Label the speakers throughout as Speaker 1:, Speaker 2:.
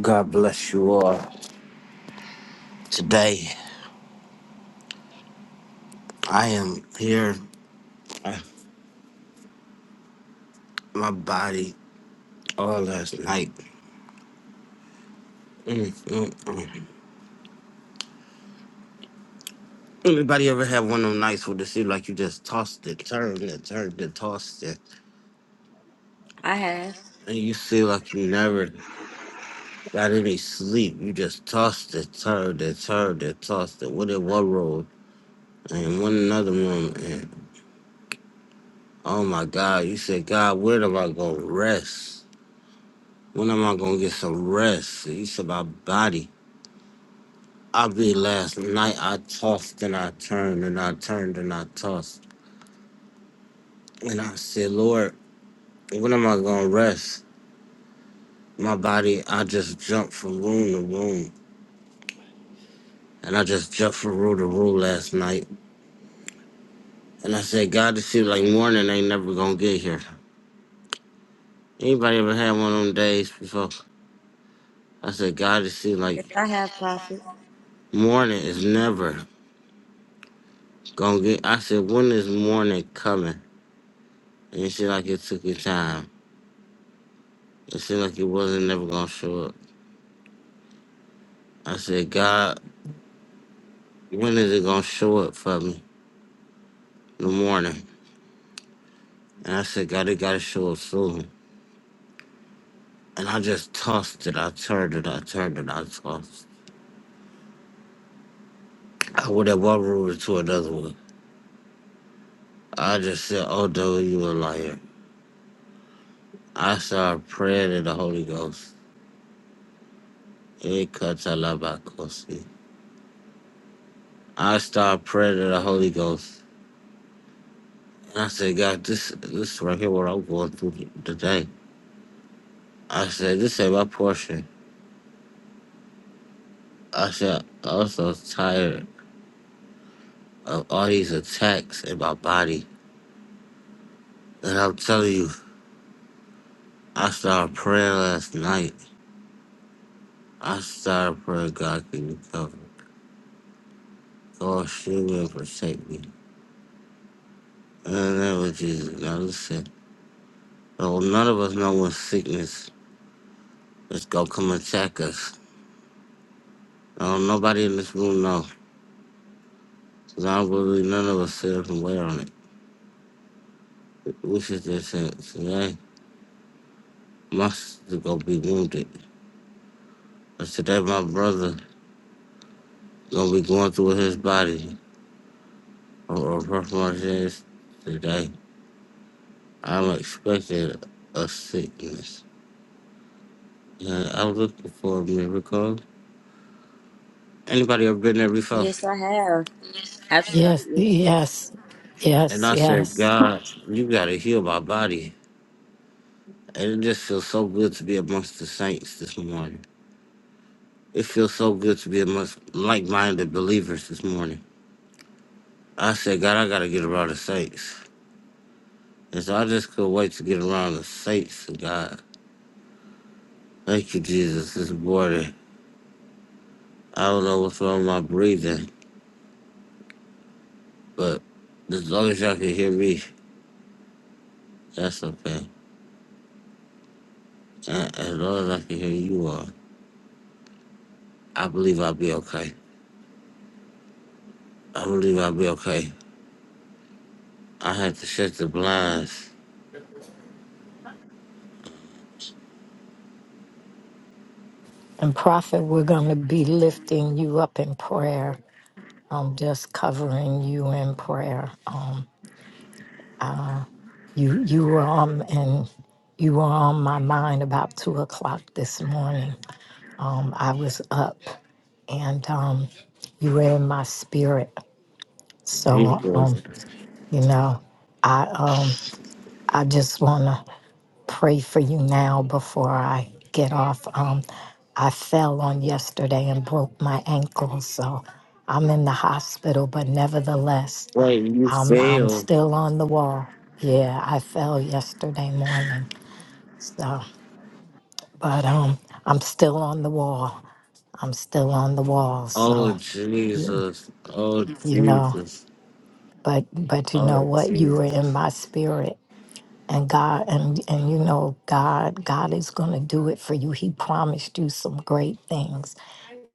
Speaker 1: God bless you all. Today, I am here. Uh, My body, all last night. Mm, mm, mm. Anybody ever have one of them nights where it seems like you just tossed it, turned it, turned it, tossed it,
Speaker 2: I have.
Speaker 1: and you feel like you never got any sleep? You just tossed it, turned it, turned it, tossed it. What in one room and one another room, and oh my God, you said, God, where am I gonna rest? When am I gonna get some rest? And You said, my body. I be last night. I tossed and I turned and I turned and I tossed. And I said, Lord, when am I going to rest? My body, I just jumped from room to room. And I just jumped from room to room last night. And I said, God, this seems like morning ain't never going to get here. Anybody ever had one of them days before? I said, God, it seems
Speaker 2: Yes,
Speaker 1: like
Speaker 2: I have, Prophet.
Speaker 1: morning is never gonna get. I said, when is morning coming? And it seemed like it took your time. It seemed like it wasn't never gonna show up. I said, God, when is it gonna show up for me? In the morning. And I said, God, it gotta show up soon. And I just tossed it. I turned it. I turned it. I tossed. I went at one room to another one. I just said, Oh no, you a liar. I started praying in the Holy Ghost. It cuts a lot by Kosi. I started praying in the Holy Ghost. And I said, God, this this right here what I'm going through today. I said, This ain't my portion. I said, I'm so tired. of all these attacks in my body. And I'm telling you, I started praying last night. I started praying God can you cover. God shield me and protect me. And that was Jesus. Now listen, no, none of us know what sickness is gonna come attack us. No, nobody in this room know. 'Cause I don't believe none of us sit up and wait on it. We should just say, today my sister gonna be wounded. But today my brother gonna be going through his body or, or performing his today. I'm expecting a sickness. And I'm looking for a miracle. Anybody ever been there before?
Speaker 2: Yes, I have.
Speaker 3: Yes,
Speaker 2: Absolutely.
Speaker 3: yes,
Speaker 1: And
Speaker 3: yes,
Speaker 1: I said,
Speaker 3: yes.
Speaker 1: God, you gotta heal my body. And it just feels so good to be amongst the saints this morning. It feels so good to be amongst like-minded believers this morning. I said, God, I gotta get around the saints. And so I just couldn't wait to get around the saints of God. Thank you, Jesus, this morning. I don't know what's wrong with my breathing, but as long as y'all can hear me, that's okay. Uh, as long as I can hear you all, I believe I'll be okay. I believe I'll be okay. I had to shut the blinds.
Speaker 3: And prophet, we're going to be lifting you up in prayer. I'm just covering you in prayer. Um, you you were on and you were on my mind about two o'clock this morning. Um, I was up and um, you were in my spirit. So
Speaker 1: Jesus.
Speaker 3: um, you know, I uh, I just want to. pray for you now before I get off. Um, I fell on yesterday and broke my ankle, so I'm in the hospital, but nevertheless,
Speaker 1: Wait, you
Speaker 3: I'm, I'm
Speaker 1: fail.
Speaker 3: still on the wall. Yeah, I fell yesterday morning, so, but um, I'm still on the wall. I'm still on the wall,
Speaker 1: Oh,
Speaker 3: so, you,
Speaker 1: Jesus. Oh,
Speaker 3: you know,
Speaker 1: Jesus.
Speaker 3: but, but you know
Speaker 1: Oh,
Speaker 3: what? You were
Speaker 1: Jesus.
Speaker 3: in my spirit and God and and you know God God is going to do it for you. He promised you some great things.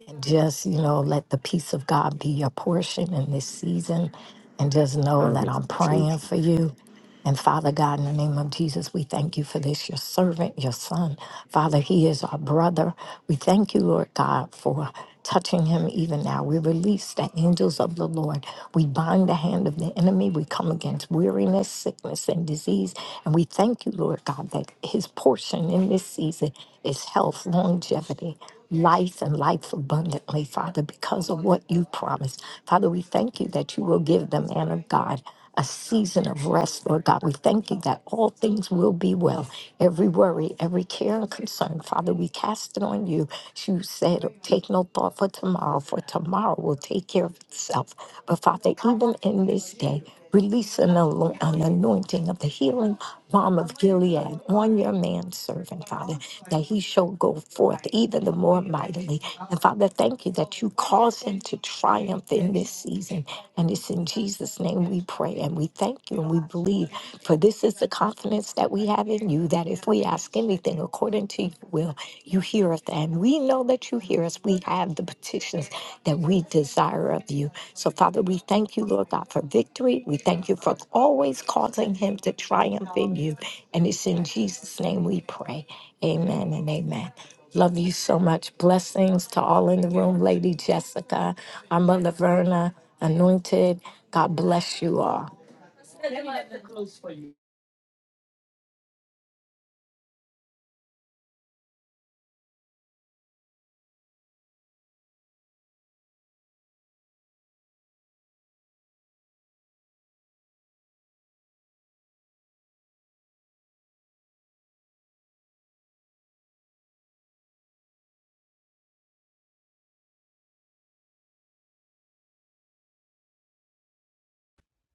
Speaker 3: And just, you know, let the peace of God be your portion in this season. And just know
Speaker 1: Oh,
Speaker 3: that I'm praying
Speaker 1: Jesus.
Speaker 3: for you. And Father God, in the name of Jesus, we thank you for this, your servant, your son. Father, he is our brother. We thank you, Lord God, for touching him even now. We release the angels of the Lord. We bind the hand of the enemy. We come against weariness, sickness, and disease. And we thank you, Lord God, that his portion in this season is health, longevity life and life abundantly, Father, because of what you promised. Father, we thank you that you will give the man of God a season of rest, Lord God. We thank you that all things will be well. Every worry, every care and concern, Father, we cast it on you. You said, take no thought for tomorrow, for tomorrow will take care of itself. But Father, even in this day, Release an, alo- an anointing of the healing balm of Gilead on your manservant, Father, that he shall go forth even the more mightily. And Father, thank you that you cause him to triumph in this season. And it's in Jesus' name we pray and we thank you and we believe. For this is the confidence that we have in you that if we ask anything according to your will, you hear us and we know that you hear us. We have the petitions that we desire of you. So, Father, we thank you, Lord God, for victory. We thank you for always causing him to triumph in you. And it's in Jesus' name we pray. Amen and amen. Love you so much. Blessings to all in the room, Lady Jessica, Amma Laverna, Anointed. God bless you all.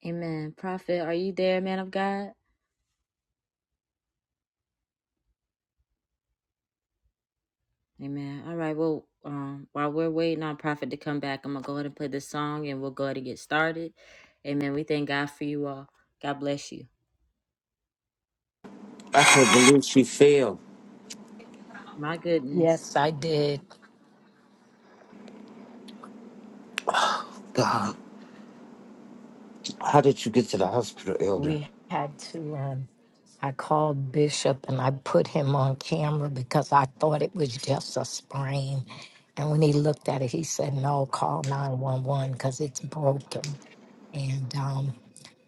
Speaker 2: Amen. Prophet, are you there, man of God? Amen. All right. Well, um, while we're waiting on Prophet to come back, I'm gonna go ahead and play this song and we'll go ahead and get started. Amen. We thank God for you all. God bless you.
Speaker 1: I can't believe she failed.
Speaker 2: My goodness.
Speaker 3: Yes, I did.
Speaker 1: God, how did you get to the hospital, Elder?
Speaker 3: we had to um I called Bishop and I put him on camera because I thought it was just a sprain. And when he looked at it, he said, No, call 911 because it's broken. And um,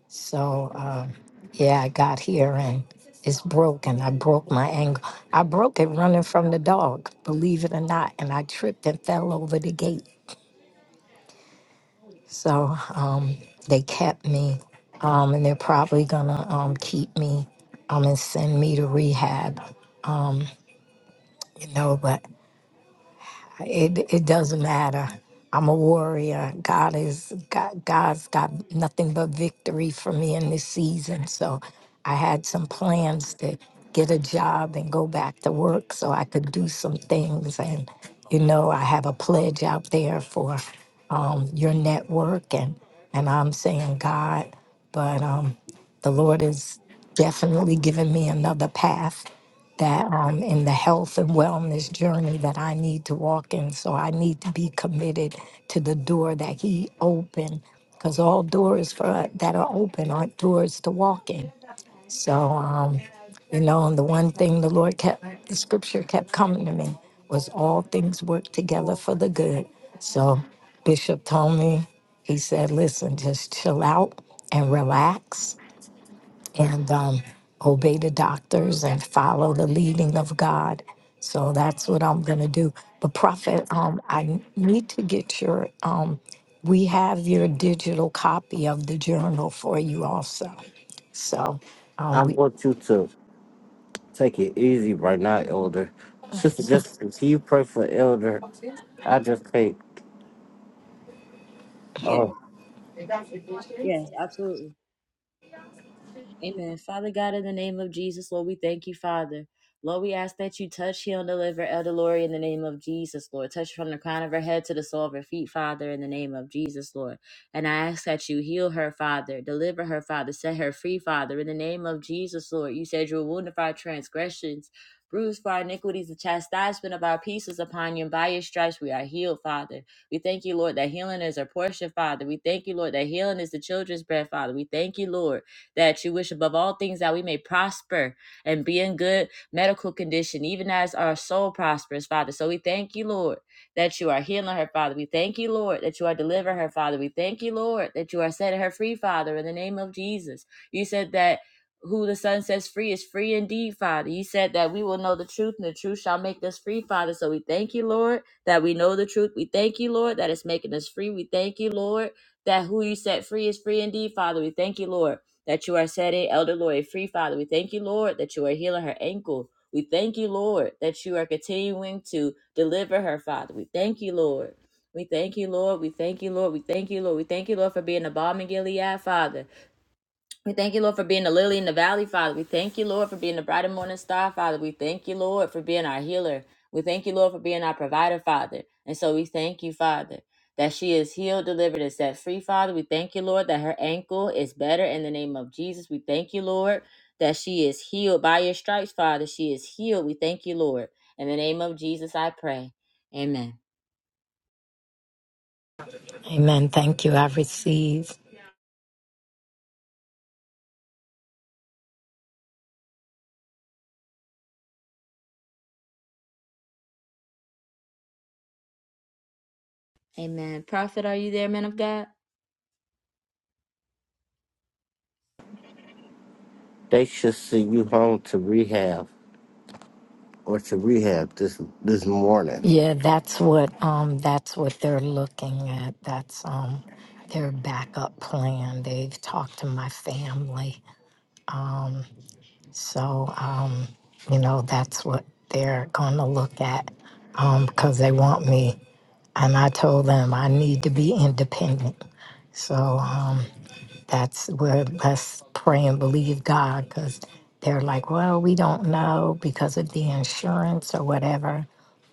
Speaker 3: so, uh, yeah, I got here and it's broken. I broke my ankle. I broke it running from the dog, believe it or not. And I tripped and fell over the gate. So um, they kept me, um, and they're probably gonna um, keep me um, and send me to rehab, you know. But it it doesn't matter. I'm a warrior. God is God, God's got nothing but victory for me in this season. So I had some plans to get a job and go back to work so I could do some things. And you know, I have a pledge out there for um, your network, and and I'm saying God, but um, the Lord is definitely giving me another path that I'm in the health and wellness journey that I need to walk in. So I need to be committed to the door that He opened, because all doors for that are open aren't doors to walk in. So, um, you know, and the one thing the Lord kept, the scripture kept coming to me was all things work together for the good. So Bishop told me, he said, listen, just chill out and relax and um, obey the doctors and follow the leading of God. So that's what I'm going to do. But Prophet, um, I need to get your. Um, we have your digital copy of the journal for you also. So,
Speaker 1: I
Speaker 3: um, we.
Speaker 1: want you to take it easy right now, Elder. Sister, just can you pray for Elder? I just can't.
Speaker 2: Yeah, yes, absolutely. Amen. Father God, in the name of Jesus, Lord, we thank you, Father. Lord, we ask that you touch, heal, and deliver Elder Lori in the name of Jesus, Lord. Touch her from the crown of her head to the sole of her feet, Father, in the name of Jesus, Lord. And I ask that you heal her, Father, deliver her, Father, set her free, Father, in the name of Jesus, Lord. You said you were wounded for our transgressions, bruised for our iniquities, the chastisement of our peace is upon you, and by your stripes we are healed, Father. We thank you, Lord, that healing is our portion, Father. We thank you, Lord, that healing is the children's bread, Father. We thank you, Lord that you wish above all things that we may prosper and be in good medical condition, even as our soul prospers, Father. So we thank you, Lord, that you are healing her, Father. We thank you, Lord, that you are delivering her, Father. We thank you, Lord, that you are setting her free, Father, in the name of Jesus. You said that who the Son sets free is free indeed, Father. You said that we will know the truth, and the truth shall make us free, Father. So we thank you, Lord, that we know the truth. We thank you, Lord, that it's making us free. We thank you, Lord, that who you set free is free indeed, Father. We thank you, Lord that you are setting Elder Lori free, Father. We thank you, Lord, that you are healing her ankle. We thank you, Lord, that you are continuing to deliver her, Father. We thank you, Lord. We thank you, Lord. We thank you, Lord. We thank you, Lord. We thank you, Lord, for being a bomb in Gilead, Father. We thank you, Lord, for being the lily in the valley, Father. We thank you, Lord, for being the bright and morning star, Father. We thank you, Lord, for being our healer. We thank you, Lord, for being our provider, Father. And so we thank you, Father, that she is healed, delivered, and set free, Father. We thank you, Lord, that her ankle is better in the name of Jesus. We thank you, Lord, that she is healed by your stripes, Father. She is healed. We thank you, Lord. In the name of Jesus, I pray. Amen.
Speaker 3: Amen. Thank you. I receive.
Speaker 2: Amen. Prophet, are you there, man of God?
Speaker 1: They should send you home to rehab or to rehab this this morning.
Speaker 3: Yeah, that's what. Um, that's what they're looking at. That's um, their backup plan. They've talked to my family. um, So, um, you know, that's what they're going to look at um, because they want me. And I told them I need to be independent. So um, that's where let's pray and believe God because they're like, well, we don't know because of the insurance or whatever.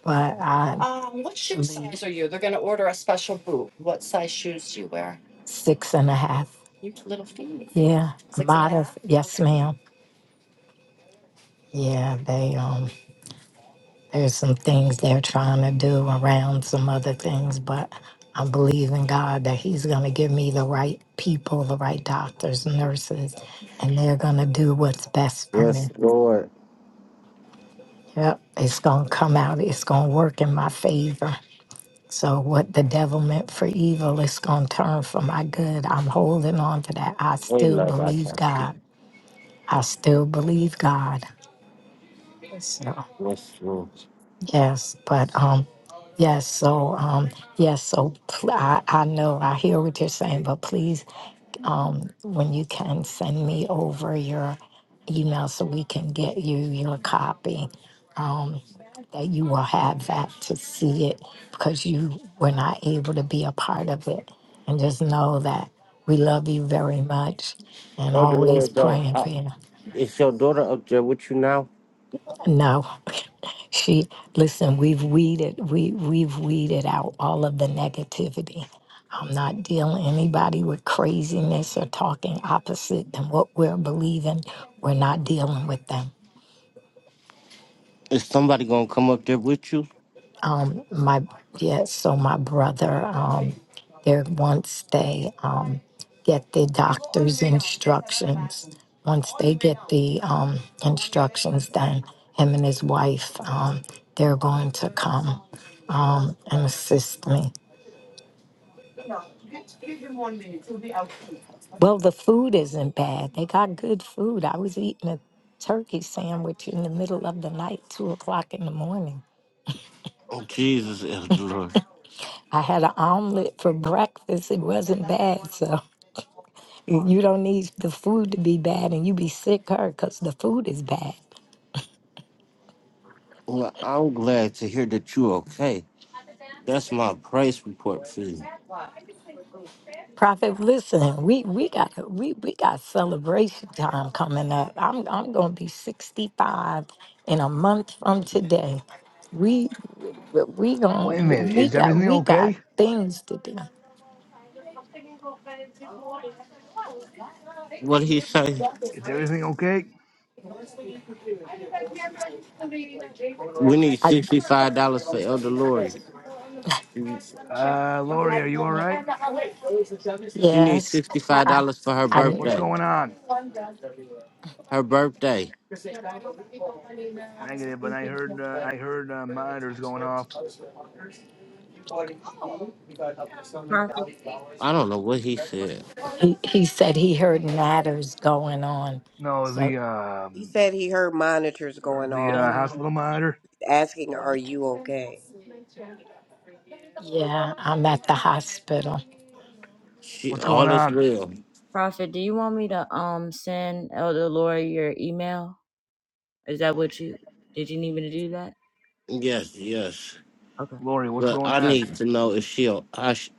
Speaker 3: But I Um, what shoe believe size are you? They're gonna order a special boot. What size shoes do you wear? six and a half. You little feet. Yeah, Six and a modest. half? Yes, Okay. ma'am. Yeah, they um there's some things they're trying to do around some other things, but I believe in God that he's going to give me the right people, the right doctors, nurses, and they're going to do what's best for
Speaker 1: Yes,
Speaker 3: me.
Speaker 1: Lord.
Speaker 3: Yep, it's going to come out. It's going to work in my favor. So what the devil meant for evil is going to turn for my good. I'm holding on to that. I
Speaker 1: We
Speaker 3: still
Speaker 1: love our
Speaker 3: believe
Speaker 1: country.
Speaker 3: God. I still believe God. So.
Speaker 1: Yes, Lord.
Speaker 3: Yes, but um, yes. So um, yes. So pl- I, I know I hear what you're saying, but please, um, when you can send me over your email so we can get you your copy, um, that you will have that to see it because you were not able to be a part of it, and just know that we love you very much and
Speaker 1: Oh, the
Speaker 3: always
Speaker 1: Lord don't.
Speaker 3: praying
Speaker 1: I,
Speaker 3: for you.
Speaker 1: is your daughter up there with you now?
Speaker 3: No. She listen, we've weeded we we've weeded out all of the negativity. I'm not dealing anybody with craziness or talking opposite than what we're believing. We're not dealing with them.
Speaker 1: Is somebody gonna come up there with you?
Speaker 3: um my yeah so my brother um there once they um get the doctor's instructions once they get the um instructions then him and his wife um they're going to come um and assist me well the food isn't bad they got good food i was eating a turkey sandwich in the middle of the night two o'clock in the morning
Speaker 1: Oh, Jesus is the Lord.
Speaker 3: I had an omelet for breakfast. It wasn't bad. So you you don't need the food to be bad and you be sick her because the food is bad.
Speaker 1: Well, I'm glad to hear that you're okay. That's my price report for you.
Speaker 3: Prophet, listen, we, we got we, we got celebration time coming up. I'm I'm gonna be 65 in a month from today. We we gonna
Speaker 4: Wait a minute.
Speaker 3: we
Speaker 4: Is
Speaker 3: got
Speaker 4: everything
Speaker 3: we got
Speaker 4: okay?
Speaker 3: things to do.
Speaker 1: What did he say?
Speaker 4: Is everything okay?
Speaker 1: We need
Speaker 3: I
Speaker 1: sixty-five dollars for Elder Lori.
Speaker 4: Uh, Lori, are you all right?
Speaker 1: She needs
Speaker 3: yes.
Speaker 1: sixty-five
Speaker 3: I,
Speaker 1: dollars for her
Speaker 3: I,
Speaker 4: What's
Speaker 1: birthday.
Speaker 4: going on?
Speaker 1: Her birthday.
Speaker 4: Negative, but I heard uh, I heard uh, monitors going off.
Speaker 2: Prophet,
Speaker 1: I don't know what he said.
Speaker 3: he, he said he heard matters going on.
Speaker 4: No,
Speaker 3: So
Speaker 4: the
Speaker 5: He
Speaker 4: um,
Speaker 5: said he heard monitors
Speaker 4: heard
Speaker 5: going
Speaker 4: the
Speaker 5: off,
Speaker 4: uh, hospital monitor.
Speaker 5: asking, "Are you okay?"
Speaker 3: Yeah, I'm at the hospital.
Speaker 1: She
Speaker 4: What's going
Speaker 1: all is
Speaker 4: on,
Speaker 1: real.
Speaker 2: Prophet, do you want me to um send Elder Laura your email? Is that what you did you need me to do that?
Speaker 1: Yes, yes.
Speaker 2: Okay.
Speaker 4: Lori? What's
Speaker 1: But
Speaker 4: going
Speaker 1: I
Speaker 4: on?
Speaker 1: need to know if she I sh-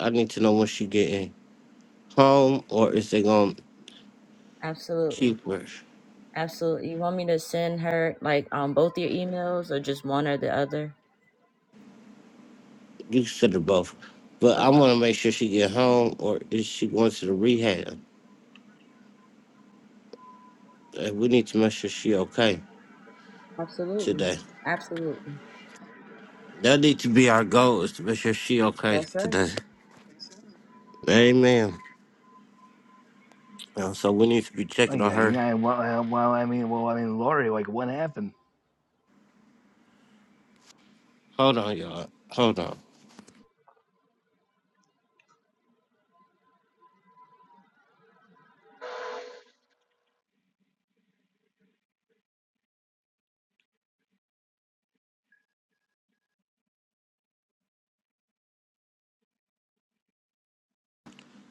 Speaker 1: I need to know when she getting home or is they gonna
Speaker 2: Absolutely.
Speaker 1: keep her.
Speaker 2: Absolutely. You want me to send her like um both your emails or just one or the other?
Speaker 1: You said it both. But I
Speaker 2: Okay.
Speaker 1: want to make sure she get home or is she going to the rehab? And we need to make sure she okay
Speaker 2: Absolutely.
Speaker 1: today.
Speaker 2: Absolutely.
Speaker 1: That need to be our goal is to make sure she okay
Speaker 2: That's right.
Speaker 1: today. Amen. Uh, So we need to be
Speaker 4: Oh
Speaker 1: checking on
Speaker 4: yeah,
Speaker 1: her.
Speaker 4: yeah. Well, uh, well, I mean, well, I mean, Lori, like, what happened?
Speaker 1: Hold on, y'all. Hold on.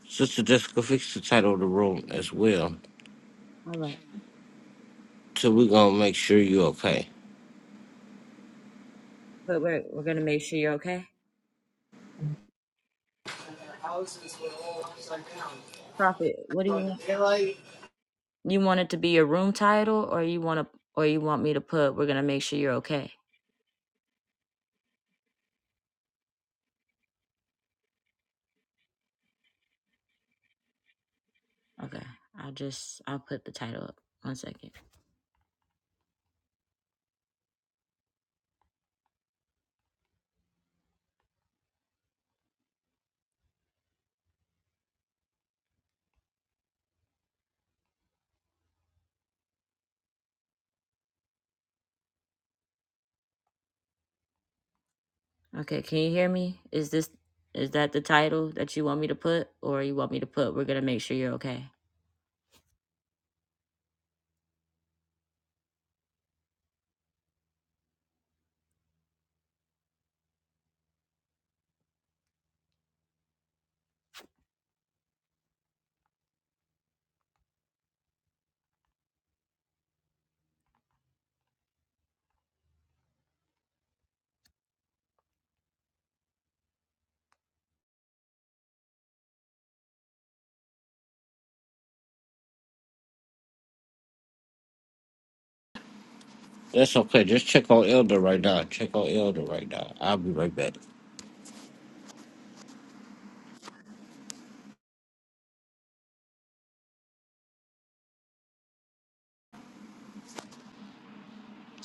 Speaker 1: Sister Jessica, fix the title of the room as well.
Speaker 2: All right.
Speaker 1: So we're gonna make sure you're okay.
Speaker 2: But we're we're gonna make sure you're okay. Prophet, what do you want? You want it to be your room title or you wanna or you want me to put we're gonna make sure you're okay? Okay. I'll just I'll put the title up. One second. Okay, can you hear me? Is this is that the title that you want me to put or you want me to put we're gonna make sure you're okay.
Speaker 1: That's okay. Just check on Elder right now. Check on Elder right now. I'll be right back.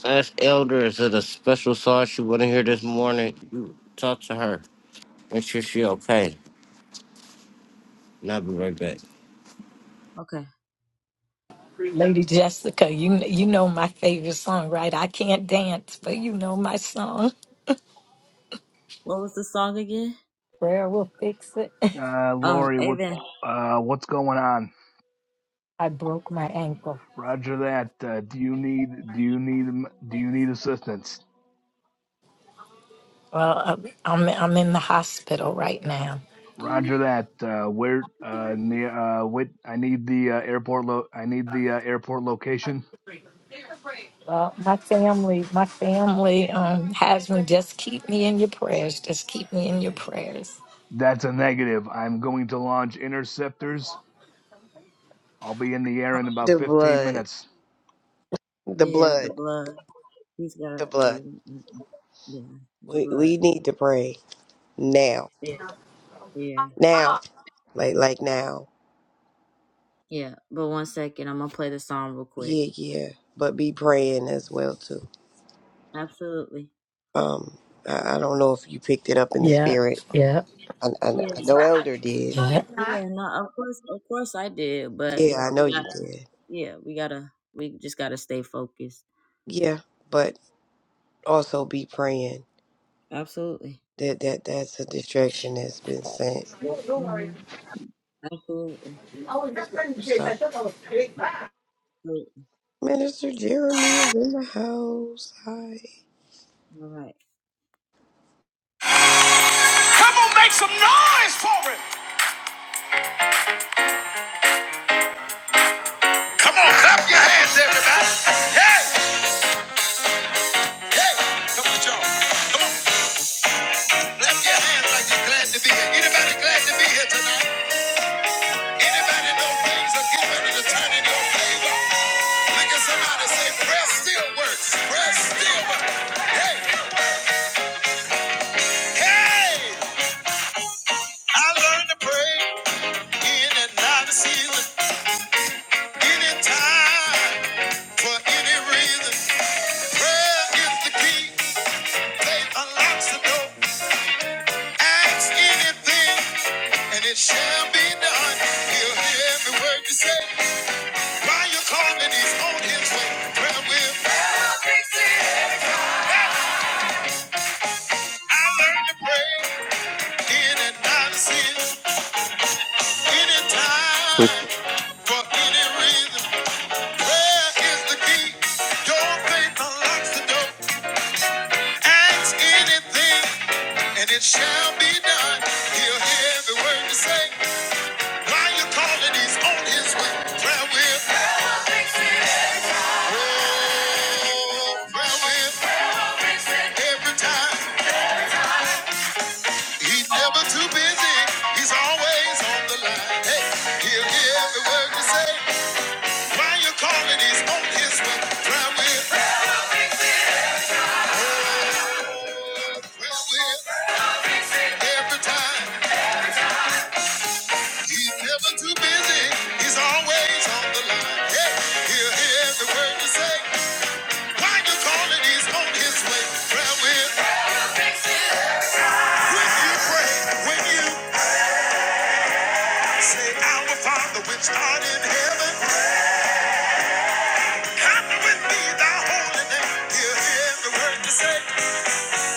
Speaker 1: Ask Elder, is it a special song she wanna hear this morning? You talk to her. Make sure she okay. And I'll be right back.
Speaker 2: Okay.
Speaker 3: Lady Jessica, you you know my favorite song, right? I can't dance, but you know my song.
Speaker 2: What was the song again?
Speaker 3: Prayer will fix it.
Speaker 4: Uh,
Speaker 2: Oh,
Speaker 4: Lori, what,
Speaker 2: Amen.
Speaker 4: uh, what's going on?
Speaker 3: I broke my ankle.
Speaker 4: Roger that. Uh, do you need do you need do you need assistance?
Speaker 3: Well, uh, I'm I'm in the hospital right now.
Speaker 4: Roger that. Uh, where uh, near uh, what? I need the uh, airport. Lo- I need the uh, airport location.
Speaker 3: Well, my family, my family um, has me. Just keep me in your prayers. Just keep me in your prayers.
Speaker 4: That's a negative. I'm going to launch interceptors. I'll be in the air in about
Speaker 5: The
Speaker 4: 15
Speaker 5: blood.
Speaker 4: minutes.
Speaker 5: The
Speaker 2: Yeah, the
Speaker 5: blood.
Speaker 2: blood. He's got
Speaker 5: The
Speaker 2: he-
Speaker 5: blood.
Speaker 2: mm, mm, yeah, the
Speaker 5: We
Speaker 2: blood.
Speaker 5: we need to pray now,
Speaker 2: Yeah, yeah.
Speaker 5: now, like like now.
Speaker 2: Yeah. But one second, I'm gonna play the song real quick.
Speaker 5: Yeah, yeah. But be praying as well too.
Speaker 2: Absolutely.
Speaker 5: Um, I, I don't know if you picked it up in the
Speaker 3: Yeah,
Speaker 5: spirit.
Speaker 3: yeah,
Speaker 5: I, I,
Speaker 2: Yeah,
Speaker 5: I know Elder did.
Speaker 3: yeah,
Speaker 2: yeah, no, of course of course I did, but
Speaker 5: Yeah,
Speaker 2: you know,
Speaker 5: I know
Speaker 2: we
Speaker 5: you
Speaker 2: gotta
Speaker 5: did.
Speaker 2: yeah, we gotta we just gotta stay focused.
Speaker 5: Yeah, but also be praying.
Speaker 2: Absolutely.
Speaker 5: That that that's a distraction that's been sent.
Speaker 2: Mm-hmm. Absolutely.
Speaker 5: So.
Speaker 2: So
Speaker 5: Minister Jeremy was in the house. Hi.
Speaker 2: All right. Come on, make some noise for it. Come on, clap your hands, everybody. Hey, hey, come on, y'all. Come on, clap your hands like you're glad to be here. Anybody glad to be here tonight? Anybody know things are getting ready to turn in your favor? Look at somebody say, prayer still works. Prayer still works. Hey, hey, I learned to pray in and out of season. Anytime, for any reason, prayer is the key. Faith unlocks the door. Ask anything, and it shall be done. He'll hear every word you say. While you calling, he's on his way. Prayer will. I learned to pray in and of sin.
Speaker 6: fue
Speaker 2: Anytime, for any reason. Prayer is the key. Your faith unlocks the door. Ask anything, and it shall be done. He'll hear every word you say. While you're calling, he's on his way. Prayer will, oh, prayer will, every time. He's never too busy. He's always on the line. Hey, he'll hear every word you say. While you're calling, he's on his way. Prayer will, prayer will, every time. He's never too busy. He's always on the line. Hey, he'll hear every word you say. Why you call it? He's on his way. Prayer will. When you pray, when you say, Our Father which art in heaven, happy with me thy holy name. He'll hear every word you say.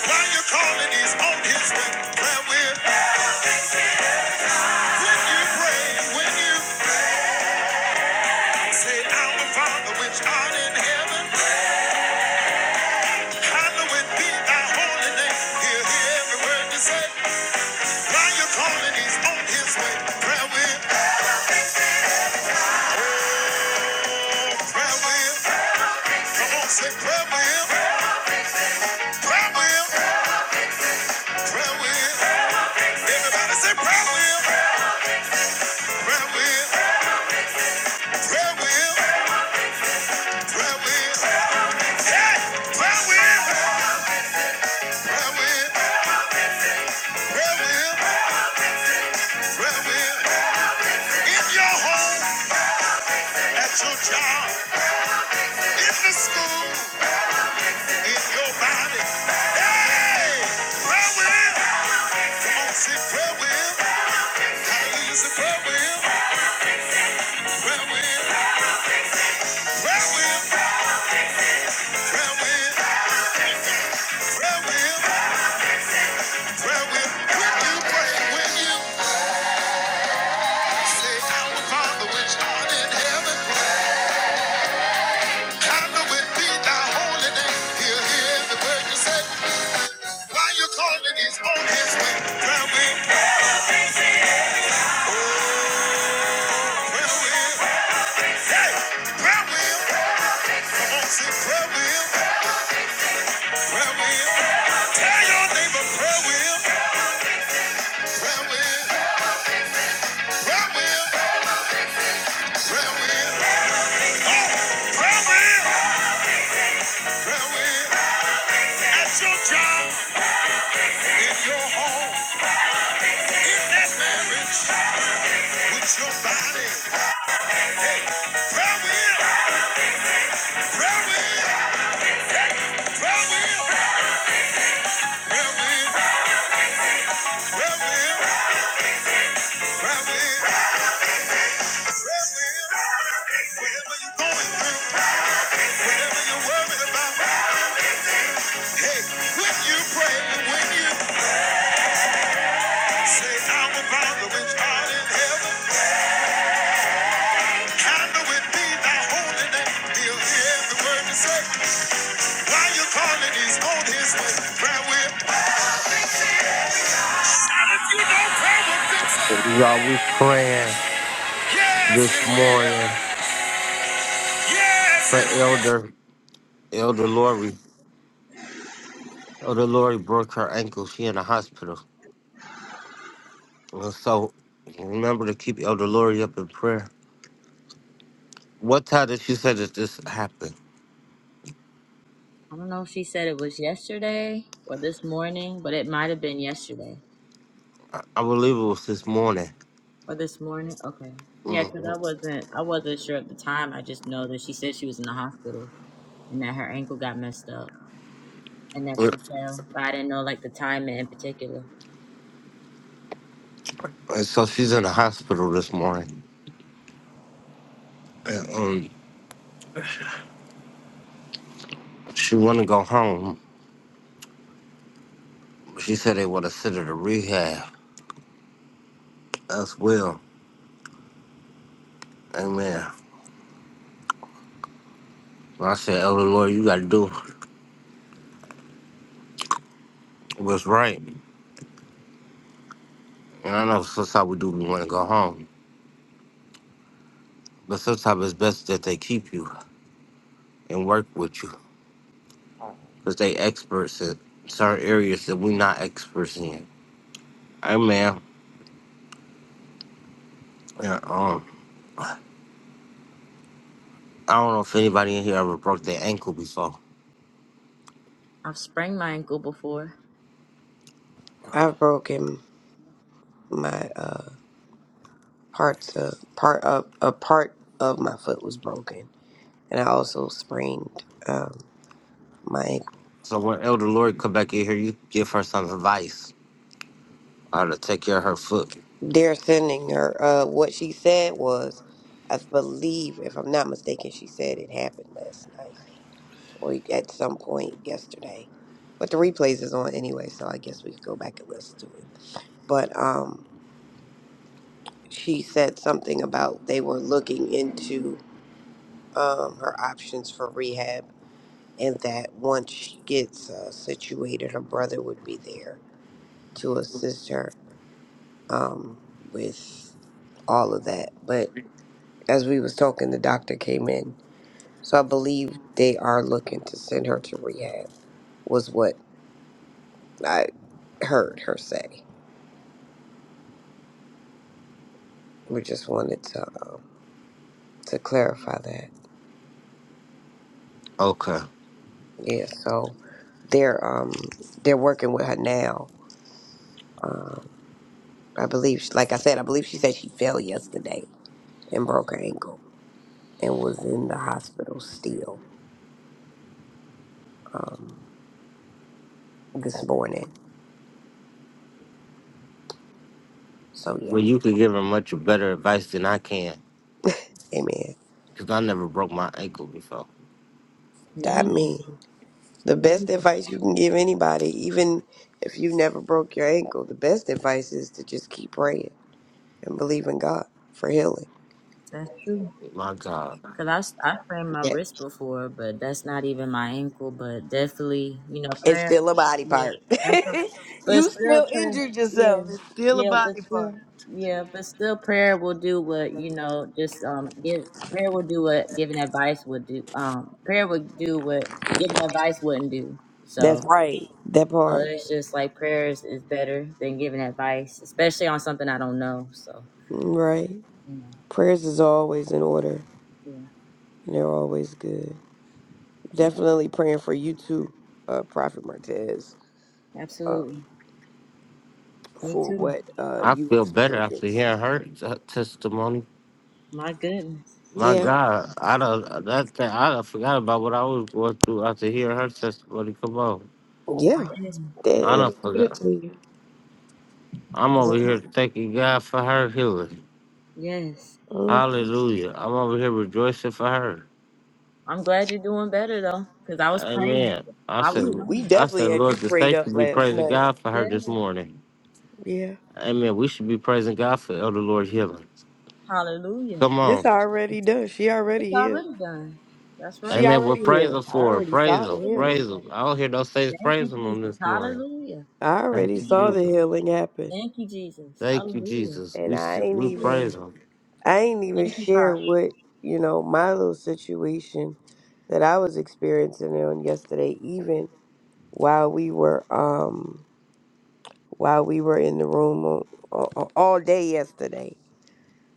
Speaker 2: Why you call it? He's on his way. Prayer will. When you pray, when you say, Our Father which art in heaven. Hallowed be thy holy name. He'll hear every word you say. While you're calling, he's on his way. Prayer will, prayer will. Come on, say prayer will, prayer will, prayer will. Everybody say prayer will, prayer will, prayer will, prayer will. Yeah, prayer will, prayer will, prayer will, prayer will. In your home, at your job, in the school, in your body. Hey, prayer will. Tell your neighbor prayer wheel, prayer wheel, prayer wheel, prayer wheel. Farewell, farewell. At your job, in your home, in that marriage, with your body. Hey, farewell, farewell, farewell, farewell, farewell, farewell, farewell. Whatever you're going through, whatever you're worried about, hey, when you pray when you say, "Our Father which art in heaven,"
Speaker 1: Y'all, we are praying
Speaker 2: yes,
Speaker 1: this morning
Speaker 2: Yes,
Speaker 1: for Elder Elder Lori. Elder Lori broke her ankle. She in the hospital. And so remember to keep Elder Lori up in prayer. What time did she say that this happened?
Speaker 2: I don't know if he said it was yesterday or this morning, but it might have been yesterday
Speaker 1: I, I believe it was this morning.
Speaker 2: or this morning. Okay, yeah, because I
Speaker 1: Mhm.
Speaker 2: wasn't, I wasn't sure at the time. I just know that she said she was in the hospital and that her ankle got messed up and that she
Speaker 1: And
Speaker 2: fell, but I didn't know like the time in particular.
Speaker 1: so she's in the hospital this morning. And, um, she want to go home. She said they want to send her to rehab as well. Amen. But I said, Elder Lord, you got to do what's right. And I know sometimes we do we want to go home. But sometimes it's best that they keep you and work with you because they experts in certain areas that we not experts in. Amen. Yeah, I don't know if anybody in here ever broke their ankle before.
Speaker 2: I've sprained my ankle before.
Speaker 5: I've broken my uh parts of part of a part of my foot was broken, and I also sprained um my ankle.
Speaker 1: So when Elder Lord come back in here, you give her some advice how to take care of her foot.
Speaker 5: They're sending her. Uh, what she said was, I believe, if I'm not mistaken, she said it happened last night or at some point yesterday. But the replays is on anyway, so I guess we could go back and listen to it. But um, she said something about they were looking into um, her options for rehab, and that once she gets uh, situated, her brother would be there to assist her um, with all of that. But as we was talking, the doctor came in, so I believe they are looking to send her to rehab. Was what I heard her say. We just wanted to to clarify that.
Speaker 1: Okay.
Speaker 5: Yeah, so they're um they're working with her now. Um, I believe, like I said, I believe she said she fell yesterday and broke her ankle and was in the hospital still um, this morning. So yeah,
Speaker 1: Well, you could give her much better advice than I can,
Speaker 5: amen.
Speaker 1: because I never broke my ankle before.
Speaker 5: That
Speaker 2: Yeah,
Speaker 5: mean the
Speaker 2: yeah,
Speaker 5: best advice you can give anybody, even if you never broke your ankle, the best advice is to just keep praying and believe in God for healing.
Speaker 2: that's true.
Speaker 1: My God.
Speaker 2: Cause I s- I sprained my
Speaker 5: Yeah,
Speaker 2: wrist before, but that's not even my ankle. But definitely, you know,
Speaker 5: it's
Speaker 2: prayer.
Speaker 5: still a body
Speaker 2: Yeah,
Speaker 5: part.
Speaker 2: that's a, but
Speaker 5: you
Speaker 2: still
Speaker 5: still
Speaker 2: prayer.
Speaker 5: injured
Speaker 2: Yeah,
Speaker 5: yourself. It's still a
Speaker 2: yeah, but
Speaker 5: body part.
Speaker 2: still, yeah, but still, prayer will do what you know. Just um, give prayer will do what giving advice would do. Um, prayer would do what giving advice wouldn't do. So,
Speaker 5: That's right. That
Speaker 2: so
Speaker 5: part.
Speaker 2: it's just like prayers is better than giving advice, especially on something I don't know. So,
Speaker 5: Right.
Speaker 2: you know,
Speaker 5: Prayers is always in order
Speaker 2: yeah,
Speaker 5: and they're always good.
Speaker 2: yeah.
Speaker 5: Definitely praying for you too, uh, Prophet Martez, uh,
Speaker 2: Absolutely. Me
Speaker 5: for
Speaker 2: too.
Speaker 5: what uh,
Speaker 1: I
Speaker 5: you
Speaker 1: feel better after
Speaker 5: experienced.
Speaker 1: hearing her t- testimony.
Speaker 2: My goodness.
Speaker 1: My
Speaker 5: Yeah,
Speaker 1: God, I don't. that thing, I done forgot about what I was going through after hearing her testimony. Come on.
Speaker 2: My
Speaker 5: yeah,
Speaker 2: goodness.
Speaker 5: that,
Speaker 1: I
Speaker 5: it'll
Speaker 1: don't
Speaker 5: do that
Speaker 1: forgot.
Speaker 5: to you.
Speaker 1: I'm over here
Speaker 5: Mhm.
Speaker 1: thanking God for her healing.
Speaker 2: Yes.
Speaker 5: Ooh,
Speaker 1: Hallelujah. I'm over here rejoicing for her.
Speaker 2: I'm glad you're doing better though, because I was praying.
Speaker 1: Amen. I
Speaker 2: I was
Speaker 1: said,
Speaker 5: We
Speaker 2: praying.
Speaker 1: I
Speaker 5: definitely
Speaker 1: said,
Speaker 5: had you
Speaker 1: Lord, the
Speaker 5: prayed
Speaker 1: saints
Speaker 5: up
Speaker 1: should be
Speaker 5: last
Speaker 1: praising
Speaker 5: night.
Speaker 1: God for her this
Speaker 2: Yes.
Speaker 1: morning.
Speaker 5: Yeah,
Speaker 1: Amen. We should be praising God for Elder Lord healing.
Speaker 2: Hallelujah.
Speaker 1: Come
Speaker 5: this
Speaker 1: on.
Speaker 5: already done. She
Speaker 2: It's
Speaker 5: already healed.
Speaker 2: already done. That's right.
Speaker 5: She
Speaker 1: Amen. We'll
Speaker 5: already
Speaker 1: praise
Speaker 5: healed.
Speaker 1: him
Speaker 5: I
Speaker 1: for her.
Speaker 5: already
Speaker 1: Praise
Speaker 5: saw
Speaker 1: him.
Speaker 5: the healing.
Speaker 1: Praise
Speaker 2: Hallelujah.
Speaker 1: him. I don't hear those saints
Speaker 2: Thank you,
Speaker 1: praising him
Speaker 2: Jesus.
Speaker 1: this morning.
Speaker 2: Hallelujah.
Speaker 5: I already
Speaker 1: Thank
Speaker 2: Thank
Speaker 1: you,
Speaker 2: you,
Speaker 5: saw the
Speaker 2: Lord.
Speaker 1: Jesus.
Speaker 5: healing happen,
Speaker 2: Thank you, Jesus.
Speaker 1: Thank you,
Speaker 2: Hallelujah. Thank
Speaker 1: Jesus.
Speaker 5: and
Speaker 1: We s-
Speaker 5: I ain't
Speaker 1: we
Speaker 2: you,
Speaker 5: even
Speaker 2: Lord.
Speaker 1: praise him.
Speaker 5: I ain't even
Speaker 2: Thank you,
Speaker 5: share
Speaker 2: Father.
Speaker 5: what, you know, my little situation that I was experiencing on yesterday, even while we were um while we were in the room on, on, all day yesterday.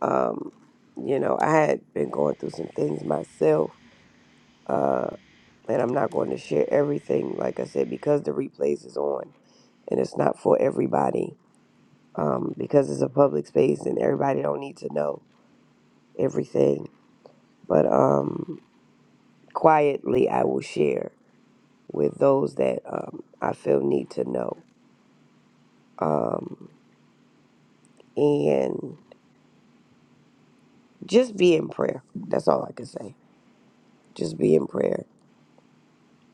Speaker 5: Um, you know, I had been going through some things myself, uh, and I'm not going to share everything, like I said, because the replays is on and it's not for everybody. Um, because it's a public space and everybody don't need to know everything. But um quietly I will share with those that um, I feel need to know. Um, and just be in prayer. That's all I can say. Just be in prayer.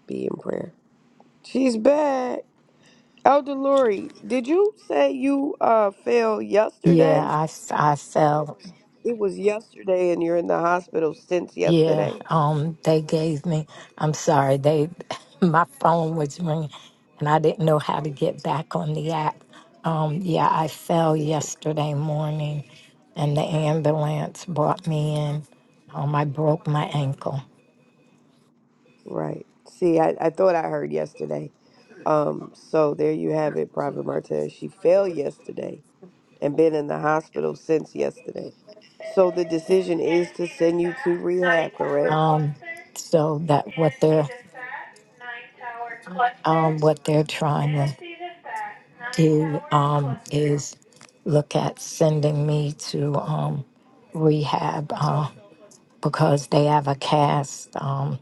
Speaker 5: Be in prayer. She's back. Elder Lori, did you say you uh fell
Speaker 3: yeah.
Speaker 5: yesterday?
Speaker 3: I, s- I fell.
Speaker 5: It was yesterday and you're in the hospital since
Speaker 3: Yeah,
Speaker 5: yesterday?
Speaker 3: um, they gave me. I'm sorry, they my phone was ringing, and I didn't know how to get back on the app. Um, yeah, I fell
Speaker 5: It's okay.
Speaker 3: yesterday morning, and the ambulance brought me in. Um, I broke my ankle.
Speaker 5: Right. See, I, I thought I heard yesterday. Um, so there you have it, Prophet Martez. She failed yesterday and been in the hospital since yesterday. So the decision is to send you to rehab, correct?
Speaker 3: um, so that what they're um, what they're trying to do um, is look at sending me to um, rehab uh, because they have a cast um,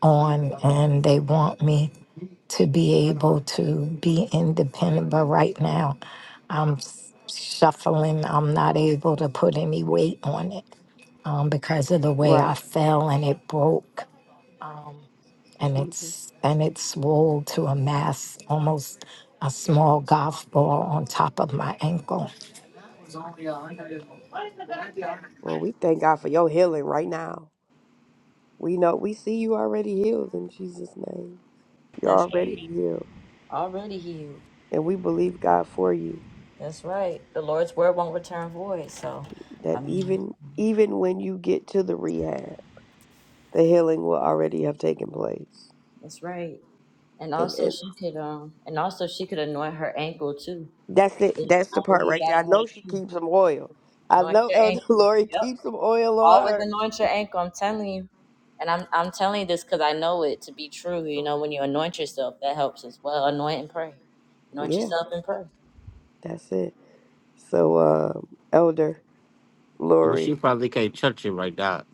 Speaker 3: on and they want me to be able to be independent. But right now, I'm s- shuffling. I'm not able to put any weight on it um, because of the way I
Speaker 5: Right.
Speaker 3: fell and it broke, um, and
Speaker 5: Jesus.
Speaker 3: it's and it swelled to a mass, almost a small golf ball on top of my ankle.
Speaker 5: Well, we thank God for your healing right now. We know we see you already healed in Jesus' name. You're
Speaker 2: That's
Speaker 5: already
Speaker 2: right.
Speaker 5: healed.
Speaker 2: Already healed.
Speaker 5: And we believe God for you
Speaker 2: That's right. The Lord's word won't return void. So,
Speaker 5: that
Speaker 2: I mean,
Speaker 5: even even when you get to the rehab, the healing will already have taken place.
Speaker 2: That's right. And
Speaker 5: And,
Speaker 2: also
Speaker 5: and
Speaker 2: she could um and also she could anoint her ankle too.
Speaker 5: that's it.
Speaker 2: And
Speaker 5: That's the
Speaker 2: I
Speaker 5: part
Speaker 2: believe
Speaker 5: right there. I
Speaker 2: that'll
Speaker 5: know
Speaker 2: help
Speaker 5: she
Speaker 2: too.
Speaker 5: keeps some oil. I
Speaker 2: Anoint
Speaker 5: know
Speaker 2: your
Speaker 5: Elder
Speaker 2: ankle.
Speaker 5: Lori
Speaker 2: Yep.
Speaker 5: keeps some oil on
Speaker 2: Always
Speaker 5: her.
Speaker 2: anoint your ankle. I'm telling you. And I'm I'm telling you this because I know it to be true. You know, when you anoint yourself, that helps as well. Anoint and pray. Anoint
Speaker 5: Yeah.
Speaker 2: yourself and pray.
Speaker 5: That's it. So, um, Elder
Speaker 1: Well, she
Speaker 5: Lori,
Speaker 1: probably can't touch it right now.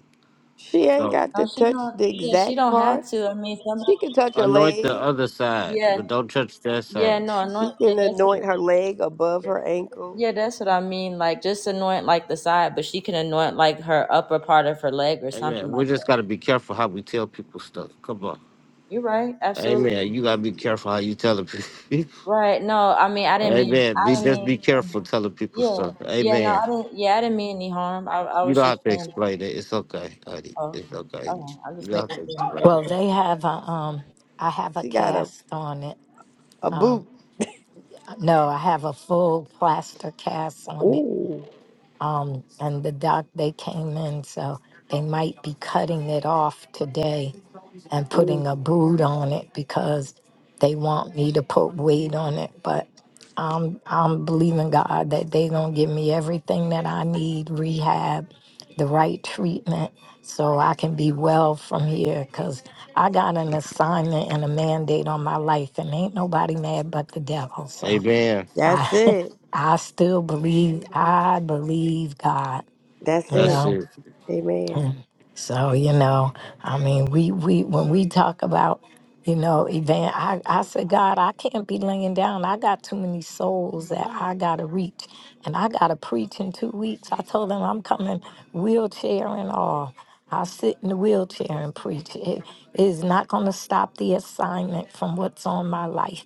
Speaker 5: she ain't
Speaker 1: So
Speaker 5: got to
Speaker 2: No, she
Speaker 5: touch
Speaker 2: don't.
Speaker 5: the
Speaker 2: Yeah, she
Speaker 5: exact
Speaker 2: don't
Speaker 5: part.
Speaker 2: have to. I mean, some.
Speaker 5: She can touch her
Speaker 1: anoint the
Speaker 5: leg.
Speaker 1: other side,
Speaker 2: Yeah,
Speaker 1: but don't touch that
Speaker 2: yeah.
Speaker 1: side.
Speaker 2: No, anoint.
Speaker 5: She
Speaker 2: Yeah,
Speaker 5: can
Speaker 2: that's. What,
Speaker 5: anoint her leg above her ankle.
Speaker 2: yeah, that's what I mean. Like, just anoint like the side, but she can anoint like her upper part of her leg or something
Speaker 1: Amen.
Speaker 2: like
Speaker 1: We
Speaker 2: that.
Speaker 1: just got to be careful how we tell people stuff. Come on.
Speaker 2: You're right. Absolutely
Speaker 1: Amen. You gotta be careful how you telling people.
Speaker 2: right. No, I mean, I didn't mean,
Speaker 1: Amen. Be
Speaker 2: I didn't
Speaker 1: just
Speaker 2: mean,
Speaker 1: be
Speaker 2: um,
Speaker 1: careful telling people
Speaker 2: yeah,
Speaker 1: stuff.
Speaker 2: yeah. No,
Speaker 1: Amen.
Speaker 2: I didn't. Yeah, I didn't mean any harm. I, I
Speaker 1: You
Speaker 2: was
Speaker 1: don't
Speaker 2: just
Speaker 1: have to
Speaker 2: saying.
Speaker 1: explain it. It's okay, honey.
Speaker 2: Oh,
Speaker 1: It's
Speaker 2: okay.
Speaker 1: okay.
Speaker 2: Okay. I'm
Speaker 1: You
Speaker 2: just
Speaker 1: don't have
Speaker 2: making
Speaker 1: to
Speaker 2: sure.
Speaker 1: explain
Speaker 3: Well,
Speaker 1: it.
Speaker 2: Okay.
Speaker 3: they have a um, I have a
Speaker 5: She got a,
Speaker 3: cast on it.
Speaker 5: a boot.
Speaker 3: No, I have a full plaster cast on it
Speaker 5: Ooh.
Speaker 3: and the doc they came in so they might be cutting it off today and
Speaker 5: Mm,
Speaker 3: putting a boot on it because they want me to put weight on it but i'm believing god that they gonna give me everything that i need rehab the right treatment so i can be well from here because i got an assignment and a mandate on my life and ain't nobody mad but the devil so
Speaker 1: Amen.
Speaker 5: that's
Speaker 3: i
Speaker 5: it.
Speaker 3: i still believe i believe god
Speaker 5: That's
Speaker 3: you
Speaker 5: it.
Speaker 1: That's
Speaker 3: know
Speaker 1: it.
Speaker 5: Amen.
Speaker 3: Mm. so you know i mean we we when we talk about you know event i i said god i can't be laying down i got too many souls that i gotta reach and i gotta preach in two weeks i told them i'm coming wheelchair and all i sit in the wheelchair and preach it is not going to stop the assignment from what's on my life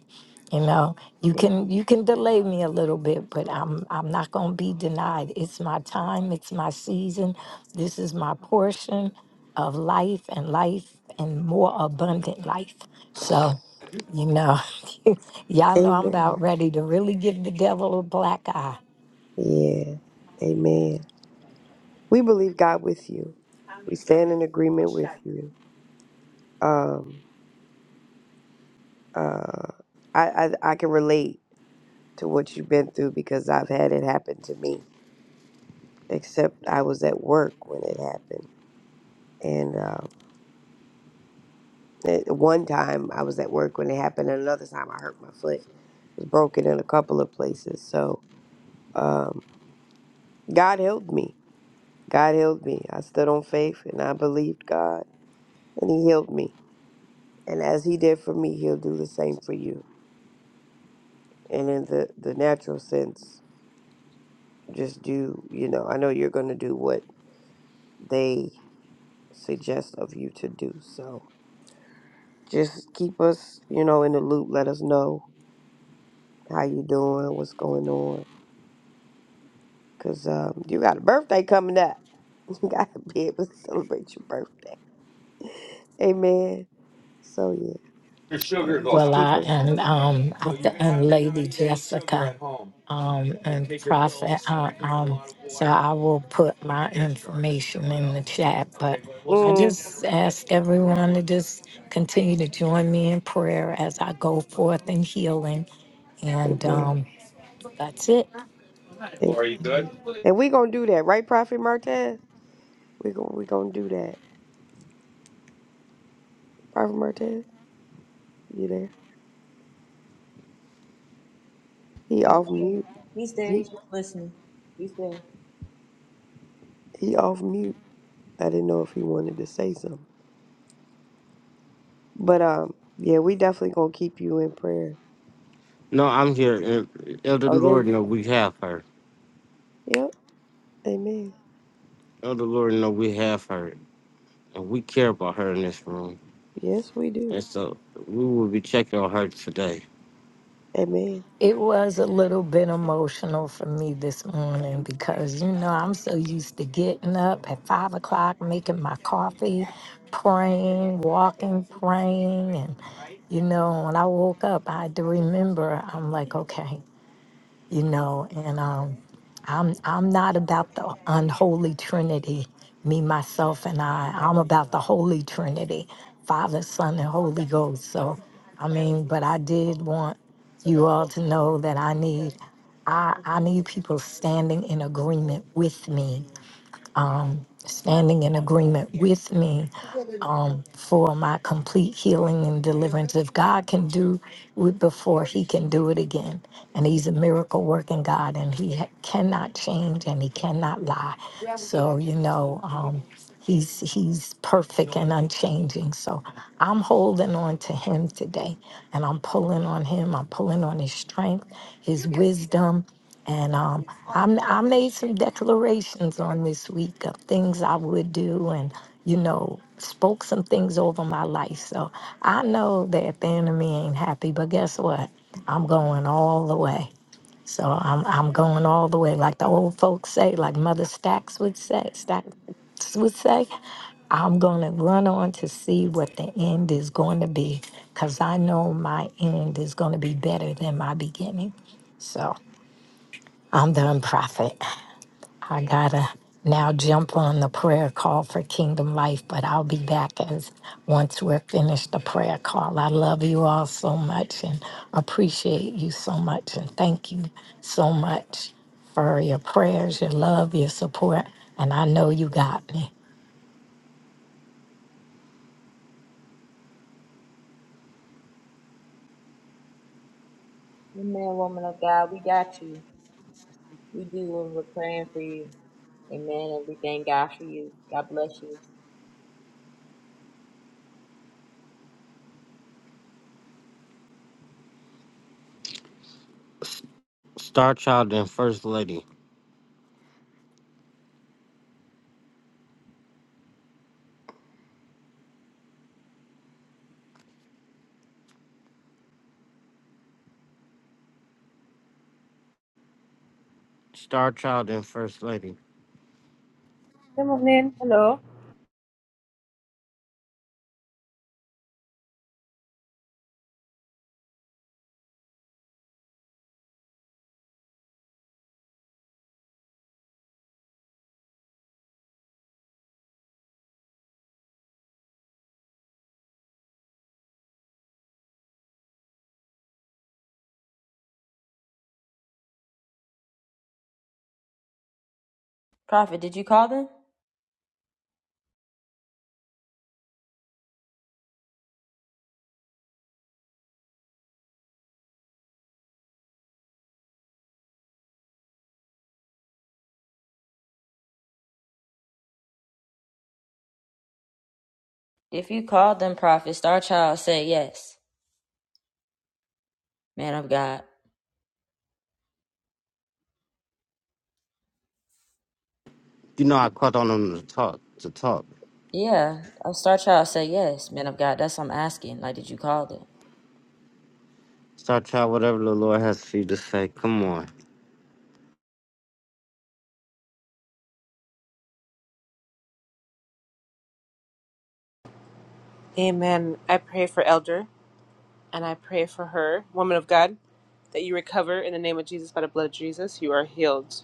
Speaker 3: you know you can you can delay me a little bit but i'm i'm not going to be denied it's my time it's my season this is my portion of life and life and more abundant life. So, you know, y'all know I'm
Speaker 5: Amen.
Speaker 3: about ready to really give the devil a black eye.
Speaker 5: Yeah. Amen. We believe God with you. We stand in agreement with you. Um, uh, I, I, I can relate to what you've been through because I've had it happen to me except I was at work when it happened. And uh, it, one time I was at work when it happened, and another time I hurt my foot. It was broken in a couple of places. So um, God healed me. God healed me. I stood on faith and I believed God, and He healed me. And as He did for me, He'll do the same for you. And in the, the natural sense, just do, you know, I know you're going to do what they suggest of you to do. So just keep us, you know, in the loop. Let us know How you doing? What's going on? Cause um, you got a birthday coming up. You gotta be able to celebrate your birthday. Amen. So yeah,
Speaker 3: Your sugar
Speaker 5: um,
Speaker 3: go
Speaker 5: just
Speaker 3: Well,
Speaker 5: keep
Speaker 3: I
Speaker 5: us.
Speaker 3: and um So I you th- can have and have your Lady 90 day sugar Jessica at home. um You and take your pills, Prophet uh, drink a um lot so I will put my information in the chat but Okay, I
Speaker 5: Mm,
Speaker 3: just ask everyone to just continue to join me in prayer as I go forth in healing and
Speaker 5: amen.
Speaker 3: um That's it. Are you
Speaker 5: Amen.
Speaker 3: good?
Speaker 5: And we gonna do that, right, Prophet Martez? We gonna we gonna do that, Prophet Martez. You there? He
Speaker 2: He's
Speaker 5: off
Speaker 2: there.
Speaker 5: mute.
Speaker 2: He's there.
Speaker 5: He
Speaker 2: He's just listening. He's there.
Speaker 5: he off mute. I didn't know if he wanted to say something, but um, yeah, we definitely gonna keep you in prayer.
Speaker 1: No, I'm here. and Elder
Speaker 5: Oh, there
Speaker 1: Lord,
Speaker 5: you
Speaker 1: know
Speaker 5: go.
Speaker 1: we have her.
Speaker 5: Yep. Amen.
Speaker 1: Elder Lord, know we have her, and we care about her in this room.
Speaker 5: Yes, we do.
Speaker 1: And so we will be checking on her today.
Speaker 5: Amen.
Speaker 3: It was a little bit emotional for me this morning because, you know, I'm so used to getting up at five o'clock, making my coffee, praying, walking, praying. And, you know, when I woke up, I had to remember I'm like, okay. you know and um i'm i'm not about the unholy trinity me myself and i i'm about the holy trinity father son and holy ghost so i mean but i did want you all to know that i need i i need people standing in agreement with me um, standing in agreement with me um, for my complete healing and deliverance. If God can do it before, He can do it again. And He's a miracle working God, and He ha- cannot change and He cannot lie. So, you know, um, He's he's perfect and unchanging. So I'm holding on to him today and I'm pulling on him. I'm pulling on his strength, his wisdom, and um, I'm, I made some declarations on this week of things I would do and, you know, spoke some things over my life. So I know that the enemy ain't happy, but guess what? I'm going all the way. So I'm, I'm going all the way. Like the old folks say, like Mother Stacks would say, Stacks would say, I'm going to run on to see what the end is going to be because I know my end is going to be better than my beginning. So. I'm done, Prophet. I gotta now jump on the prayer call for Kingdom Life, but I'll be back as once we're finished the prayer call. I love you all so much and appreciate you so much and thank you so much for your prayers, your love, your support, and I know you got me.
Speaker 2: You man, woman of God, we got you. We do, and we're praying for you. Amen. And we thank God for you. God bless you.
Speaker 1: S- Star Child and First Lady. Star Child and First Lady.
Speaker 7: Good morning. Hello.
Speaker 2: Prophet, did you call them? If you called them, prophet, star child, say yes. Man of God.
Speaker 1: You know I caught on them to talk. To talk.
Speaker 2: Yeah, I'll start y'all. Say yes, man of God. That's what I'm asking. Like, did you call them?
Speaker 1: Start out whatever the Lord has for you to say. Come on.
Speaker 7: Amen. I pray for Elder and I pray for her, woman of God, that you recover in the name of Jesus, by the blood of Jesus. You are healed.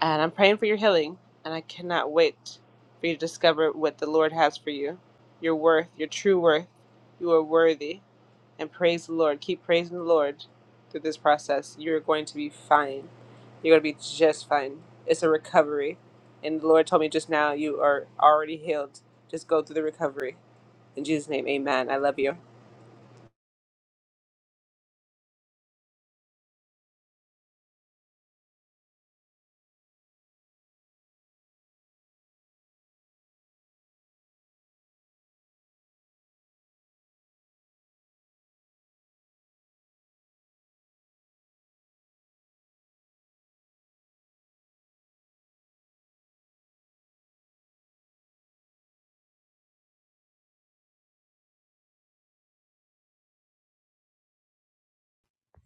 Speaker 7: And I'm praying for your healing, and I cannot wait for you to discover what the Lord has for you your worth, your true worth. You are worthy. And praise the Lord. Keep praising the Lord through this process. You're going to be fine. You're going to be just fine. It's a recovery. And the Lord told me just now, you are already healed. Just go through the recovery. In Jesus' name, amen. I love you.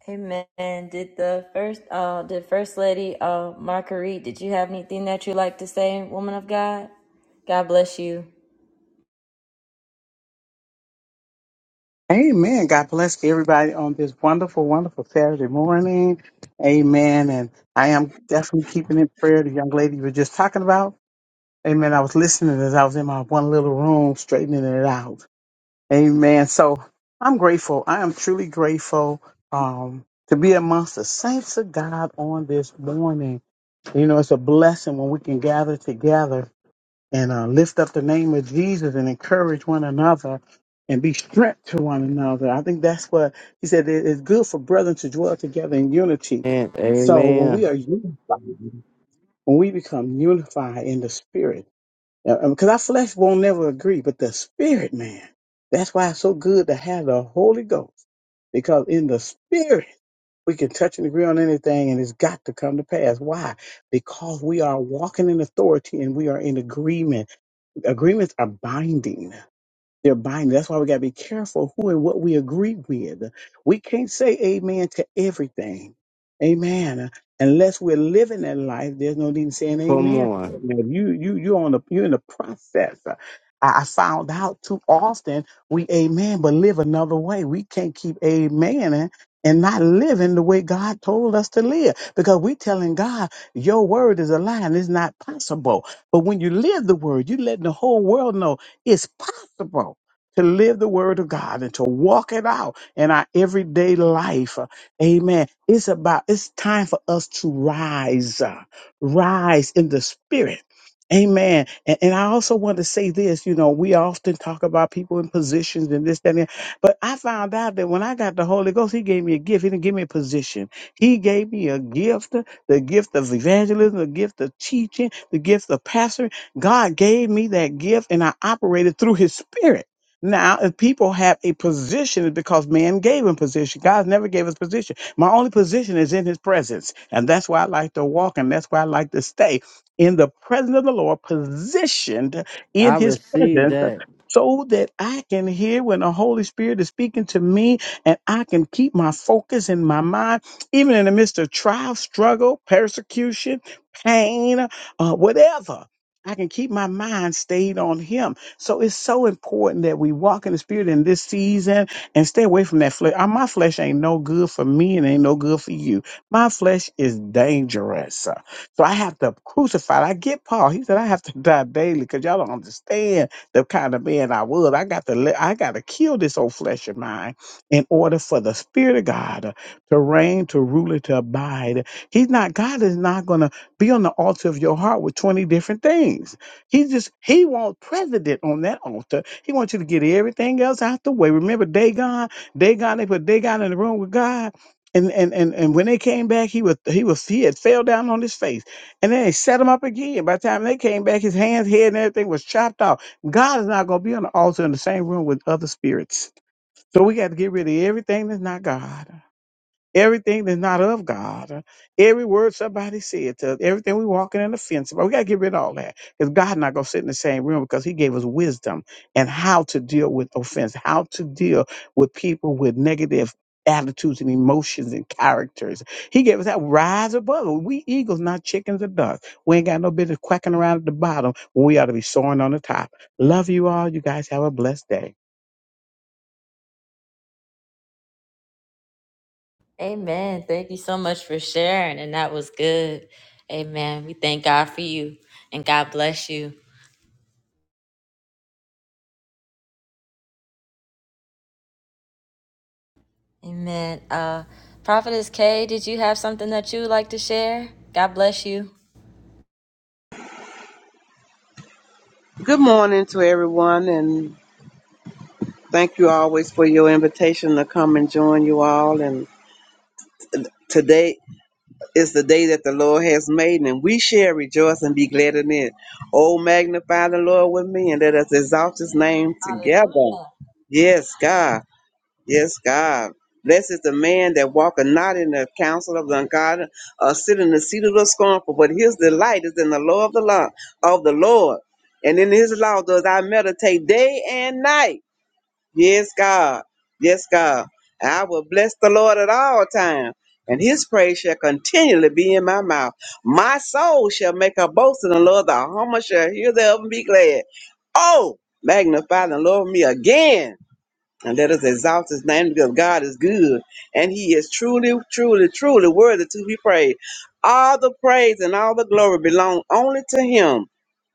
Speaker 2: Amen. Did the first, uh, did First Lady, uh, Marguerite, did you have anything that you like to say, woman of God? God bless you.
Speaker 8: Amen. God bless everybody on this wonderful, wonderful Saturday morning. Amen. And I am definitely keeping in prayer the young lady you were just talking about. Amen. I was listening as I was in my one little room straightening it out. Amen. So I'm grateful. I am truly grateful um, to be amongst the saints of God on this morning. You know, it's a blessing when we can gather together and uh, lift up the name of Jesus and encourage one another and be strength to one another. I think that's what he said. It is good for brethren to dwell together in unity.
Speaker 1: And
Speaker 8: So when we are
Speaker 1: amen.
Speaker 8: unified, when we become unified in the spirit, because our flesh won't never agree, but the spirit, man, that's why it's so good to have the Holy Ghost, because in the spirit, we can touch and agree on anything and it's got to come to pass. Why? Because we are walking in authority and we are in agreement Agreements are binding. They're binding. That's why we got to be careful who and what we agree with. We can't say amen to everything. Amen. Unless we're living that life, there's no need in saying
Speaker 1: Come
Speaker 8: amen. to that. Now,
Speaker 1: on.
Speaker 8: You you you on the you're in the process. I, I found out too often we amen, but live another way. We can't keep amen and not living the way God told us to live because we telling God your word is a lie and it's not possible. But when you live the word, you letting the whole world know it's possible to live the word of God and to walk it out in our everyday life. Amen. It's about, it's time for us to rise, uh, rise in the spirit. Amen. And, and I also want to say this, you know, we often talk about people in positions and this, that, and that. But I found out that when I got the Holy Ghost, He gave me a gift. He didn't give me a position. He gave me a gift, the gift of evangelism, the gift of teaching, the gift of pastoring God gave me that gift and I operated through his spirit. Now, if people have a position, it's because man gave him position. God never gave us position. My only position is in his presence. And that's why I like to walk and that's why I like to stay in the presence of the Lord, positioned in
Speaker 1: I
Speaker 8: his presence
Speaker 1: receive
Speaker 8: so that I can hear when the Holy Spirit is speaking to me and I can keep my focus in my mind, even in the midst of trial, struggle, persecution, pain, uh, whatever. I can keep my mind stayed on him. So it's so important that we walk in the spirit in this season and stay away from that flesh. Uh, My flesh ain't no good for me and ain't no good for you. My flesh is dangerous. Uh, So I have to crucify. it. I get Paul. He said I have to die daily because y'all don't understand the kind of man I was. I got to let I gotta kill this old flesh of mine in order for the spirit of God uh, to reign, to rule, and to abide. He's not God is not gonna be on the altar of your heart with 20 different things. He just, he wants president on that altar. He wants you to get everything else out the way. Remember Dagon? Dagon, they put Dagon in the room with God. And, and, and, and when they came back, he was he was he had fell down on his face. And then they set him up again. By the time they came back, his hands, head, and everything was chopped off. God is not gonna be on the altar in the same room with other spirits. So we got to get rid of everything that's not God. Everything that's not of God, uh, every word somebody said to us, everything we walking in the fence about, we gotta get rid of all that. Because God's not gonna sit in the same room because He gave us wisdom and how to deal with offense, how to deal with people with negative attitudes and emotions and characters. He gave us that rise above. it. We eagles, not chickens or ducks. We ain't got no business quacking around at the bottom when we ought to be soaring on the top. Love you all. You guys have a blessed day.
Speaker 2: Amen. Thank you so much for sharing, and that was good. Amen. We thank God for you, and God bless you. Amen. Uh, Prophetess K, did you have something that you would like to share? God bless you.
Speaker 9: Good morning to everyone, and thank you always for your invitation to come and join you all. And today is the day that the Lord has made, and we shall rejoice and be glad in it. Oh, magnify the Lord with me, and let us exalt his name
Speaker 2: Hallelujah.
Speaker 9: together. Yes, God. Yes, God. Blessed is the man that walketh not in the counsel of the ungodly, or sit in the seat of the scornful, but his delight is in the law of the Lord, of the Lord. And in his law does I meditate day and night. Yes, God. Yes, God. I will bless the Lord at all times, and his praise shall continually be in my mouth. My soul shall make her boast in the Lord. The humble shall hear thereof and be glad. Oh, magnify the Lord with me again and let us exalt his name because God is good and he is truly, truly, truly worthy to be praised. All the praise and all the glory belong only to him.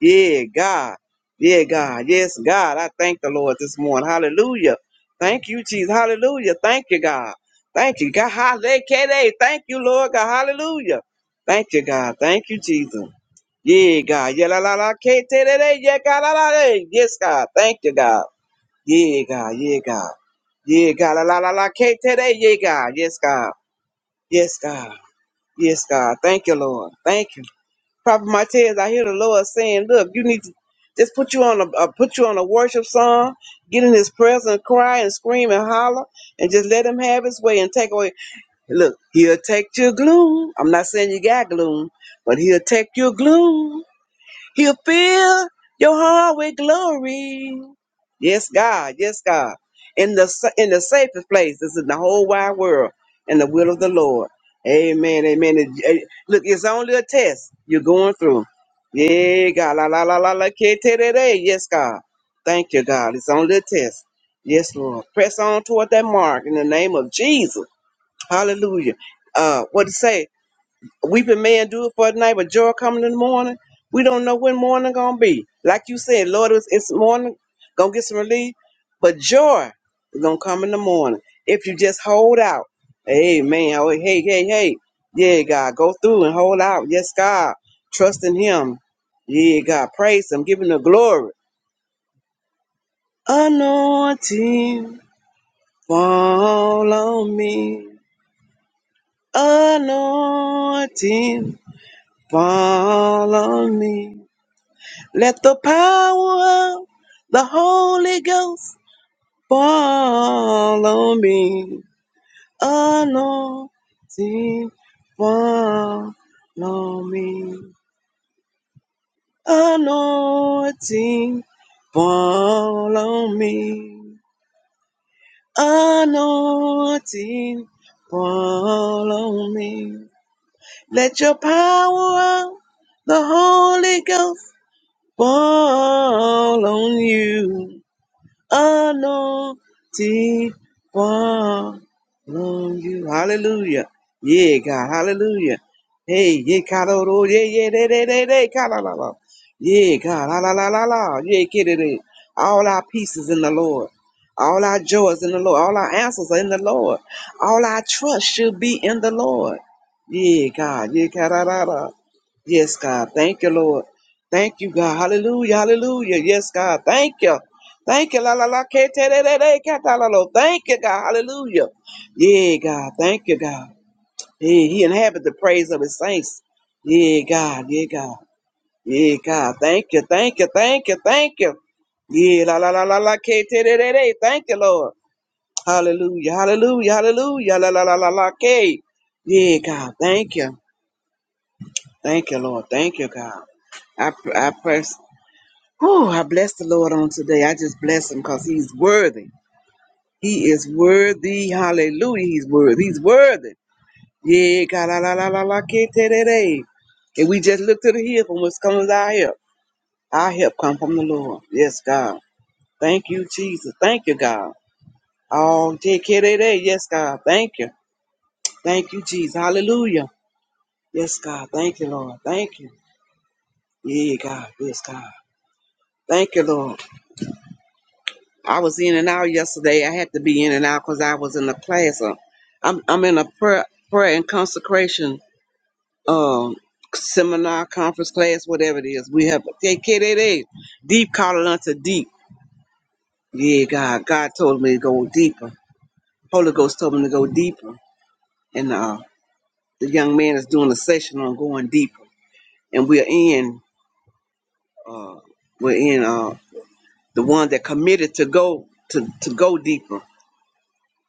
Speaker 9: Yeah, God. Yeah, God. Yes, God. I thank the Lord this morning. Hallelujah. Thank you, Jesus. Hallelujah. Thank you, God. Thank you, God. Hallelujah. Thank you, Lord God. Hallelujah. Thank you, God. Thank you, Jesus. Yeah, God. Yeah, la, la, la, K, T, L, A, yeah, God, la, la, la. Yes, God. Thank you, God. Yeah, God. Yeah, God. Yeah, God. La la la la. K today. Yeah, God. Yes, God. Yes, God. Yes, God. Thank you, Lord. Thank you. Prophet Martez, I hear the Lord saying, "Look, you need to just put you on a uh, put you on a worship song, get in His presence, cry and scream and holler, and just let Him have His way and take away. Look, He'll take your gloom. I'm not saying you got gloom, but He'll take your gloom. He'll fill your heart with glory. Yes, God. Yes, God. In the sa- in the safest place is in the whole wide world, in the will of the Lord. Amen. Amen. It- it- look, it's only a test you're going through. Yeah, God. La la la la la. ke- te- re- re. Yes, God. Thank you, God. It's only a test. Yes, Lord. Press on toward that mark in the name of Jesus. Hallelujah. Uh, what to say? weeping man, do it for the night, but joy coming in the morning. We don't know when morning gonna be. Like you said, Lord, it's, it's morning, gonna get some relief, but joy is gonna come in the morning if you just hold out. Amen. Oh, hey, hey, hey, yeah, God, go through and hold out. Yes, God, trust in Him. Yeah, God, praise Him, give Him the glory. Anointing fall on me. Anointing fall on me. Let the power of the Holy Ghost fall on me. Anointing fall on me. Anointing fall on me. Anointing fall on me. Let your power of the Holy Ghost fall on you. anointing fall on you. Hallelujah. Yeah, God. Hallelujah. Hey, yeah, Kaloro. Yeah, yeah, they, they, they, they, Kalala. Yeah, God. La, la, la, la, la. Yeah, get it in. All our pieces in the Lord. All our joys in the Lord. All our answers are in the Lord. All our trust should be in the Lord. Yeah, God. Yeah, Kalala. Yes, God. Thank you, Lord. Thank you, God. Hallelujah. Hallelujah. Yes, God. Thank you. Thank you, la la la, ke te re re re, ka ta la lo. Thank you, God, Hallelujah. Yeah, God, thank you, God. Yeah, He inhabits the praise of His saints. Yeah, God, yeah, God, yeah, God. Thank you, thank you, thank you, thank you. Yeah, la la la la la, ke te re re re. Thank you, Lord. Hallelujah, Hallelujah, Hallelujah, la la la la la, ke. Yeah, God, thank you, thank you, Lord, thank you, God. I I press. Oh, I bless the Lord on today. I just bless Him because He's worthy. He is worthy. Hallelujah. He's worthy. He's worthy. Yeah, God, la, la, la, la, la, ke, te, de, de. If we just look to the hill from what's coming our help, our help come from the Lord. Yes, God. Thank you, Jesus. Thank you, God. Oh, take care of that. Yes, God. Thank you. Thank you, Jesus. Hallelujah. Yes, God. Thank you, Lord. Thank you. Yeah, God. Yes, God. Thank you, Lord. I was in and out yesterday. I had to be in and out because I was in a class. Uh, I'm I'm in a prayer prayer and consecration um seminar, conference, class, whatever it is. We have KKDA, deep calling unto deep. Yeah, God, God told me to go deeper. Holy Ghost told me to go deeper, and uh, the young man is doing a session on going deeper, and we're in, uh, we're in uh, the one that committed to go to to go deeper.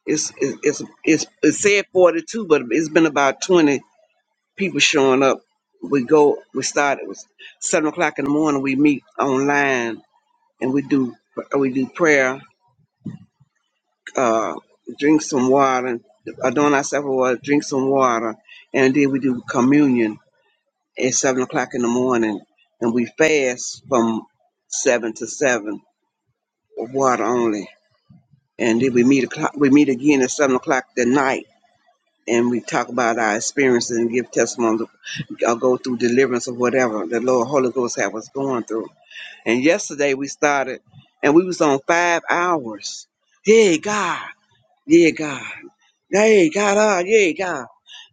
Speaker 9: It's it's it's it said forty two, but it's been about twenty people showing up. We go, we started It was seven o'clock in the morning. We meet online and we do uh, we do prayer, uh, drink some water, adorn ourselves with water, drink some water, and then we do communion at seven o'clock in the morning, and we fast from seven to seven, with water only, and then we meet o'clock, we meet again at seven o'clock that night, and we talk about our experiences and give testimonies, or go through deliverance of whatever the Lord Holy Ghost had us going through. And yesterday we started, and we was on five hours. Hey God. Yeah, God. Hey, God, uh, yeah, God.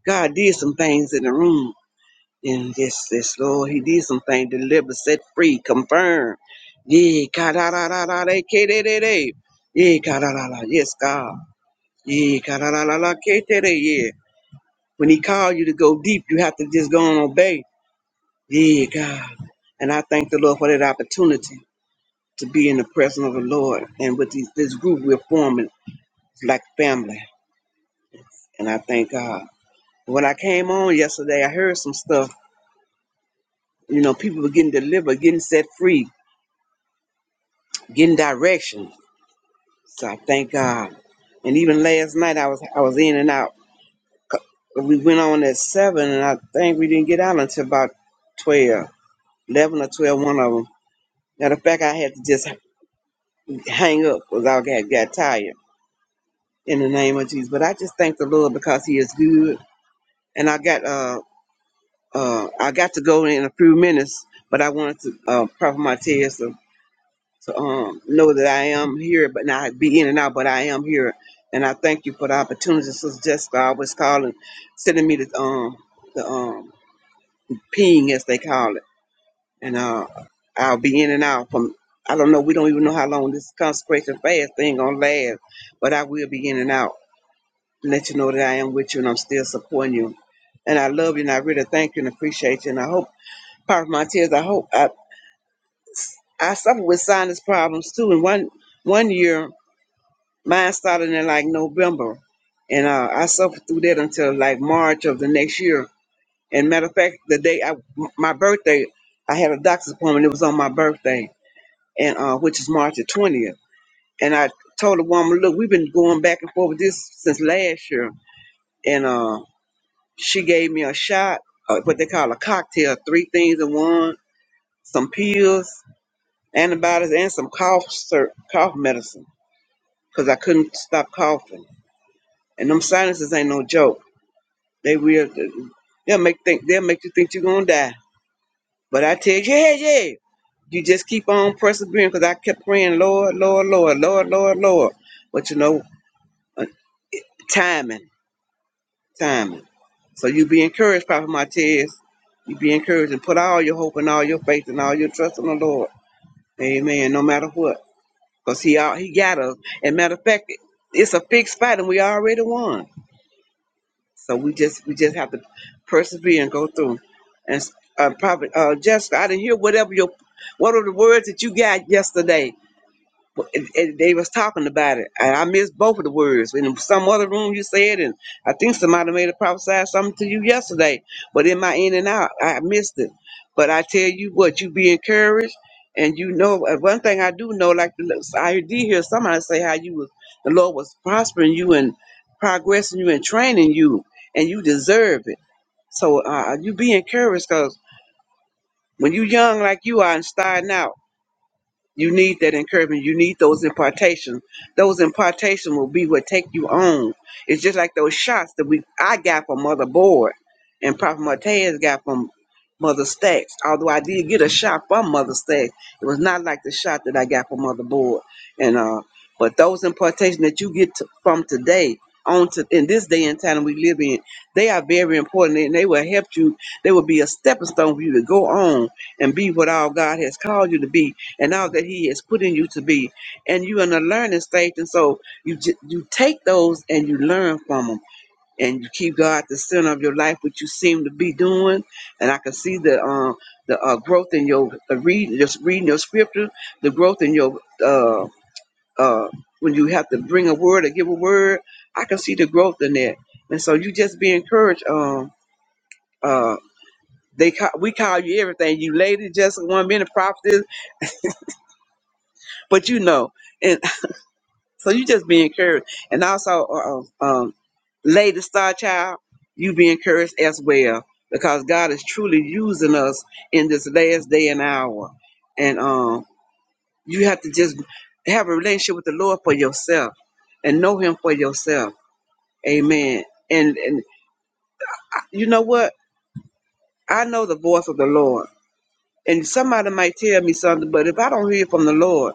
Speaker 9: God did some things in the room. And yes, yes, Lord, He did some things, deliver, set free, confirm. Yeah, God, ah, da, da, da, da, da, ke, da, da, da. Yeah, God, da, da, da, yes, God. Yeah, God, da, da, da, da, ke, da, da, yeah. When He called you to go deep, you have to just go and obey. Yeah, God. And I thank the Lord for that opportunity to be in the presence of the Lord. And with these, this group, we're forming it's like family. And I thank God. When I came on yesterday, I heard some stuff. You know, people were getting delivered, getting set free, getting direction. So I thank God. And even last night, I was I was in and out. But we went on at seven, and I think we didn't get out until about 12, 11 or 12, one of them. Matter of fact, I had to just hang up because I got, got tired in the name of Jesus. But I just thank the Lord because He is good. And I got uh uh I got to go in a few minutes, but I wanted to uh, proper my test. to um, know that I am here, but not be in and out, but I am here. And I thank you for the opportunity. Sister Jessica always calling, sending me the um the um ping as they call it, and uh I'll be in and out from. I don't know. We don't even know how long this consecration fast thing gonna last, but I will be in and out. And let you know that I am with you and I'm still supporting you. And I love you and I really thank you and appreciate you. And I hope, part of my tears, I hope I, I suffer with sinus problems too. And one one year Mine started in like November, and uh, I suffered through that until like March of the next year. And matter of fact, the day I my birthday, I had a doctor's appointment. It was on my birthday, and uh, which is March the twentieth. And I told the woman, "Look, we've been going back and forth with this since last year." And uh, she gave me a shot, uh, what they call a cocktail, three things in one, some pills, antibiotics, and some cough syrup, cough medicine, because I couldn't stop coughing. And them sinuses ain't no joke. They will. They'll make think. They'll make you think you're gonna die. But I tell you, yeah, yeah. You just keep on persevering. Cause I kept praying, Lord, Lord, Lord, Lord, Lord, Lord. But you know, uh, timing, timing. So you be encouraged, Prophet Martez. You be encouraged and put all your hope and all your faith and all your trust in the Lord. Amen. No matter what, cause He all He got us. And matter of fact, it's a fixed fight, and we already won. So we just we just have to persevere and go through. And uh, probably uh, Jessica, I didn't hear whatever your what are the words that you got yesterday and and they was talking about it, and I missed both of the words. In some other room, you said, and I think somebody made a prophesy something to you yesterday. But in my in and out, I missed it. But I tell you what, you be encouraged, and you know uh, one thing I do know. Like the- I did hear somebody say how you was the Lord was prospering you and progressing you and training you, and you deserve it. So uh, you be encouraged, cause when you young like you are and starting out. You need that encouragement. You need those impartations. Those impartations will be what take you on. It's just like those shots that we I got from Mother Board and Prophet Martez got from Mother Stacks. Although I did get a shot from Mother Stacks, it was not like the shot that I got from Mother Board. And uh, but those impartations that you get to, from today on to in this day and time we live in, they are very important and they will help you. They will be a stepping stone for you to go on and be what all God has called you to be and all that he has put in you to be and you're in a learning stage and so you ju- you take those and you learn from them and you keep god at the center of your life which you seem to be doing and i can see the um the uh, growth in your uh, reading just reading your scripture the growth in your uh uh when you have to bring a word or give a word i can see the growth in that and so you just be encouraged um uh they call, we call you everything you lady just one minute prophetess but you know So you just be encouraged, and also, uh, um, um, Lady Star Child, you be encouraged as well because God is truly using us in this last day and hour, and um, you have to just have a relationship with the Lord for yourself and know Him for yourself. Amen. And and you know what? I know the voice of the Lord, and somebody might tell me something, but if I don't hear from the Lord.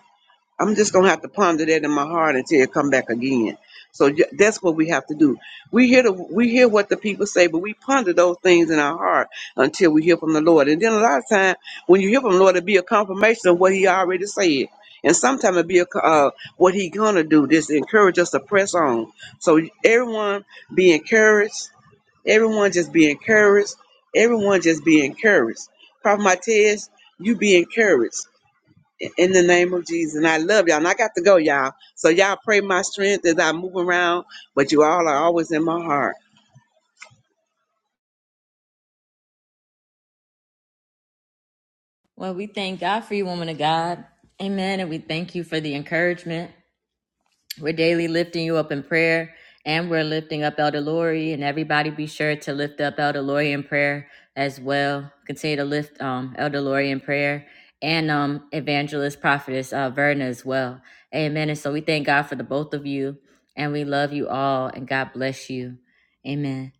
Speaker 9: I'm just gonna have to ponder that in my heart until it come back again. So ju- that's what we have to do. We hear the we hear what the people say, but we ponder those things in our heart until we hear from the Lord. And then a lot of time, when you hear from the Lord, it'll be a confirmation of what He already said. And sometimes it'll be a, co- uh, what He gonna do. Just encourage us to press on. So everyone be encouraged. Everyone just be encouraged. Everyone just be encouraged. Prophet Matez, you be encouraged in the name of Jesus. And I love y'all. And I got to go, y'all. So y'all pray my strength as I move around, but you all are always in my heart.
Speaker 2: Well, we thank God for you, woman of God. Amen. And we thank you for the encouragement. We're daily lifting you up in prayer and we're lifting up Elder Lori. And everybody be sure to lift up Elder Lori in prayer as well. Continue to lift um, Elder Lori in prayer and um, evangelist prophetess uh, Verna as well. Amen. And so we thank God for the both of you and we love you all and God bless you. Amen.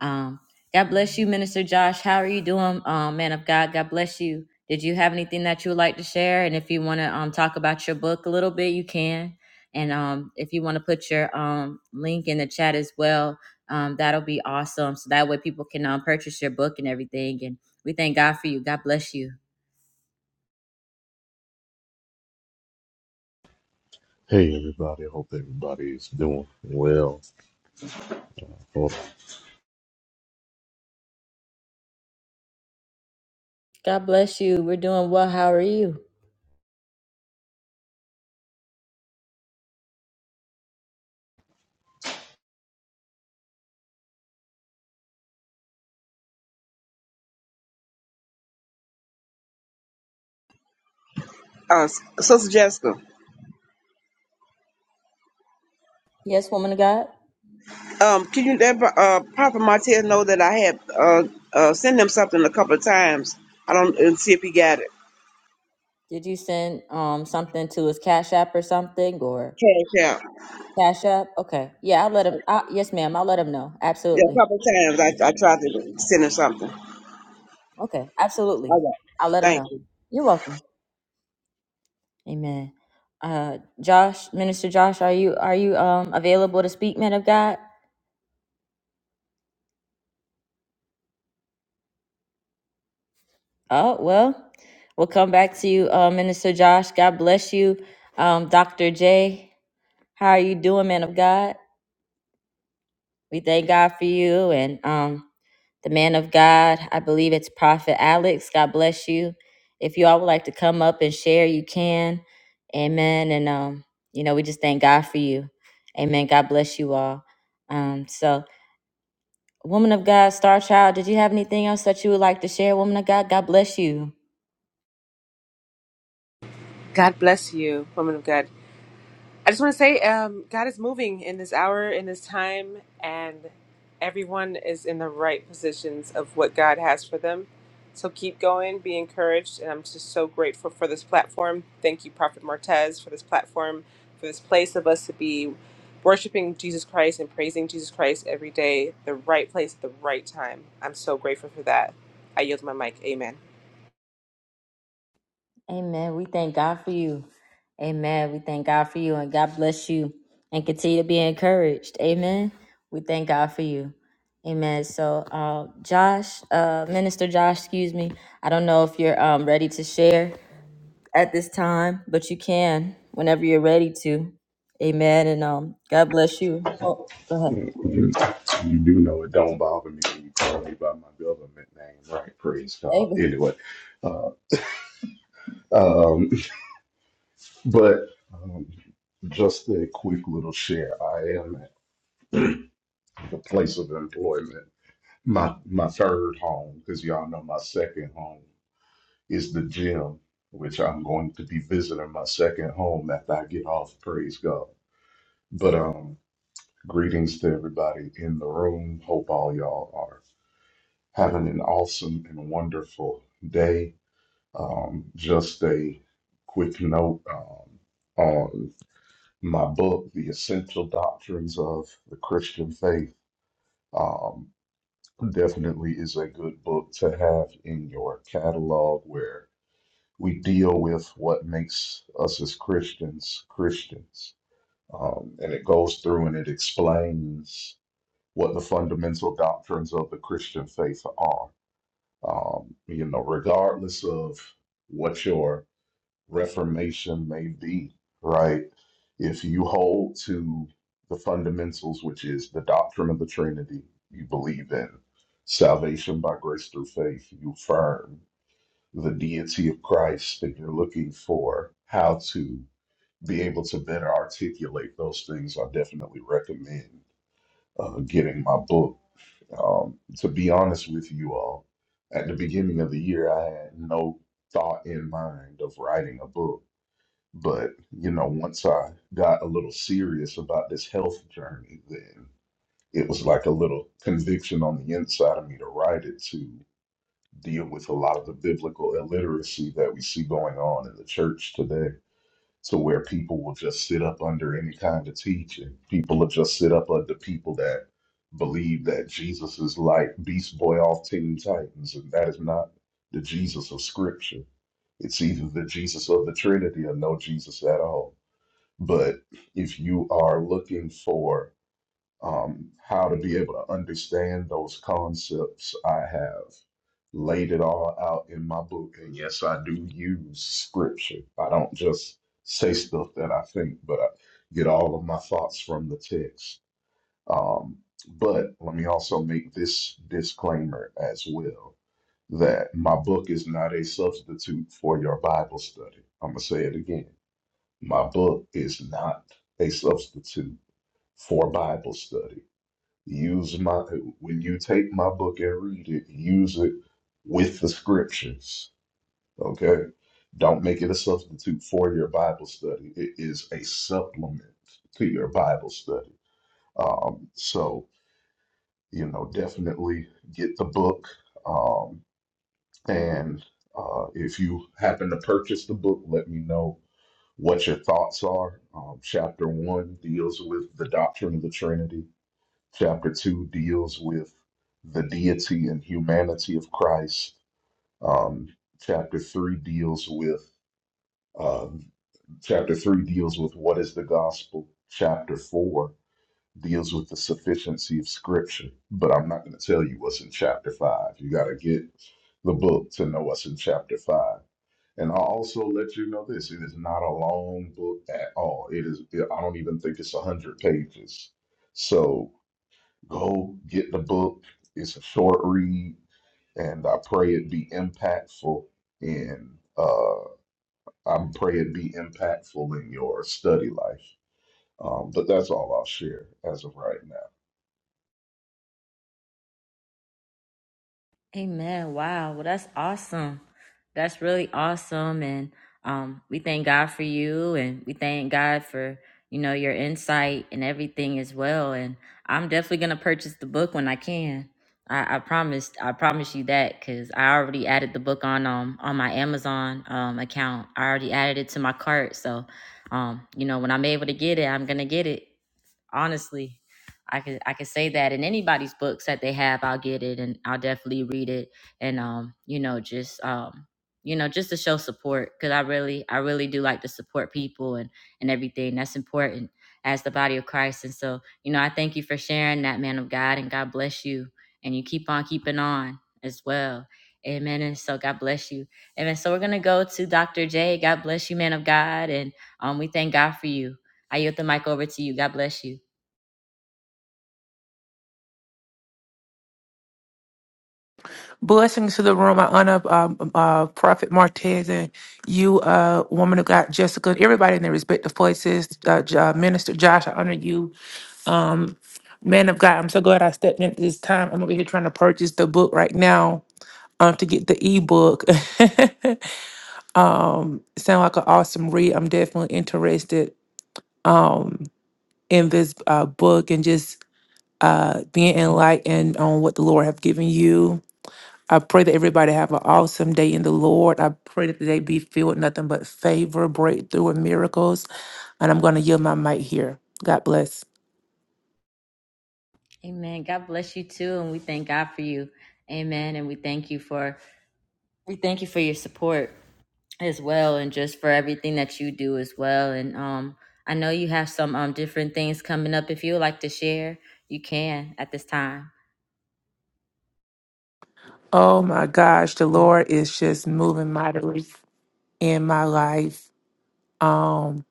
Speaker 2: Um, God bless you, Minister Josh. How are you doing, um, man of God? God bless you. Did you have anything that you would like to share? And if you want to um, talk about your book a little bit, you can. And um, if you want to put your um, link in the chat as well, um, that'll be awesome. So that way people can um, purchase your book and everything. And we thank God for you. God bless you.
Speaker 10: Hey everybody, hope everybody's doing well. Hold
Speaker 2: God bless you. We're doing well. How are you?
Speaker 9: Uh, S- Sister Jessica,
Speaker 2: Yes, woman of God.
Speaker 9: um, can you let uh, Prophet Martez know that I had uh, uh, sent him something a couple of times? I don't and see if he got it.
Speaker 2: Did you send um, something to his Cash App or something? Or
Speaker 9: Cash out.
Speaker 2: Cash App. Okay. Yeah, I'll let him. Uh, yes, ma'am. I'll let him know.
Speaker 9: Yeah,
Speaker 2: Absolutely.
Speaker 9: a couple of times I, I tried to send him something.
Speaker 2: Okay. Absolutely.
Speaker 9: Okay.
Speaker 2: I'll let him
Speaker 9: Thank
Speaker 2: know.
Speaker 9: you.
Speaker 2: You're welcome. Amen. Uh, Josh, Minister Josh, are you are you um available to speak, man of God? Oh well, we'll come back to you, uh, Minister Josh. God bless you, um, Doctor J. How are you doing, man of God? We thank God for you, and um, the man of God. I believe it's Prophet Alex. God bless you. If you all would like to come up and share, you can. Amen. And um, you know, we just thank God for you. Amen. God bless you all. Um, so woman of God, star child, did you have anything else that you would like to share? Woman of God, God bless you.
Speaker 7: God bless you, woman of God. I just want to say um, God is moving in this hour, in this time, and everyone is in the right positions of what God has for them. So keep going, be encouraged. And I'm just so grateful for this platform. Thank you, Prophet Martez, for this platform, for this place of us to be worshiping Jesus Christ and praising Jesus Christ every day, the right place at the right time. I'm so grateful for that. I yield my mic. Amen.
Speaker 2: Amen. We thank God for you. Amen. We thank God for you and God bless you and continue to be encouraged. Amen. We thank God for you. Amen. So, uh, Josh, uh, Minister Josh, excuse me. I don't know if you're um, ready to share at this time, but you can whenever you're ready to. Amen. And um, God bless you. Oh, go
Speaker 10: You, you do know it don't bother me when you call me by my government name, right? Praise God.
Speaker 2: ahead.
Speaker 10: Anyway, uh, um, but um, just a quick little share. I am at the place of employment. My my third home, because y'all know my second home is the gym, which I'm going to be visiting my second home after I get off. Praise God. But um. Greetings to everybody in the room. Hope all y'all are having an awesome and wonderful day. Um, just a quick note um, on my book, The Essential Doctrines of the Christian Faith. Um, definitely is a good book to have in your catalog where we deal with what makes us as Christians Christians. Um, and it goes through and it explains. what the fundamental doctrines of the Christian faith are. Um, you know, regardless of what your reformation may be, right? If you hold to the fundamentals, which is the doctrine of the Trinity, you believe in salvation by grace through faith, you affirm the deity of Christ, and you're looking for how to be able to better articulate those things, I definitely recommend uh, getting my book um, to be honest with you all, at the beginning of the year, I had no thought in mind of writing a book. But, you know, once I got a little serious about this health journey, then it was like a little conviction on the inside of me to write it to deal with a lot of the biblical illiteracy that we see going on in the church today to where people will just sit up under any kind of teaching. People will just sit up under people that believe that Jesus is like Beast Boy off Teen Titans, and that is not the Jesus of Scripture. It's either the Jesus of the Trinity or no Jesus at all. But if you are looking for um, how to be able to understand those concepts, I have laid it all out in my book. And yes, I do use scripture. I don't just say stuff that I think, but I get all of my thoughts from the text. Um, but let me also make this disclaimer as well that my book is not a substitute for your Bible study. I'm going to say it again. My book is not a substitute for Bible study. Use my, when you take my book and read it, use it with the scriptures Okay. Don't make it a substitute for your Bible study. It is a supplement to your Bible study. Um, so, you know, definitely get the book. Um, and uh, if you happen to purchase the book, let me know what your thoughts are. Um, chapter one deals with the doctrine of the Trinity, chapter two deals with the deity and humanity of Christ. Um, chapter three deals with Uh, chapter 3 deals with what is the gospel, chapter 4 deals with the sufficiency of scripture. But I'm not going to tell you what's in chapter 5. You got to get the book to know what's in chapter 5. And I'll also let you know this it is not a long book at all. It is, I don't even think it's 100 pages. So go get the book. It's a short read, and I pray it be impactful. And I'm praying be impactful in your study life. Um, but that's all I'll share as of right now.
Speaker 2: Amen. Wow. Well, that's awesome. That's really awesome. And um, we thank God for you and we thank God for, you know, your insight and everything as well. And I'm definitely going to purchase the book when I can. I, I promised, I promise you that because I already added the book on, um, on my Amazon, um, account. I already added it to my cart. So, um, you know, when I'm able to get it, I'm going to get it. Honestly, I could I could say that in anybody's books that they have, I'll get it and I'll definitely read it and um, you know, just um, you know, just to show support cuz I really I really do like to support people and and everything. That's important as the body of Christ. And so, you know, I thank you for sharing that man of God and God bless you and you keep on keeping on as well. Amen. And so God bless you. Amen. So we're gonna go to Dr. J. God bless you, man of God, and um, we thank God for you. I yield the mic over to you. God bless you.
Speaker 11: Blessings to the room. I honor um, um, uh, Prophet Martez and you, uh, woman of God, Jessica, and everybody in their respective places. Uh, J- uh, Minister Josh, I honor you. Um, man of God, I'm so glad I stepped in at this time. I'm over here trying to purchase the book right now um, to get the ebook. um, sound like an awesome read. I'm definitely interested um, in this uh, book and just uh, being enlightened on what the Lord have given you I pray that everybody have an awesome day in the Lord. I pray that they be filled with nothing but favor, breakthrough, and miracles. And I'm going to yield my mic here. God bless.
Speaker 2: Amen. God bless you too. And we thank God for you. Amen. And we thank you for we thank you for your support as well and just for everything that you do as well. And um I know you have some um different things coming up. If you would like to share, you can at this time.
Speaker 11: Oh my gosh, the Lord is just moving mightily in my life. Um,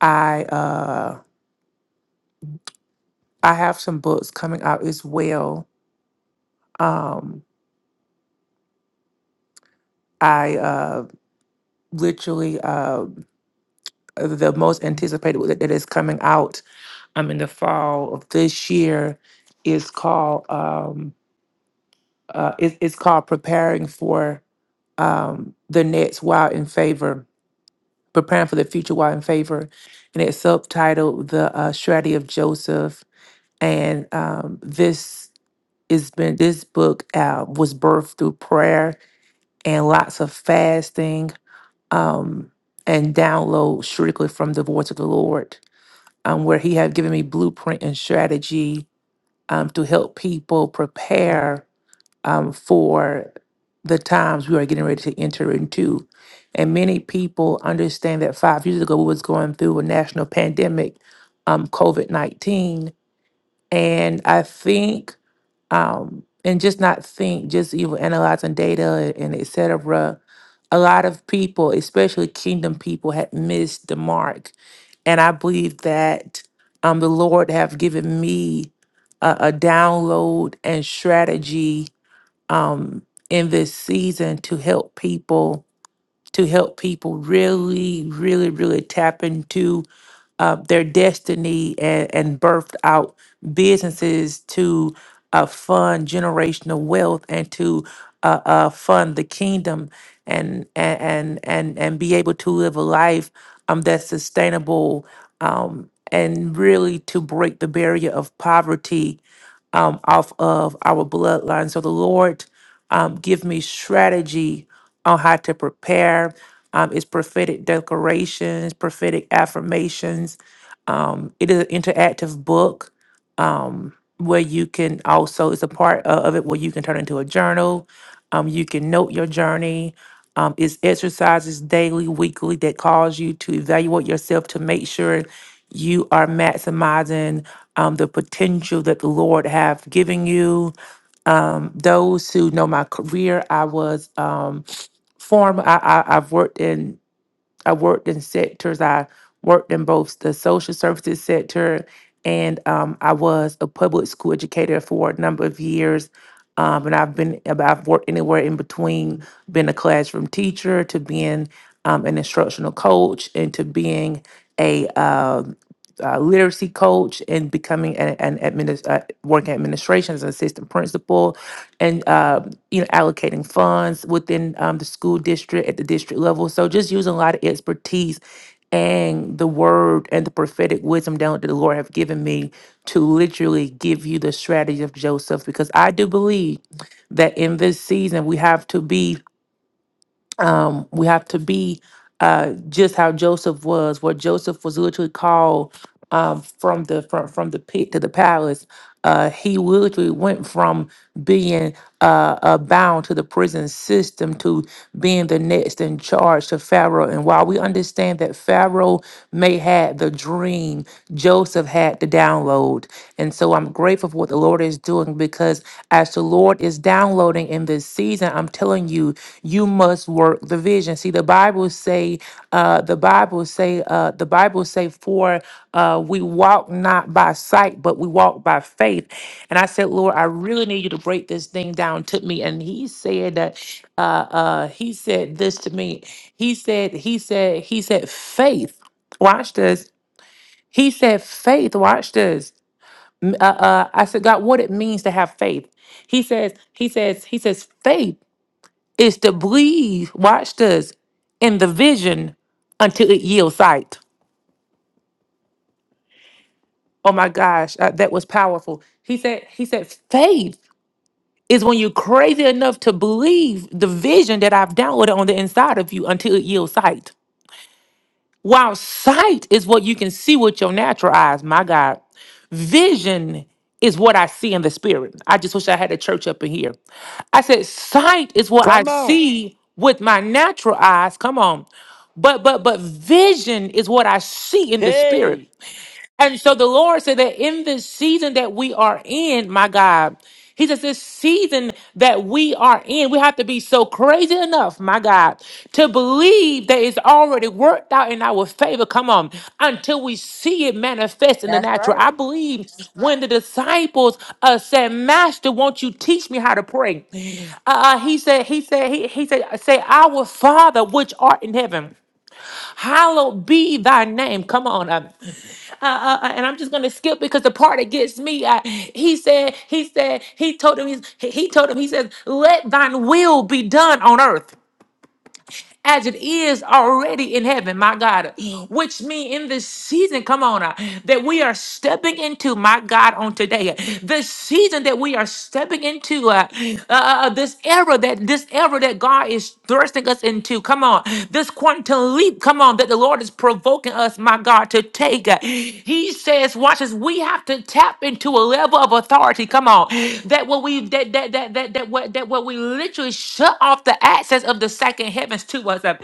Speaker 11: I uh, I have some books coming out as well. Um, I uh, literally uh, the most anticipated that that is coming out um in the fall of this year is called um uh, it, it's called preparing for um, the next while in favor, preparing for the future while in favor, and it's subtitled "The uh, Strategy of Joseph." And um, this has been this book uh, was birthed through prayer and lots of fasting um, and download strictly from the voice of the Lord, um, where He had given me blueprint and strategy um, to help people prepare um, for the times we are getting ready to enter into. And many people understand that five years ago we was going through a national pandemic, um, COVID nineteen, and I think, um, and just not think, just even analyzing data and et cetera. A lot of people, especially kingdom people, had missed the mark, and I believe that um, the Lord have given me a, a download and strategy um, in this season to help people to help people really, really, really tap into uh, their destiny and, and birthed out businesses to uh, fund generational wealth and to uh, uh, fund the kingdom and and and and and be able to live a life um, that's sustainable um, and really to break the barrier of poverty um, off of our bloodline. So the Lord um, give me strategy on how to prepare. Um, it's prophetic declarations, prophetic affirmations. Um, it is an interactive book um, where you can also, it's a part o- of it where you can turn into a journal. Um, you can note your journey. Um, it's exercises daily, weekly that cause you to evaluate yourself to make sure you are maximizing um, the potential that the Lord have given you um, those who know my career, I was um, former. I, I, I've worked in I worked in sectors. I worked in both the social services sector and um, I was a public school educator for a number of years. Um, and I've been, I've worked anywhere in between being a classroom teacher to being um, an instructional coach and to being a, um uh literacy coach and becoming an, an administ- uh, working administration as an assistant principal. And uh, you know, allocating funds within um, the school district at the district level. So just using a lot of expertise and the word and the prophetic wisdom down that the Lord have given me to literally give you the strategy of Joseph because I do believe that in this season we have to be um, we have to be uh, just how Joseph was, where Joseph was literally called um, from the from, from the pit to the palace. Uh, he literally went from being uh, uh, bound to the prison system to being the next in charge to Pharaoh. And while we understand that Pharaoh may had the dream, Joseph had the download. And so I'm grateful for what the Lord is doing because as the Lord is downloading, in this season i'm telling you you must work the vision see the bible say uh the bible say uh the bible say for uh we walk not by sight but we walk by faith and i said lord i really need you to break this thing down to me and he said that uh uh he said this to me he said he said he said faith watch this he said faith watch this M- uh, uh, i said god what it means to have faith he says he says he says faith is to breathe, watch this, in the vision until it yields sight. Oh my gosh, uh, that was powerful. He said, he said, faith is when you're crazy enough to believe the vision that I've downloaded on the inside of you until it yields sight. While sight is what you can see with your natural eyes, my God, vision is what I see in the spirit. I just wish I had a church up in here. I said, sight is what I
Speaker 12: Come on.
Speaker 11: see with my natural eyes. Come on. But but but vision is what I see in the spirit.
Speaker 12: Hey.
Speaker 11: And so the Lord said that in this season that we are in, my God, He says this season that we are in, we have to be so crazy enough, my God, to believe that it's already worked out in our favor. Come on, until we see it manifest in the
Speaker 2: That's
Speaker 11: natural.
Speaker 2: right.
Speaker 11: I believe when the disciples uh, said, "Master, won't you teach me how to pray?" Uh, uh, he said, "He said, he, he said, say, Our Father which art in heaven." Hallowed be thy name. Come on. um, uh, uh, uh, and I'm just gonna skip because the part that gets me. I, he said, he said, he told him, he, he told him, he says, let thine will be done on earth as it is already in heaven, my God. Which means in this season, come on, uh, that we are stepping into, my God, on today. this season that we are stepping into, uh, uh, uh, uh, this era that this era that God is thrusting us into, come on, this quantum leap, come on, that the Lord is provoking us, my God, to take. uh, He says, watch us, we have to tap into a level of authority, come on, that what we that that that that that what that what we literally shut off the access access of the second heavens to us, uh,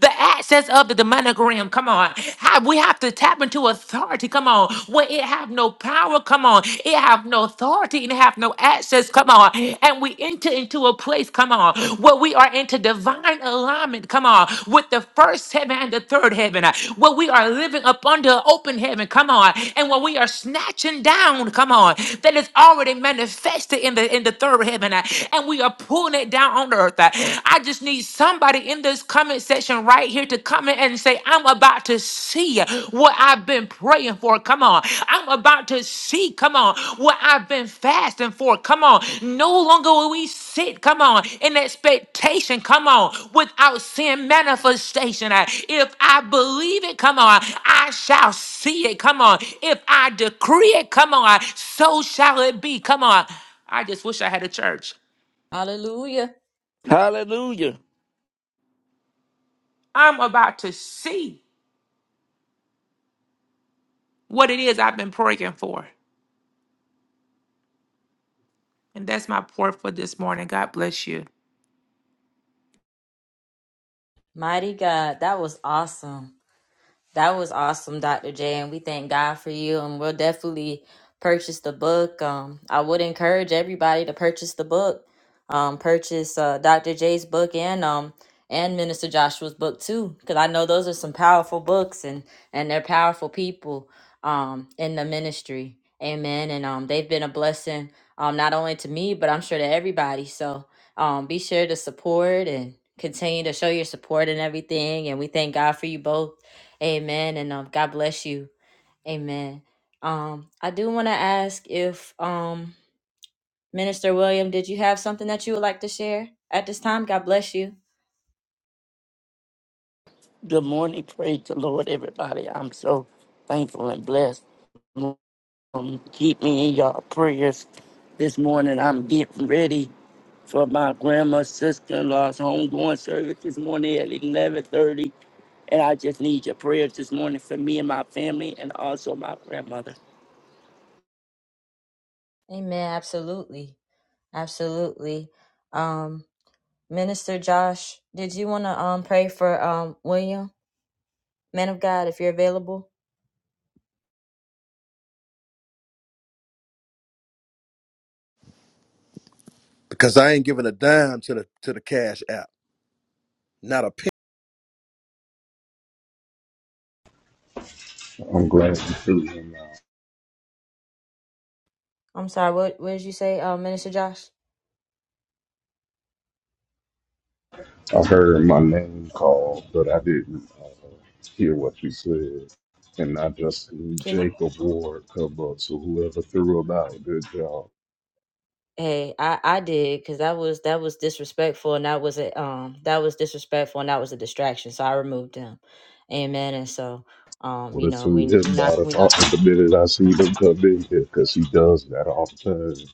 Speaker 11: the access of the demonic realm. Come on, How- we have to tap into authority. Come on, where it have no power. Come on, it have no authority and it have no access. Come on, and we enter into a place. Come on, where we are into divine alignment. Come on, with the first heaven and the third heaven, uh, where we are living up under open heaven. Come on, and where we are snatching down. Come on, that is already manifested in the in the third heaven, uh, and we are pulling it down down on earth. I just need somebody in this comment section right here to comment and say, I'm about to see what I've been praying for. Come on. I'm about to see, come on, what I've been fasting for. Come on. No longer will we sit, come on, in expectation, come on, without seeing manifestation. Uh, If I believe it, come on, I shall see it. Come on. If I decree it, come on, so shall it be. Come on. I just wish I had a church.
Speaker 2: Hallelujah.
Speaker 12: Hallelujah.
Speaker 11: I'm about to see what it is I've been praying for. And that's my prayer for this morning. God bless you.
Speaker 2: Mighty God. That was awesome. That was awesome, Dr. J, and we thank God for you. And we'll definitely purchase the book. Um, I would encourage everybody to purchase the book. Um, purchase uh, Dr. J's book and um and Minister Joshua's book too, because I know those are some powerful books and and they're powerful people um in the ministry. Amen. And um they've been a blessing um not only to me but I'm sure to everybody. So um be sure to support and continue to show your support and everything. And we thank God for you both Amen. And um, God bless you. Amen. Um, I do want to ask if um, Minister William, did you have something that you would like to share at this time? God bless you.
Speaker 12: Good morning. Praise the Lord, everybody. I'm so thankful and blessed. Um, keep me in your prayers. This morning, I'm getting ready for my grandma's sister-in-law's homegoing service this morning at 1130. And I just need your prayers this morning for me and my family and also my grandmother.
Speaker 2: Amen. Absolutely. Absolutely. Um, Minister Josh, did you want to um, pray for um, William? Man of God, if you're available.
Speaker 13: because I ain't giving a dime to the to the Cash App, not a penny.
Speaker 10: I'm glad to see him. now.
Speaker 2: I'm sorry, what, what did you say, uh, Minister Josh?
Speaker 10: I heard my name called, but I didn't uh, hear what you said. And not just
Speaker 2: Can you?
Speaker 10: Jacob Ward come up, so whoever threw him out, good job.
Speaker 2: Hey, I I did because that was that was disrespectful and that was a um that was disrespectful and that was a distraction. So I removed them, amen. And so um
Speaker 10: Would
Speaker 2: you
Speaker 10: have
Speaker 2: know
Speaker 10: threw him
Speaker 2: we we
Speaker 10: out
Speaker 2: not
Speaker 10: if
Speaker 2: we
Speaker 10: I,
Speaker 2: not going
Speaker 10: the minute I see him come in here, because he does that all the time.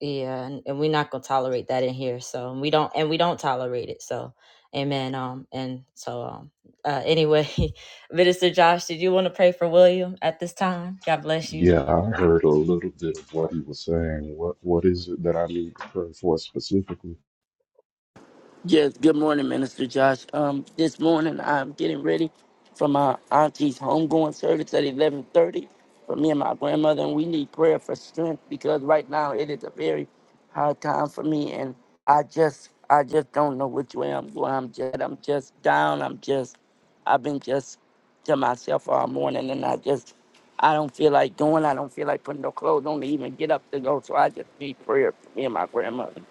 Speaker 2: yeah and, and we're not gonna tolerate that in here. So we don't and we don't tolerate it. So amen. Um and so um uh anyway, Minister Josh, did you want to pray for William at this time? God bless you.
Speaker 10: Yeah, I heard a little bit of what he was saying. What What is it that I need to pray for specifically?
Speaker 12: Yes, good morning, Minister Josh. Um, this morning I'm getting ready for my auntie's homegoing service at 11:30 for me and my grandmother, and we need prayer for strength because right now it is a very hard time for me, and I just, I just don't know which way I'm going. I'm just, I'm just down. I'm just, I've been just to myself all morning, and I just, I don't feel like going. I don't feel like putting no clothes on to even get up to go. So I just need prayer for me and my grandmother,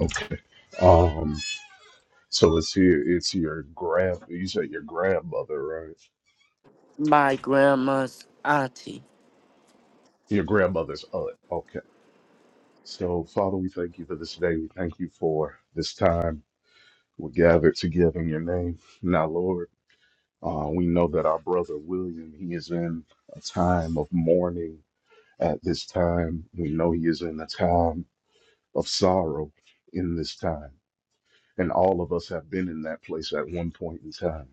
Speaker 10: Okay. Um, so it's your it's your grand you said your grandmother, right?
Speaker 12: my grandma's auntie.
Speaker 10: Your grandmother's aunt. Okay. So Father, we thank you for this day. We thank you for this time we gathered together in your name. Now, Lord, uh, we know that our brother William, he is in a time of mourning at this time. We know he is in a time of sorrow in this time. And all of us have been in that place at one point in time.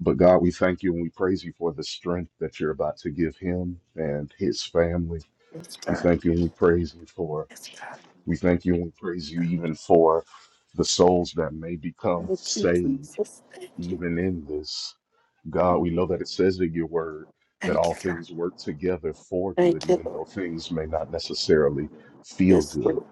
Speaker 10: But God, we thank you and we praise you for the strength that you're about to give him and his family.
Speaker 12: Yes,
Speaker 10: We
Speaker 12: God.
Speaker 10: thank you and we praise you for,
Speaker 12: Yes, God.
Speaker 10: we thank you and we praise you even for the souls that may become
Speaker 12: Thank you,
Speaker 10: saved,
Speaker 12: Jesus. Thank you.
Speaker 10: even in this. God, we know that it says in your word that
Speaker 12: Thank
Speaker 10: all
Speaker 12: you, God.
Speaker 10: things work together for good,
Speaker 12: Thank you,
Speaker 10: even
Speaker 12: Lord.
Speaker 10: though things may not necessarily feel
Speaker 12: Yes,
Speaker 10: good
Speaker 12: Lord.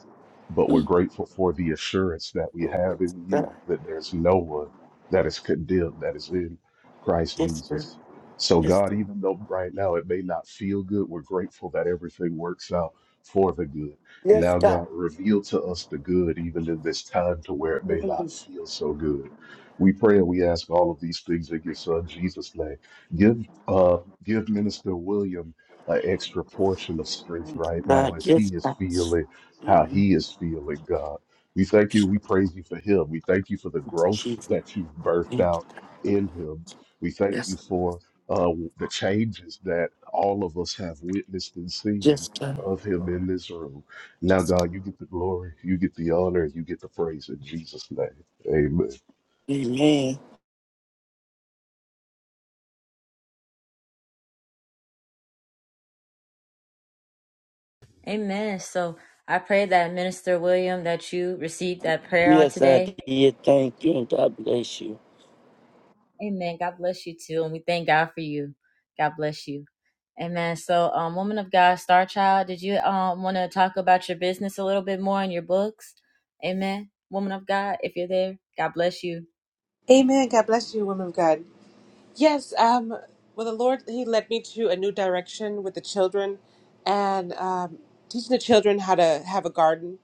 Speaker 10: but we're grateful for the assurance that we
Speaker 12: Glory
Speaker 10: have
Speaker 12: to
Speaker 10: in
Speaker 12: God.
Speaker 10: you that there's no one that is condemned that is in Christ
Speaker 12: Yes, God.
Speaker 10: Jesus. So,
Speaker 12: Yes,
Speaker 10: God,
Speaker 12: Lord.
Speaker 10: even though right now it may not feel good, we're grateful that everything works out for the good.
Speaker 12: Yes,
Speaker 10: Now,
Speaker 12: God.
Speaker 10: God, reveal to us the good, even in this time to where it may not feel so good. We pray and we ask all of these things in your son Jesus' name. Give uh give Minister William an extra portion of strength right now
Speaker 12: God,
Speaker 10: as he
Speaker 12: yes,
Speaker 10: is
Speaker 12: God.
Speaker 10: feeling how he is feeling, God. We thank you. We praise you for him. We thank you for the growth
Speaker 12: Jesus.
Speaker 10: that you've birthed
Speaker 12: Thank you.
Speaker 10: out in him. We thank you
Speaker 12: Yes.
Speaker 10: for uh, the changes that all of us have witnessed and
Speaker 12: Yes,
Speaker 10: seen
Speaker 12: God.
Speaker 10: of him in this room. Now, God, you get the glory, you get the honor, and you get the praise in Jesus' name. Amen.
Speaker 12: Amen.
Speaker 2: Amen. So I pray that Minister William that you received that prayer on
Speaker 12: Yes, I
Speaker 2: today.
Speaker 12: did. Thank you, and God bless you.
Speaker 2: Amen. God bless you too. And we thank God for you. God bless you. Amen. So, um, woman of God, Star Child, did you um want to talk about your business a little bit more in your books? Amen. Woman of God, if you're there, God bless you.
Speaker 7: Amen. God bless you, woman of God. Yes, um, well, the Lord, He led me to a new direction with the children and um, teaching the children how to have a garden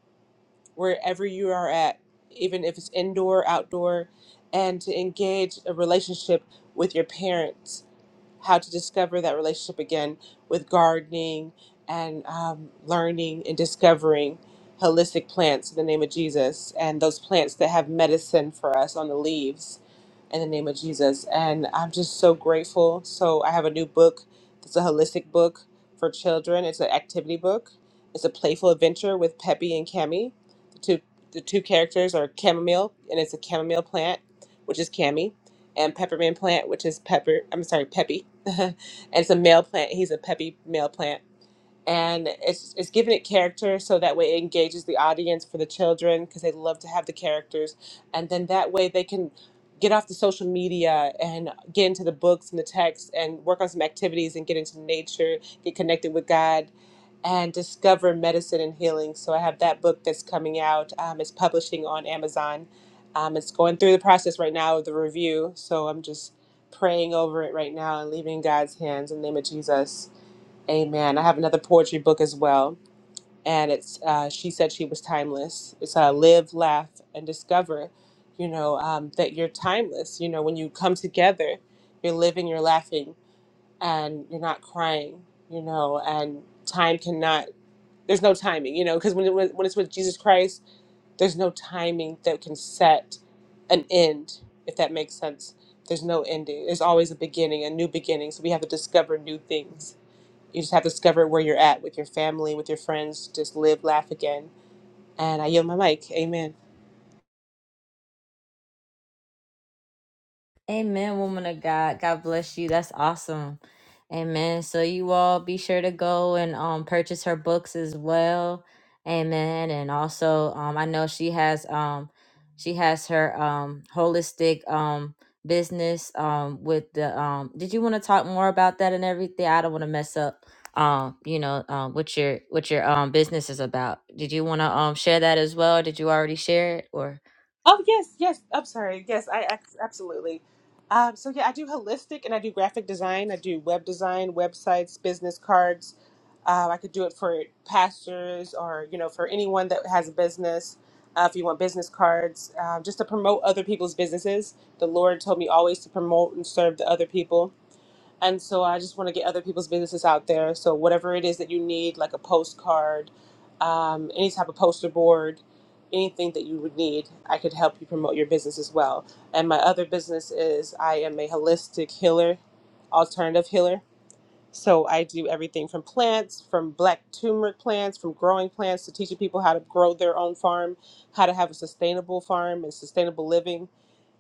Speaker 7: wherever you are at, even if it's indoor, outdoor, and to engage a relationship with your parents how to discover that relationship again with gardening and um, learning and discovering holistic plants in the name of Jesus and those plants that have medicine for us on the leaves in the name of Jesus. And I'm just so grateful. So I have a new book that's a holistic book for children. It's an activity book. It's a playful adventure with Peppy and Cammy. The two the two characters are chamomile and it's a chamomile plant, which is Cammy and peppermint plant, which is pepper. I'm sorry, peppy. and it's a male plant. He's a peppy male plant and it's it's giving it character so that way it engages the audience for the children because they love to have the characters, and then that way they can get off the social media and get into the books and the texts and work on some activities and get into nature, get connected with God, and discover medicine and healing. So I have that book that's coming out. Um, it's publishing on Amazon. Um, it's going through the process right now of the review. So I'm just praying over it right now and leaving God's hands in the name of Jesus. Amen. I have another poetry book as well, and it's uh, she said she was timeless. It's uh, live, laugh, and discover. You know um, that you're timeless. You know when you come together, you're living, you're laughing, and you're not crying. You know, and time cannot. There's no timing. You know, because when, it- when when it's with Jesus Christ, there's no timing that can set an end. If that makes sense, there's no ending. There's always a beginning, a new beginning. So we have to discover new things you just have to discover where you're at with your family, with your friends. Just live, laugh again. And I yield my mic. Amen.
Speaker 2: Amen, woman of God. God bless you. That's awesome. Amen. So you all be sure to go and um purchase her books as well. Amen. And also um I know she has um she has her um holistic um business um with the um did you want to talk more about that and everything? I don't want to mess up um you know um what your what your um business is about. Did you want to um share that as well? Did you already share it or
Speaker 7: Oh yes, yes. I'm sorry. Yes, I ac- absolutely. Um, so yeah, I do holistic and I do graphic design. I do web design, websites, business cards. Um, I could do it for pastors or you know for anyone that has a business. Uh, if you want business cards, um, just to promote other people's businesses. The Lord told me always to promote and serve the other people and so I just want to get other people's businesses out there. So whatever it is that you need, like a postcard, um, any type of poster board, anything that you would need, I could help you promote your business as well. And my other business is I am a holistic healer, alternative healer. So I do everything from plants, from black turmeric plants, from growing plants to teaching people how to grow their own farm, how to have a sustainable farm and sustainable living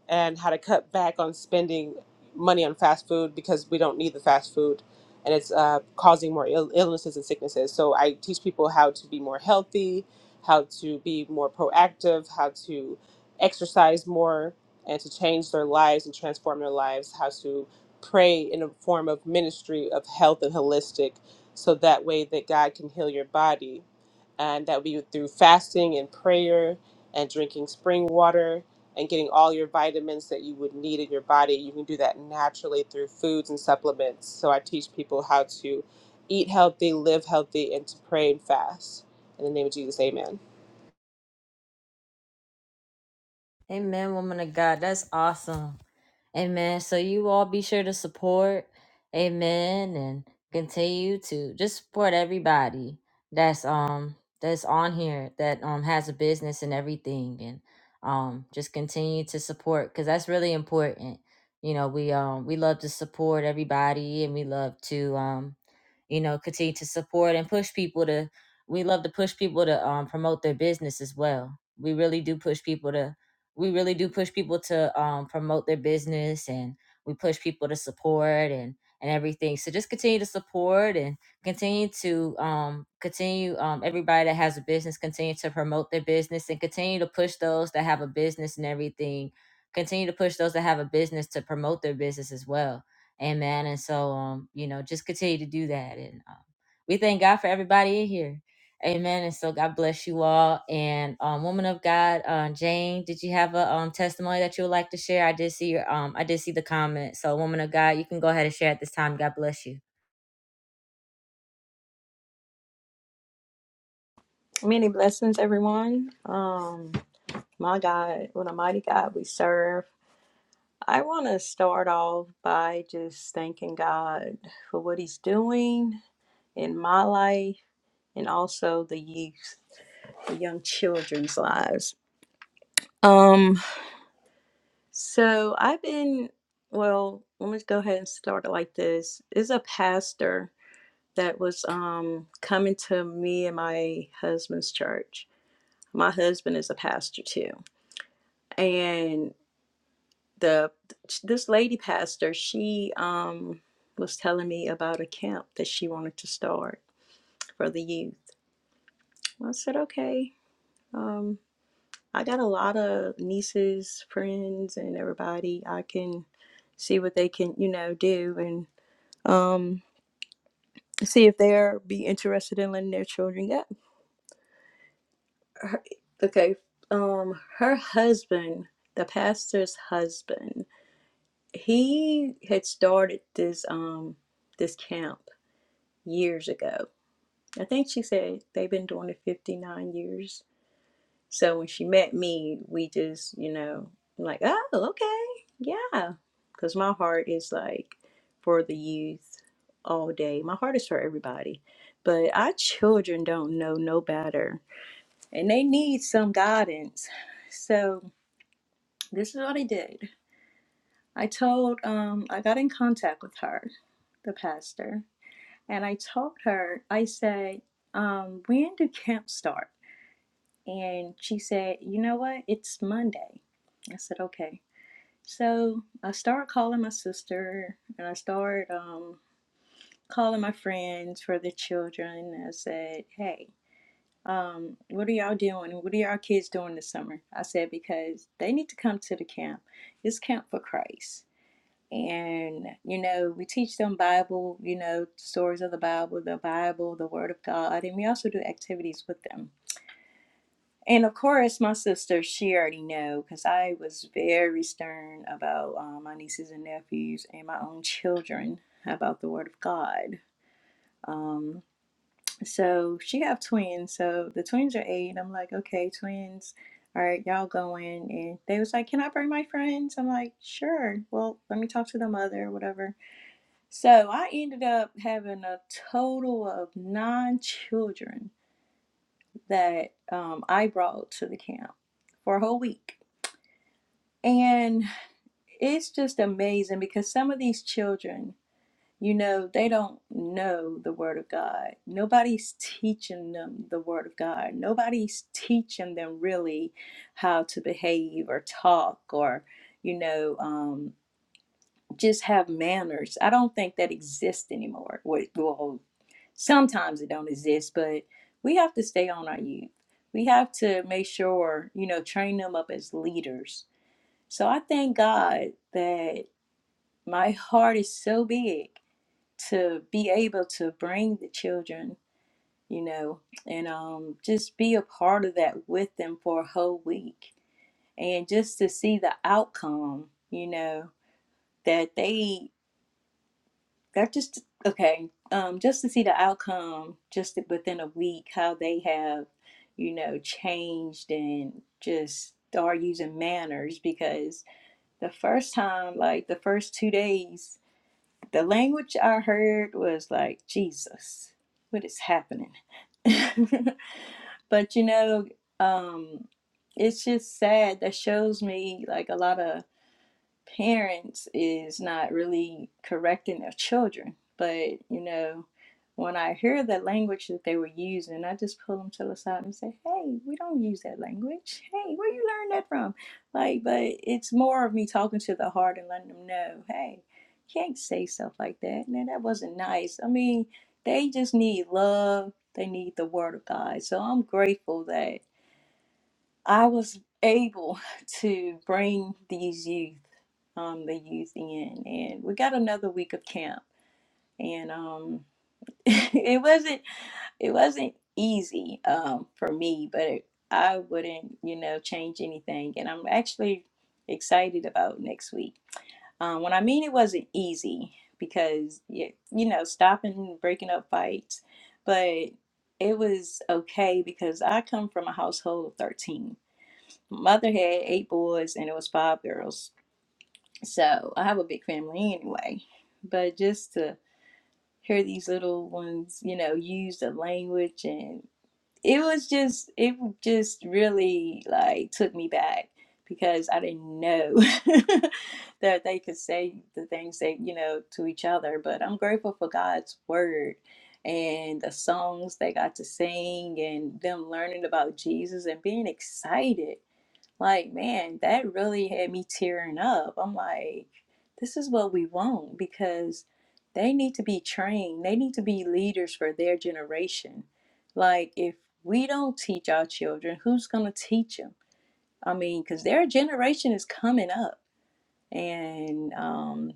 Speaker 7: and how to cut back on spending money on fast food because we don't need the fast food and it's uh, causing more Ill- illnesses and sicknesses. So I teach people how to be more healthy, how to be more proactive, how to exercise more and to change their lives and transform their lives, how to pray in a form of ministry of health and holistic so that way that God can heal your body and that would be through fasting and prayer and drinking spring water and getting all your vitamins that you would need in your body. You can do that naturally through foods and supplements. So I teach people how to eat healthy, live healthy, and to pray and fast. In the name of Jesus, amen.
Speaker 2: Amen, woman of God. That's awesome. Amen. So you all be sure to support. Amen. And continue to just support everybody that's um that's on here that um has a business and everything and um just continue to support because that's really important. You know, we um we love to support everybody and we love to um you know continue to support and push people to we love to push people to um promote their business as well. We really do push people to we really do push people to um, promote their business and we push people to support and and everything so just continue to support and continue to um, continue um, everybody that has a business continue to promote their business and continue to push those that have a business and everything continue to push those that have a business to promote their business as well amen and so um, you know just continue to do that and um, we thank god for everybody in here Amen. And so God bless you all. And um, woman of God, uh, Jane, did you have a um, testimony that you would like to share? I did see your um, I did see the comment. So woman of God, you can go ahead and share at this time. God bless you.
Speaker 14: Many blessings, everyone. Um, my God, what a mighty God we serve. I want to start off by just thanking God for what He's doing in my life and also the youth, the young children's lives. Um, so I've been, well, let me go ahead and start it like this. Is a pastor that was um coming to me and my husband's church. My husband is a pastor too and the this lady pastor she um was telling me about a camp that she wanted to start for the youth i said okay um i got a lot of nieces friends and everybody i can see what they can you know do and um see if they're be interested in letting their children go her, okay um her husband the pastor's husband he had started this um this camp years ago. I think she said they've been doing it 59 years. So when she met me, we just, you know, I'm like, oh, okay, yeah. Because my heart is like for the youth all day. My heart is for everybody. But our children don't know no better and they need some guidance. So this is what I did. I told, um, I got in contact with her, the pastor, And I told her, I said, um, when do camp start? And she said, you know what? It's Monday. I said, okay. So I started calling my sister and I started um, calling my friends for the children. I said, hey, um, what are y'all doing? What are y'all kids doing this summer? I said, because they need to come to the camp. It's Camp for Christ and you know we teach them bible you know stories of the bible the bible the word of god and we also do activities with them and of course my sister she already know because i was very stern about uh, my nieces and nephews and my own children about the word of god um, so she have twins so the twins are eight i'm like okay twins all right y'all go in. and they was like can i bring my friends i'm like sure well let me talk to the mother whatever so I ended up having a total of nine children that um, I brought to the camp for a whole week. And it's just amazing because some of these children, you know, they don't know the Word of God. Nobody's teaching them the Word of God. Nobody's teaching them really how to behave or talk or, you know. um, just have manners. I don't think that exists anymore. Wait, Well, sometimes it don't exist, but we have to stay on our youth. We have to make sure, you know, train them up as leaders. So I thank God that my heart is so big to be able to bring the children, you know, and um, just be a part of that with them for a whole week. And just to see the outcome, you know, that they that just okay um just to see the outcome just within a week how they have you know changed and just are using manners because the first time like the first two days the language i heard was like jesus what is happening but you know um it's just sad that shows me like a lot of parents is not really correcting their children. But, you know, when I hear the language that they were using, I just pull them to the side and say, hey, we don't use that language. Hey, where you learn that from? Like, but it's more of me talking to the heart and letting them know, hey, you can't say stuff like that. Man, that wasn't nice. I mean, they just need love. They need the word of God. So I'm grateful that I was able to bring these youth, um, the youth in, and we got another week of camp, and um, it wasn't it wasn't easy um, for me, but it, I wouldn't you know change anything, and I'm actually excited about next week. Um, when I mean it wasn't easy because you, you know stopping breaking up fights, but it was okay because I come from a household of thirteen mother had eight boys and it was five girls. So I have a big family anyway. But just to hear these little ones, you know, use the language and it was just it just really like took me back because I didn't know that they could say the things they, you know, to each other. But I'm grateful for God's word and the songs they got to sing and them learning about Jesus and being excited like, man, that really had me tearing up. I'm like, this is what we want because they need to be trained. They need to be leaders for their generation. Like, if we don't teach our children, who's going to teach them? I mean, because their generation is coming up. And um,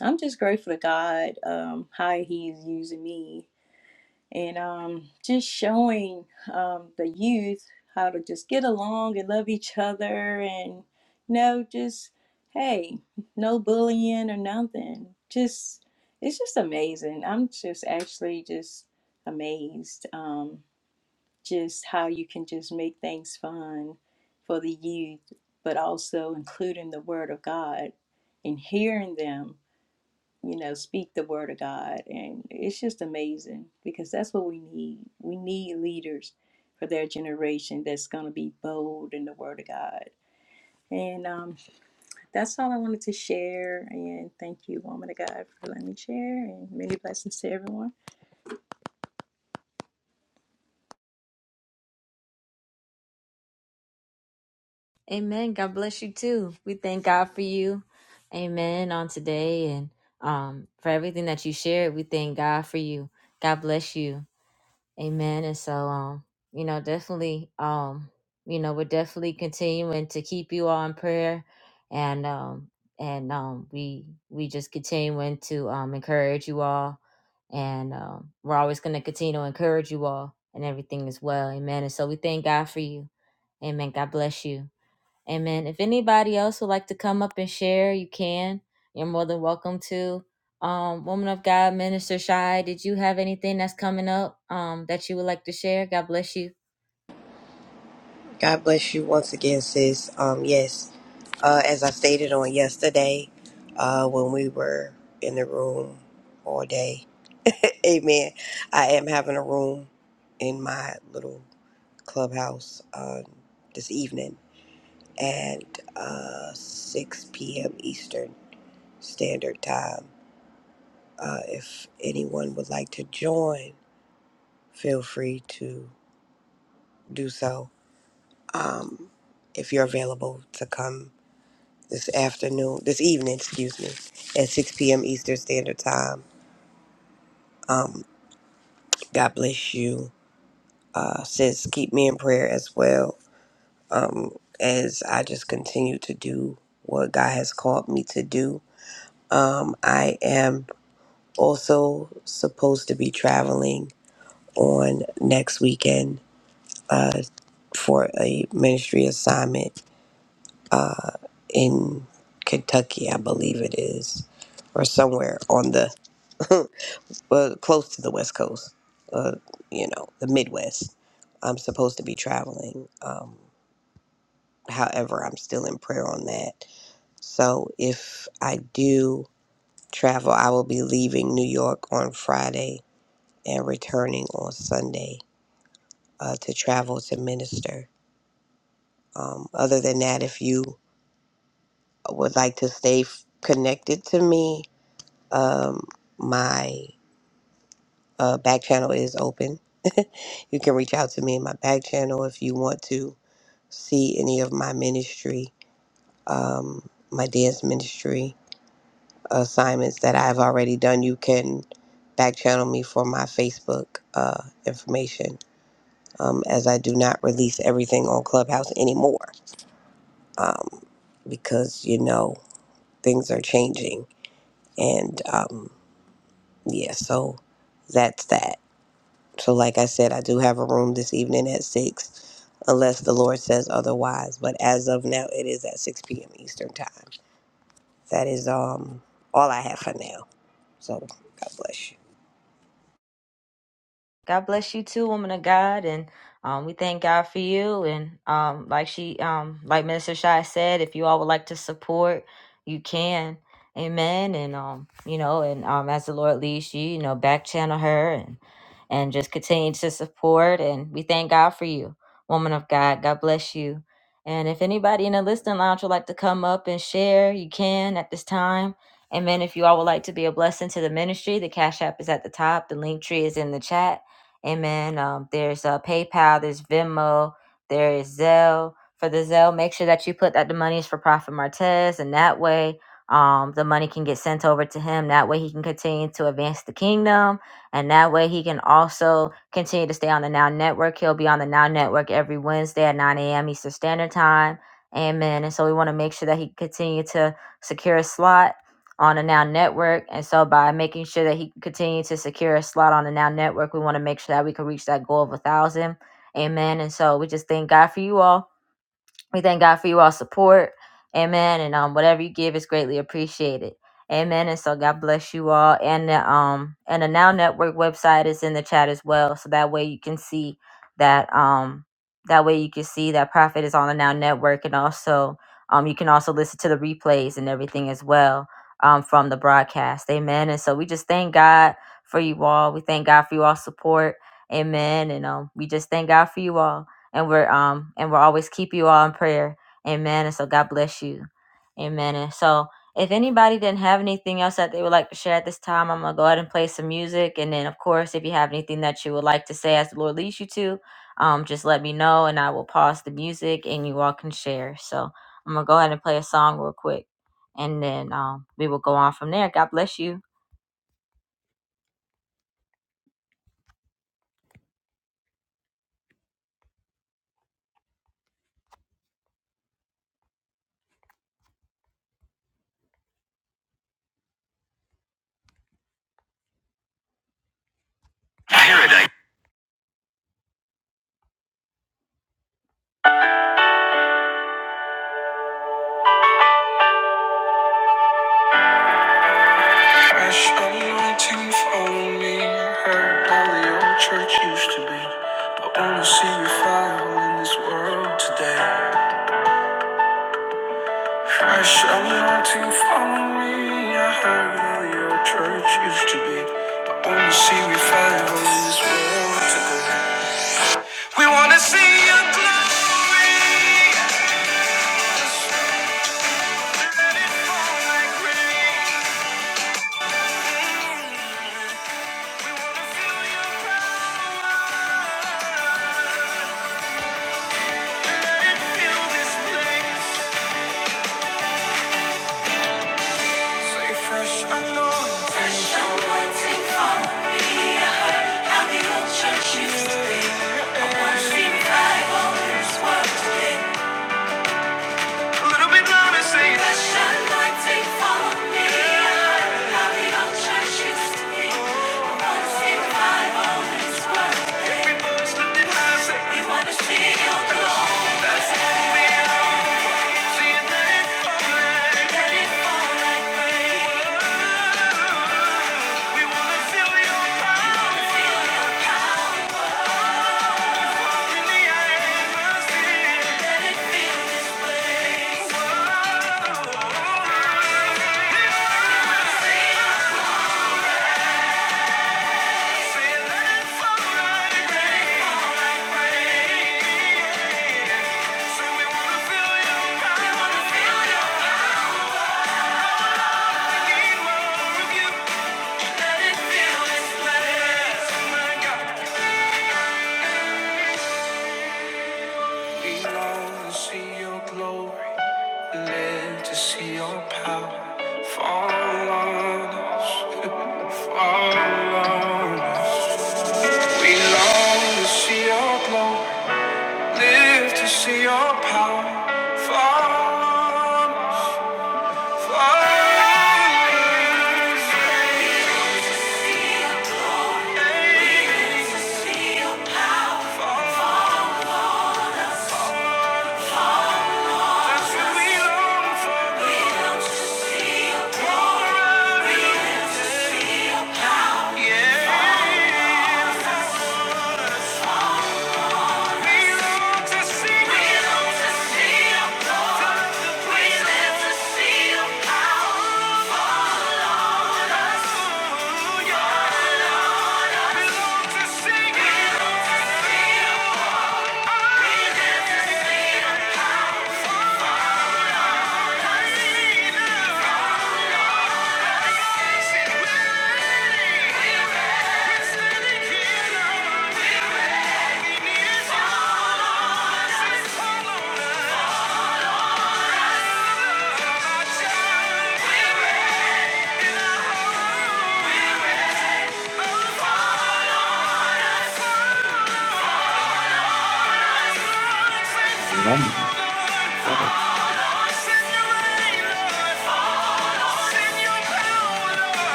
Speaker 14: I'm just grateful to God um, how He's using me and um, just showing um, the youth how to just get along and love each other and you know just hey no bullying or nothing just it's just amazing i'm just actually just amazed um, just how you can just make things fun for the youth but also including the word of god and hearing them you know, speak the word of God. And it's just amazing because that's what we need. We need leaders for their generation that's going to be bold in the word of God. And um, that's all I wanted to share. And thank you, woman of God, for letting me share. And many blessings to everyone.
Speaker 2: Amen. God bless you too. We thank God for you. Amen. On today and um, for everything that you shared, we thank God for you. God bless you. Amen. And so, um, you know, definitely, um, you know, we're definitely continuing to keep you all in prayer, and um, and um, we we just continuing to um encourage you all, and um, we're always going to continue to encourage you all and everything as well. Amen. And so, we thank God for you. Amen. God bless you. Amen. If anybody else would like to come up and share, you can. You're more than welcome to. Um, woman of God, Minister Shy, did you have anything that's coming up um, that you would like to share? God bless you.
Speaker 5: God bless you once again, sis. Um, yes, uh, as I stated on yesterday, uh, when we were in the room all day, amen. I am having a room in my little clubhouse um, this evening at uh, 6 p.m. Eastern Standard Time. Uh, if anyone would like to join, feel free to do so. Um, if you're available to come this afternoon, this evening, excuse me, at 6 p.m. Eastern Standard Time. Um, God bless you. Uh, sis, keep me in prayer as well um, as I just continue to do what God has called me to do. Um, I am also supposed to be traveling on next weekend uh, for a ministry assignment uh, in Kentucky, I believe it is, or somewhere on the well, close to the West Coast, uh, you know, the Midwest. I'm supposed to be traveling. Um, however, I'm still in prayer on that. So if I do travel, I will be leaving New York on Friday and returning on Sunday uh, to travel to minister. Um, other than that, if you would like to stay f- connected to me, um, my Uh, back channel is open. you can reach out to me in my back channel if you want to see any of my ministry, um, my dance ministry assignments that I've already done. You can back channel me for my Facebook uh, information um, as I do not release everything on Clubhouse anymore um, because, you know, things are changing. And um, yeah, so that's that So, like I said, I do have a room this evening at 6, unless the Lord says otherwise. But as of now, it is at 6 p.m. Eastern Time. That is um all I have for now. So, God bless you.
Speaker 2: God bless you too, woman of God, and um, we thank God for you. And um, like she, um, like Minister Shai said, if you all would like to support, you can. Amen. And um, you know, and um, as the Lord leads you, you know, back channel her and and just continue to support. And we thank God for you, woman of God. God bless you. And if anybody in the listening lounge would like to come up and share, you can at this time. Amen. If you all would like to be a blessing to the ministry, the Cash App is at the top. The link tree is in the chat Amen. Um, there's uh, PayPal, there's Venmo, there is Zelle. For the Zelle, make sure that you put that the money is for Prophet Martez, and that way um, the money can get sent over to him. That way he can continue to advance the kingdom, and that way he can also continue to stay on the Now Network. He'll be on the Now Network every Wednesday at 9 a.m. Eastern Standard Time. Amen. And so we want to make sure that he continue to secure a slot on the Now Network. And so by making sure that he can continue to secure a slot on the Now Network, we want to make sure that we can reach that goal of a thousand. Amen. And so we just thank God for you all. We thank God for you all support. Amen. And um, whatever you give is greatly appreciated. Amen. And so God bless you all. And the um and the Now Network website is in the chat as well. So that way you can see that um that way you can see that Prophet is on the Now Network and also um you can also listen to the replays and everything as well um from the broadcast. Amen. And so we just thank God for you all. We thank God for you all support. Amen. And um we just thank God for you all and we're um and we'll always keep you all in prayer. Amen. And so God bless you. Amen. And so if anybody didn't have anything else that they would like to share at this time, I'm gonna go ahead and play some music. And then of course, if you have anything that you would like to say as the Lord leads you to, um, just let me know and I will pause the music and you all can share. So I'm gonna go ahead and play a song real quick and then um we will go on from there. God bless you. Ash anointing, follow me. Heard how the old church used to be. I wanna see revival in this world today. Ash anointing, follow me. I heard how the old church used to be. I wanna see revival in this world today. We wanna see your glory. Let it fall like rain. We wanna feel your power. Fill this place. Fresh I know. anointing from me. I heard How the old church used to be. I wanna see revival is what today. A little bit louder, say it. Fresh anointing from me. I heard How the old church used to be. A once revival is what today. Everybody's lifting high, say We wanna see your presence. Seeing that it's falling. That it's falling. We wanna feel your power in the air. Live to see your power fall on us. Spirit come.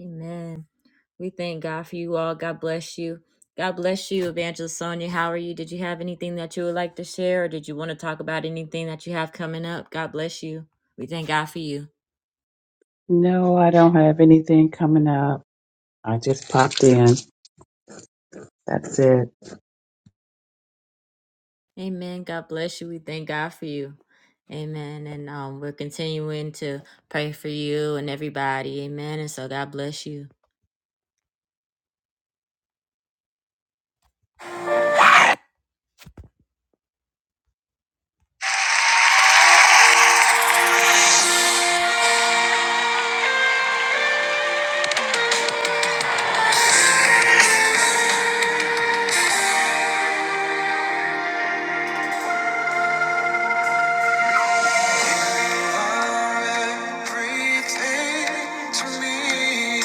Speaker 2: Amen. We thank God for you all. God bless you. God bless you, Evangelist Sonia. How are you? Did you have anything that you would like to share, or did you want to talk about anything that you have coming up? God bless you. We thank God for you.
Speaker 15: No, I don't have anything coming up. I just popped in. That's it.
Speaker 2: Amen. God bless you. We thank God for you. Amen. And um, we're continuing to pray for you and everybody. Amen. And so God bless you. Everything to me,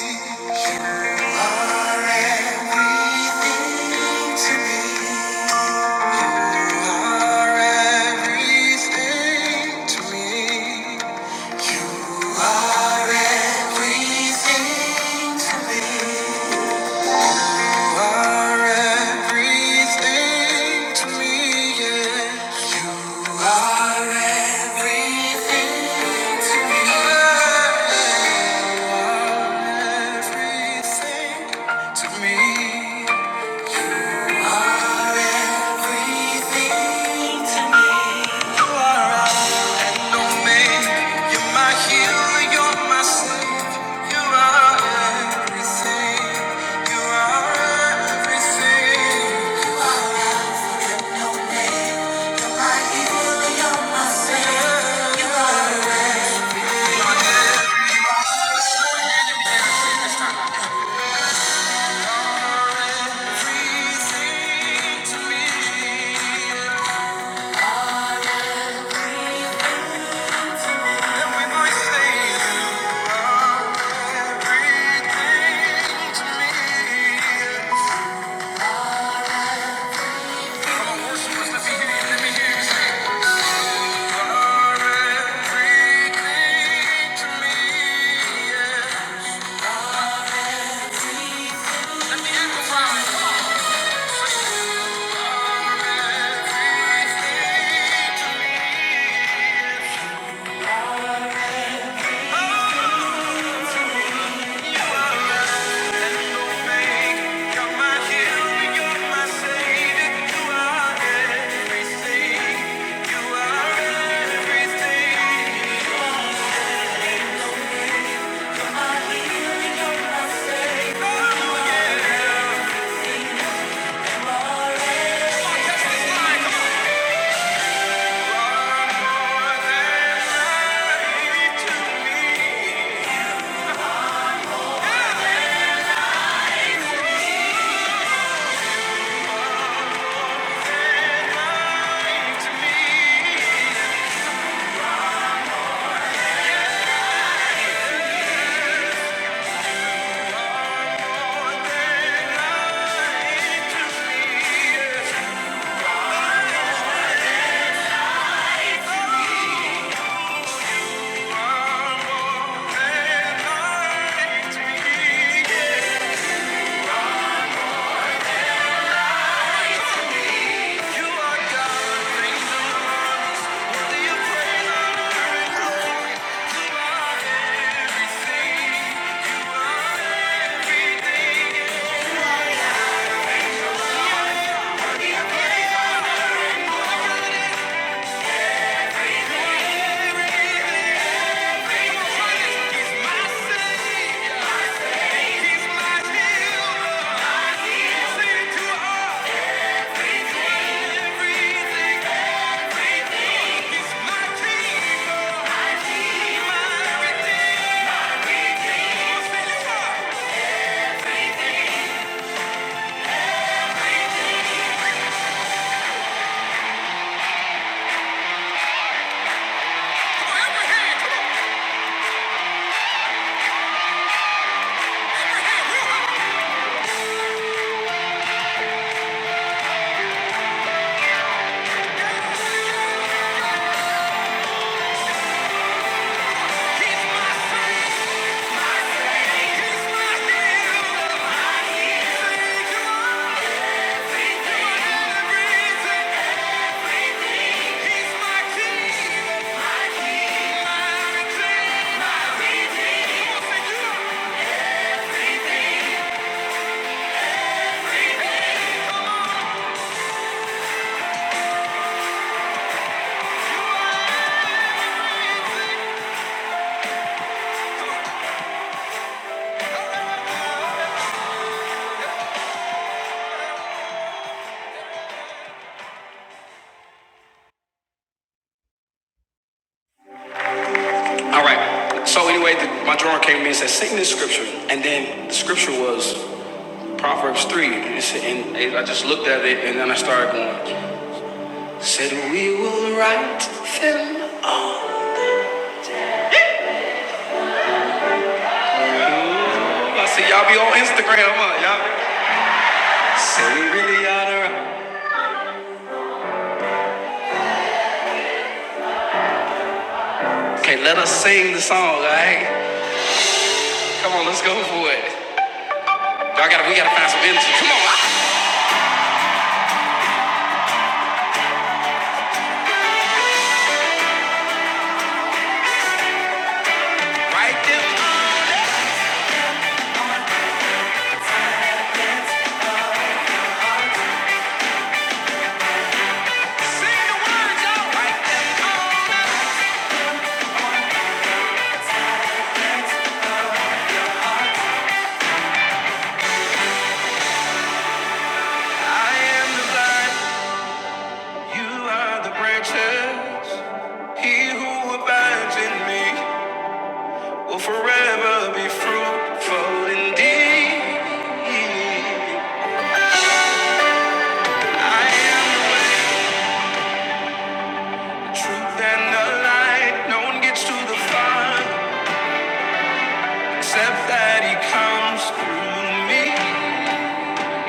Speaker 2: Are everything to me. Everything to me. You are everything. You are everything to me. Yeah. You are everything to me. Everything to Everything to me. You're my healer. You're my You are everything. You are everything. All right. So anyway, the, my drawer came to me and said, "Sing this scripture." And then the scripture was Proverbs three. And, it said- and it- I just looked at it, and then I started going. Said we will write them all. I said, "Y'all be on Instagram, huh? Y'all said we really ought to." write." Okay, let us sing the song. All right. Come on, let's go for it. Y'all gotta, we gotta find some energy. Come on. Write them. all. I am the vine. You are the branches. He who abides in me. will forever be fruitful indeed. I am the way, truth and the light. No one gets to the Father except that He comes through me.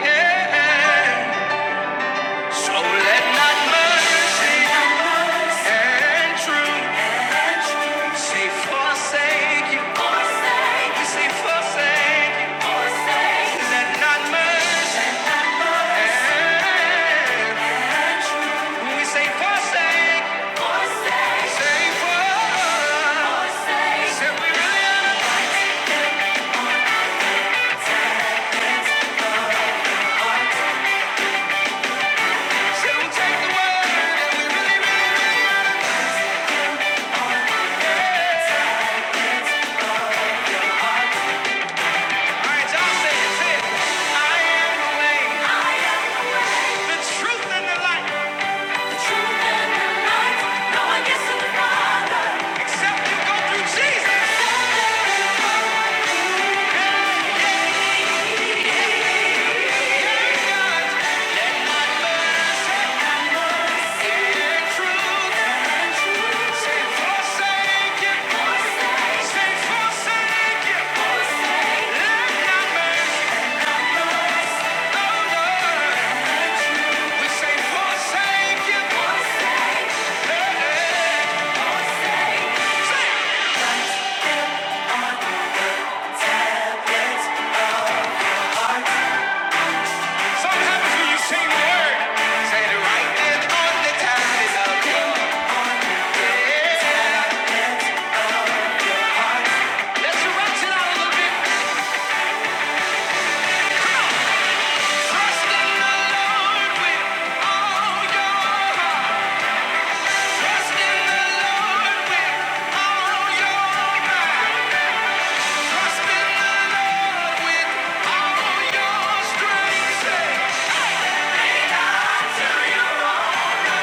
Speaker 2: Yeah. So let not mercy and truth say forsake you. Forsake. We say forsake you. Forsake. Let not mercy. When we say forsake, forsake, say forsake. Say we really are the truth and the No one gets to the Father. She's the truth and truth. forsake it, forsake. Say forsake it, forsake. Let it, forsake. And when you sing the word, say it right there on the time is up. Let's rock it out a little bit. Trust in the Lord with all your heart. Trust in the Lord with all your might. Trust in the Lord with all your strength. Say, lean not to your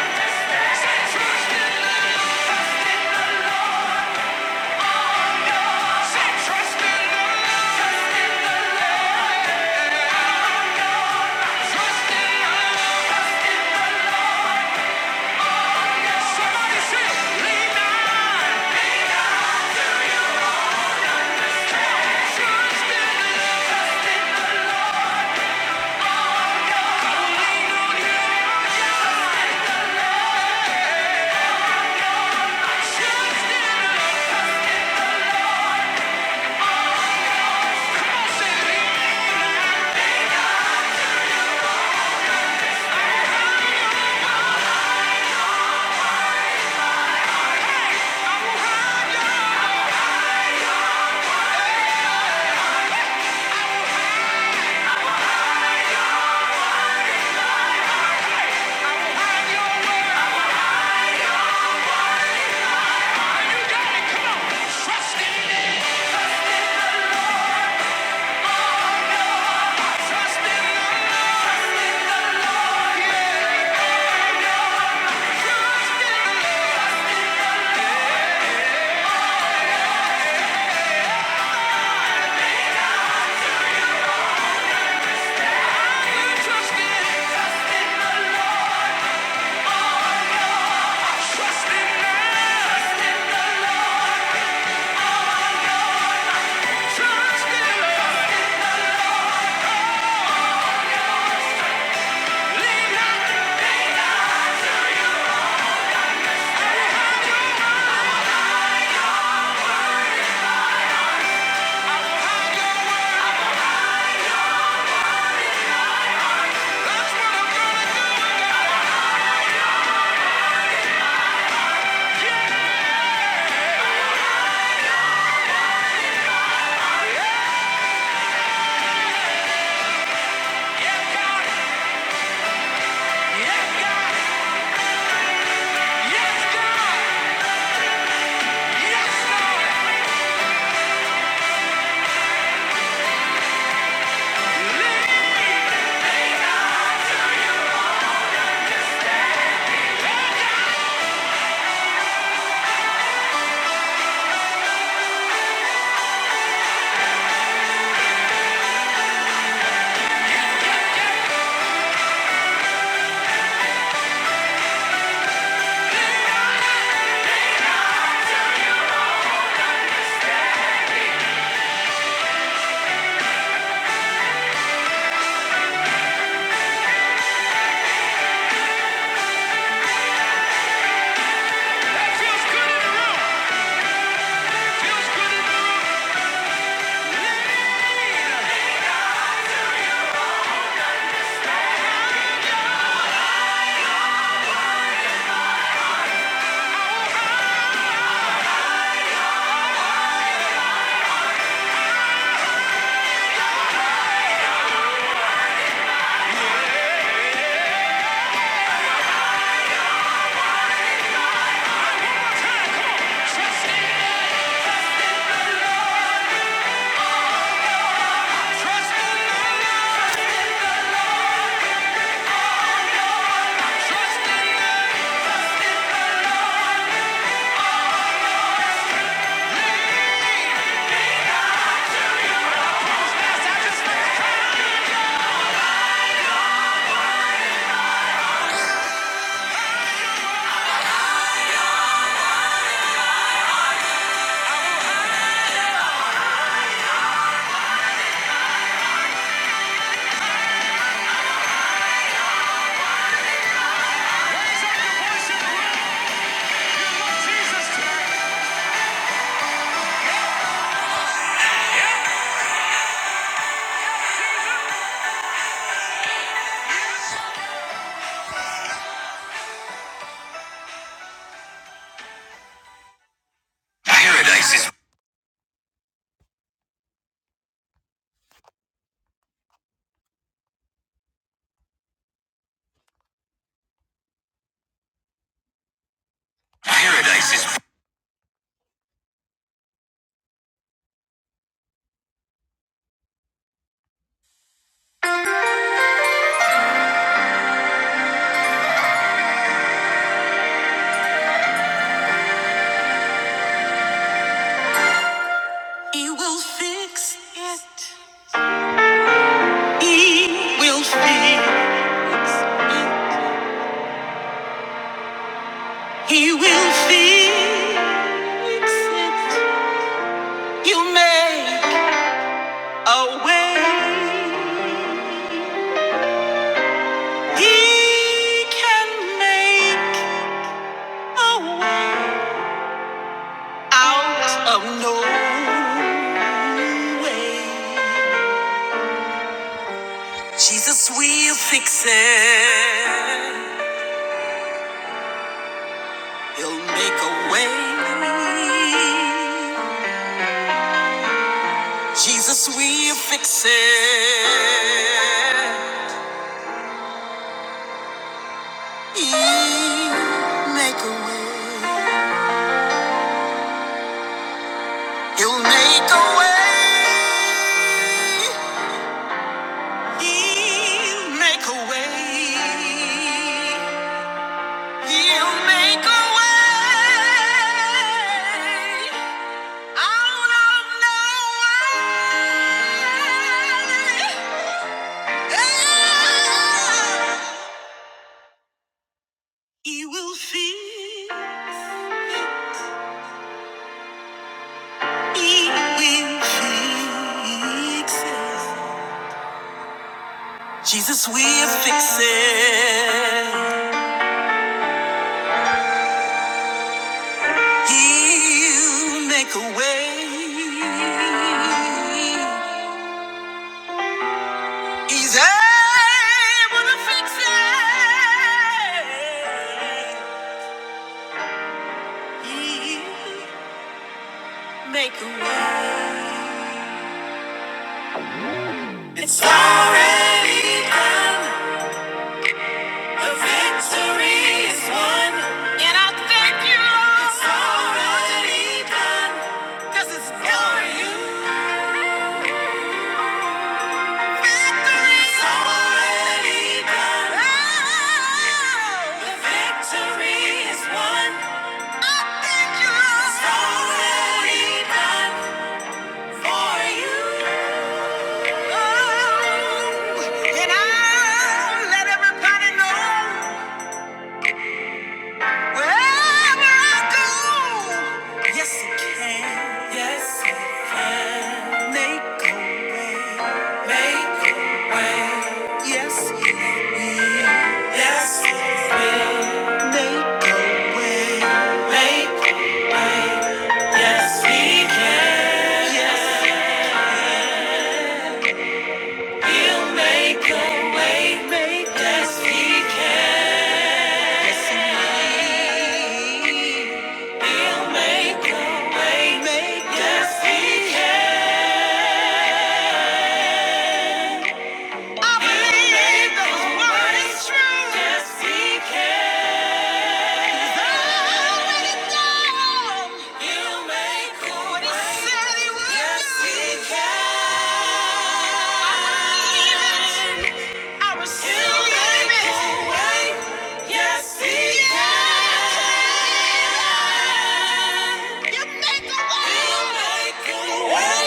Speaker 2: understanding. Say, trust in the Say, trust in the Lord. Trust in the Lord. Somebody say, lean not. Trust in the Lord. Trust in the Lord. Yes, God! Yes, God! Lean! Yeah, yeah, yeah. Lean on me. He will fix it. He will fix it. He will fix it. You make a way. He can make out of nowhere. Jesus will fix it. He'll make a way. Jesus will fix it. He'll make a way. He will fix it. Jesus will fix it. He'll make a way. He's able to fix it. He'll make a way. It's already done. The victory is won. And I thank you, Lord. It's already done. 'Cause it's for you. Yes, yes, make way, make Yes, he can. Yes, he'll make a way. Make yes, he can. Yes, he will. He'll make a way. Make yes, he can. Believe that his word is true. Yes, he can. He'll make a What he way. said he would Yes, do. he can. I believe it. You made me wait. Yes, he can. You make a way.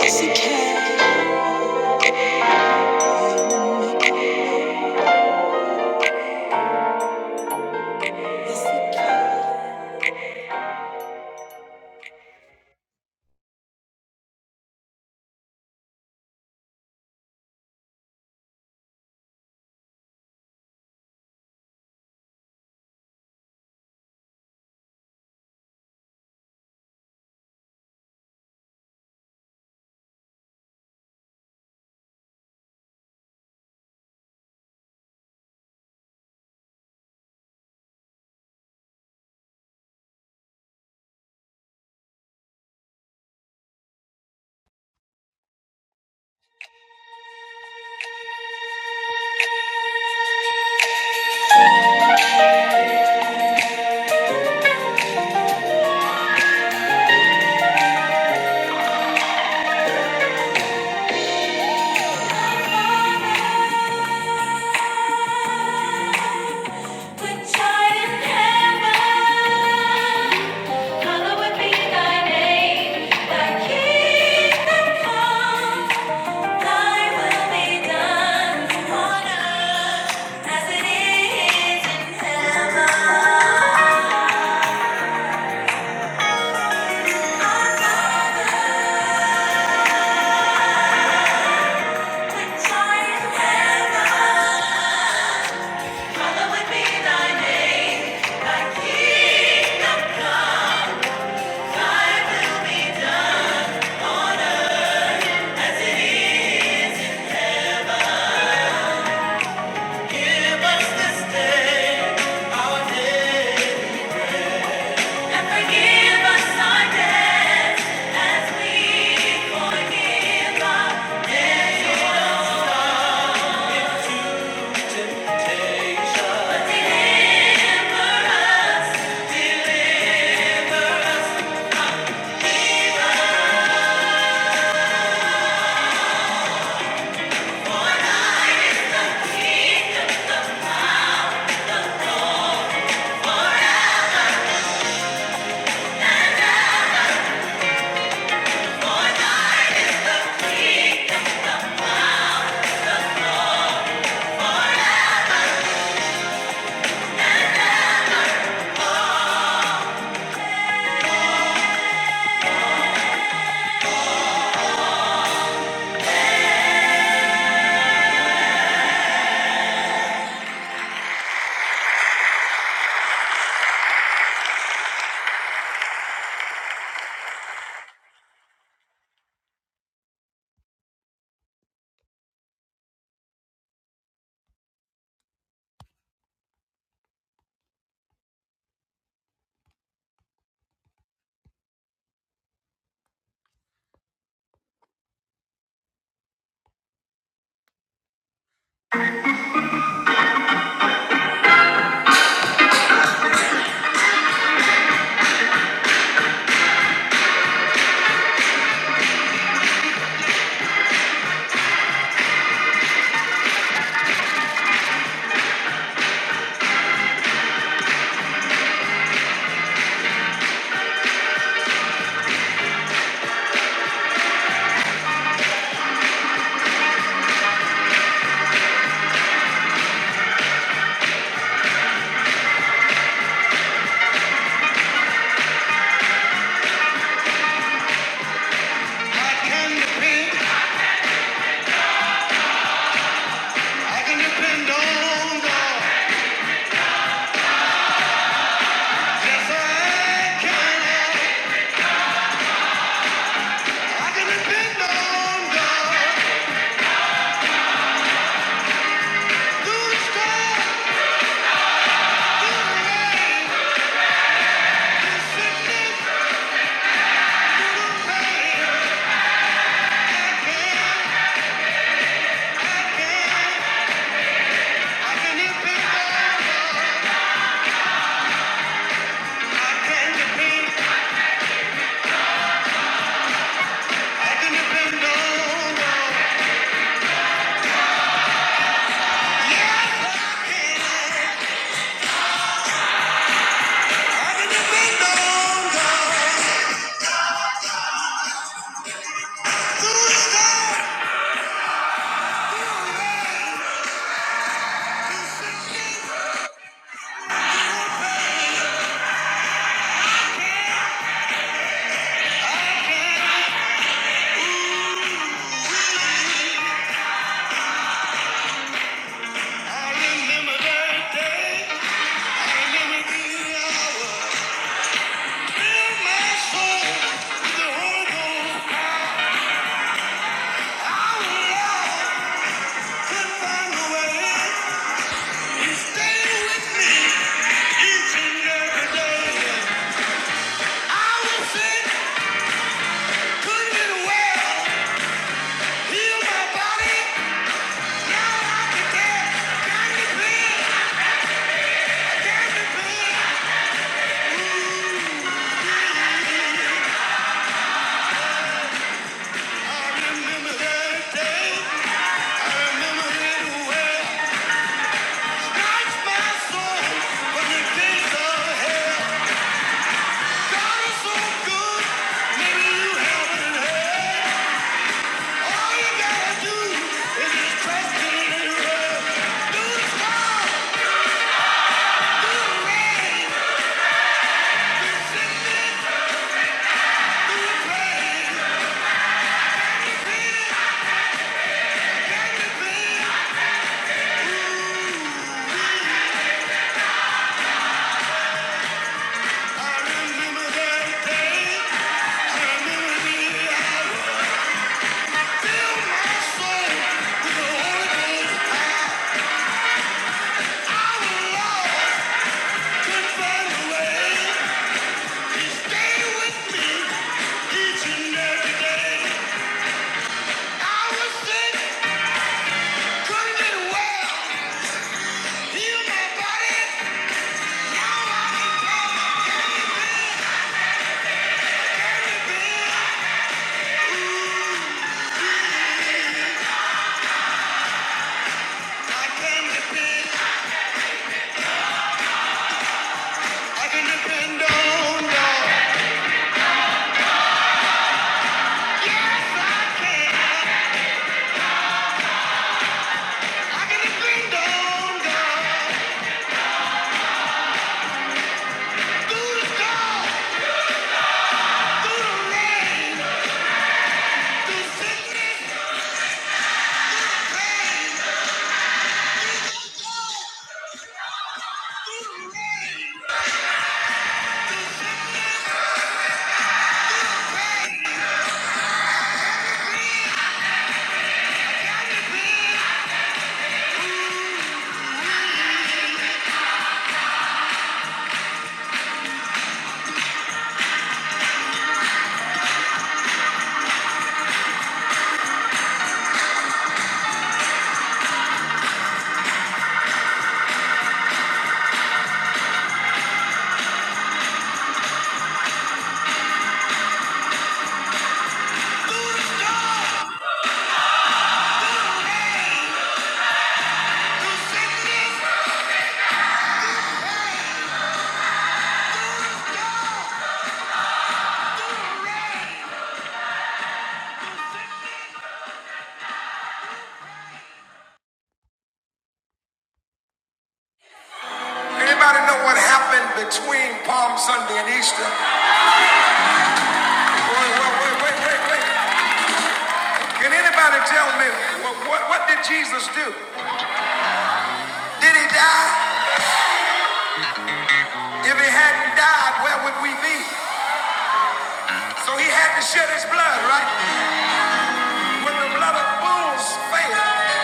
Speaker 2: Yes, he can. Yes, he can. Which art in heaven, hallowed be thy name. Thy kingdom come. Forgive us Stay with me each and every day. I will sing. I, I will always find a way. Stay with me each and every day. I was sick, could get well. Heal my body. I can depend. I can depend on God. Yes, I can. I can depend on God. Through the storm, through the rain, through sickness, pain. Through the storm, through the rain. Anybody know what happened between Palm Sunday and Easter? Wait, wait, wait, wait, wait, Can anybody tell me what, what, what did Jesus do? Did he die? If he hadn't died, where would we be? So he had to shed his blood, right? When the blood of bulls failed,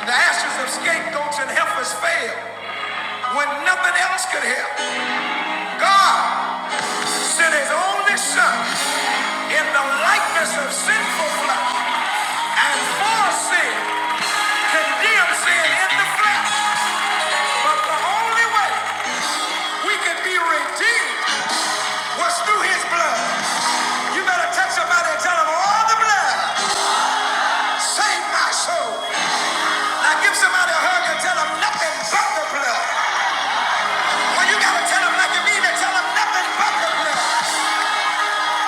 Speaker 2: The ashes of scapegoats and heifers failed when nothing else could help. God sent his only son in the likeness of sinful flesh and for sin, condemned sin in the flesh. But the only way we could be redeemed was through his blood. You better touch somebody and tell them all the blood. Save my soul. Now give somebody a hug and tell them nothing but the blood. Well, you gotta tell them like you mean it. Tell them nothing but the blood.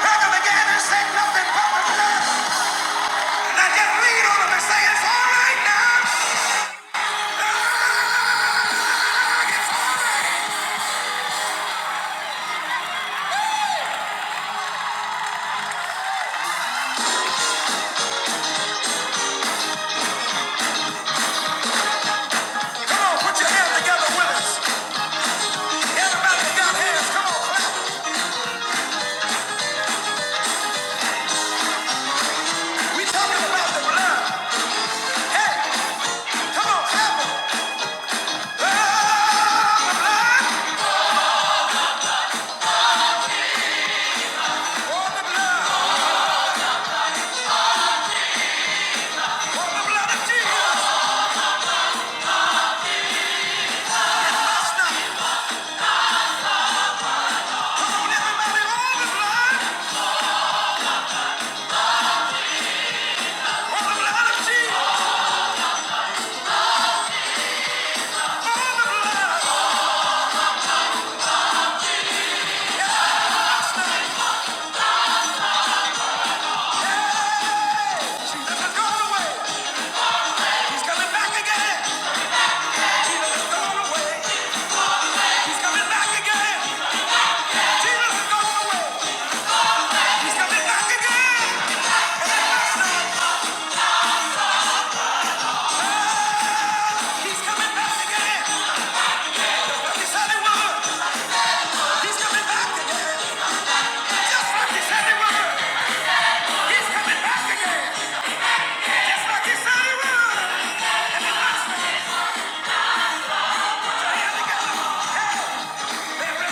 Speaker 2: Hug them again and say nothing but the blood. Now just lean on them and say it's all right now. Come on, put your hands together with us. Everybody that got hands, come on. clap. We talking about the blood. Hey, come on, clap 'em. Blood, blood, oh, the blood. There is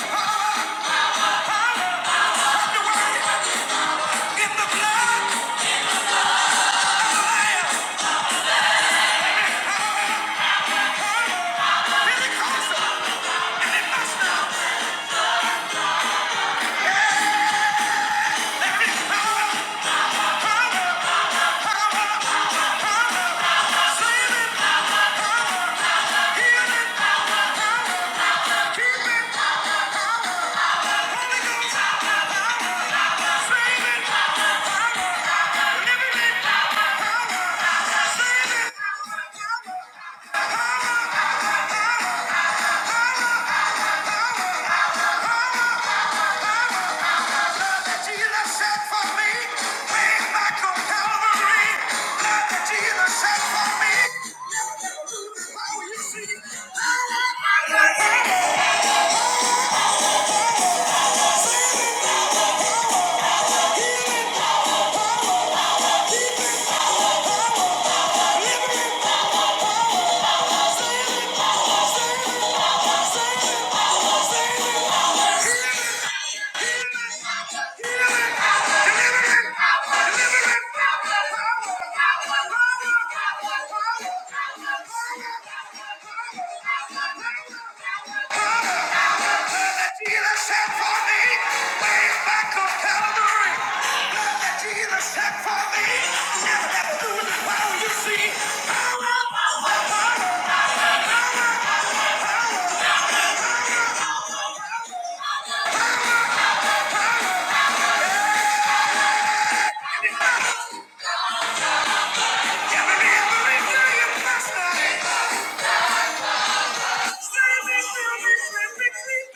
Speaker 2: power of the word in the blood.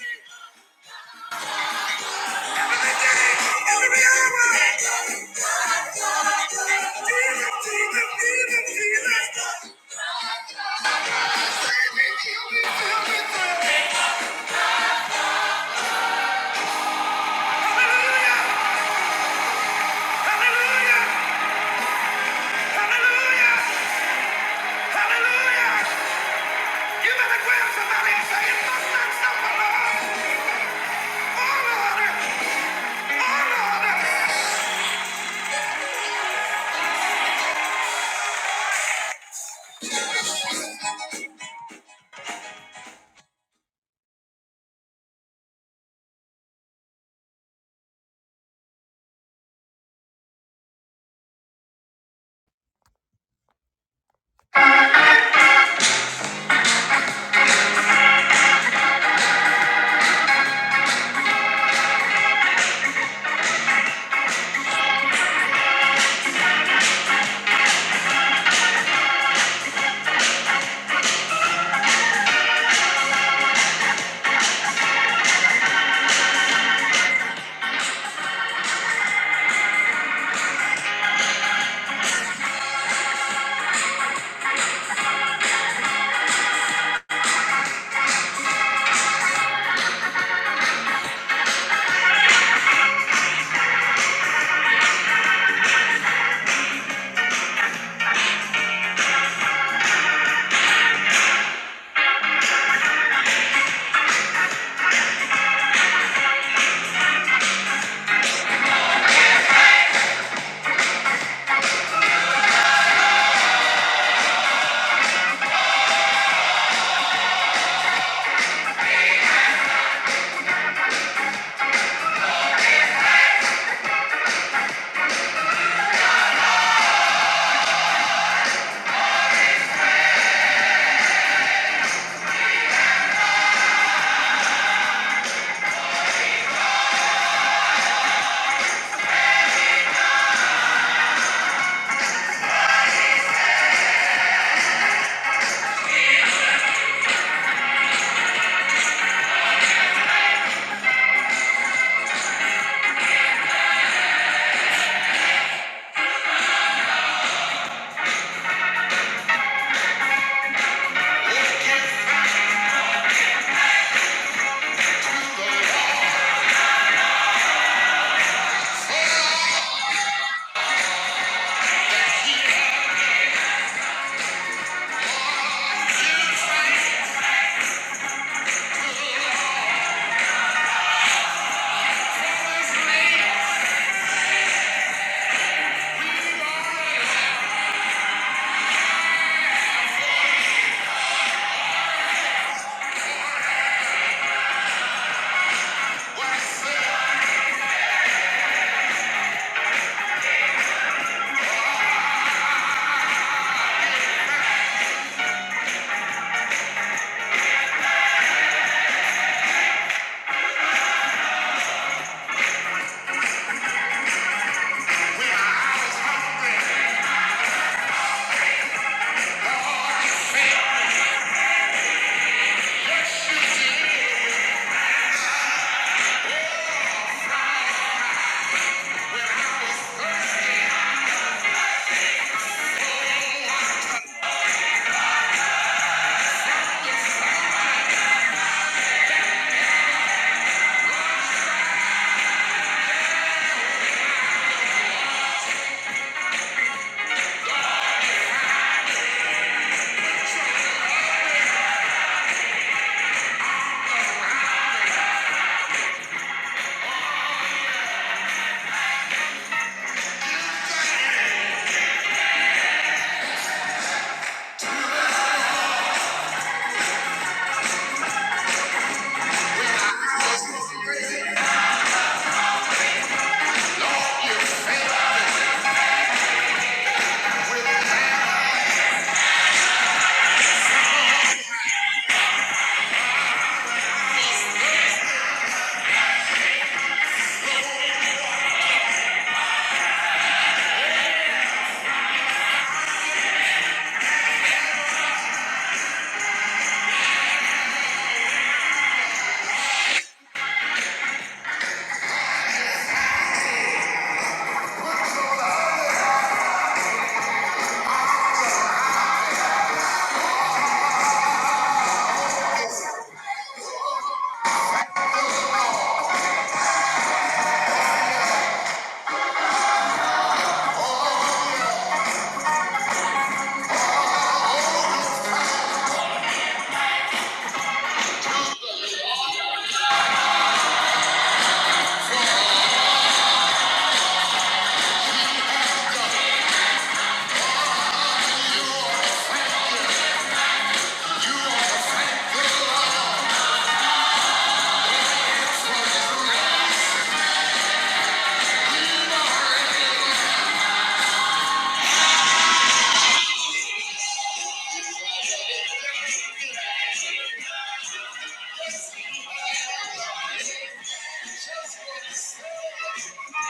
Speaker 2: Yeah. Hallelujah!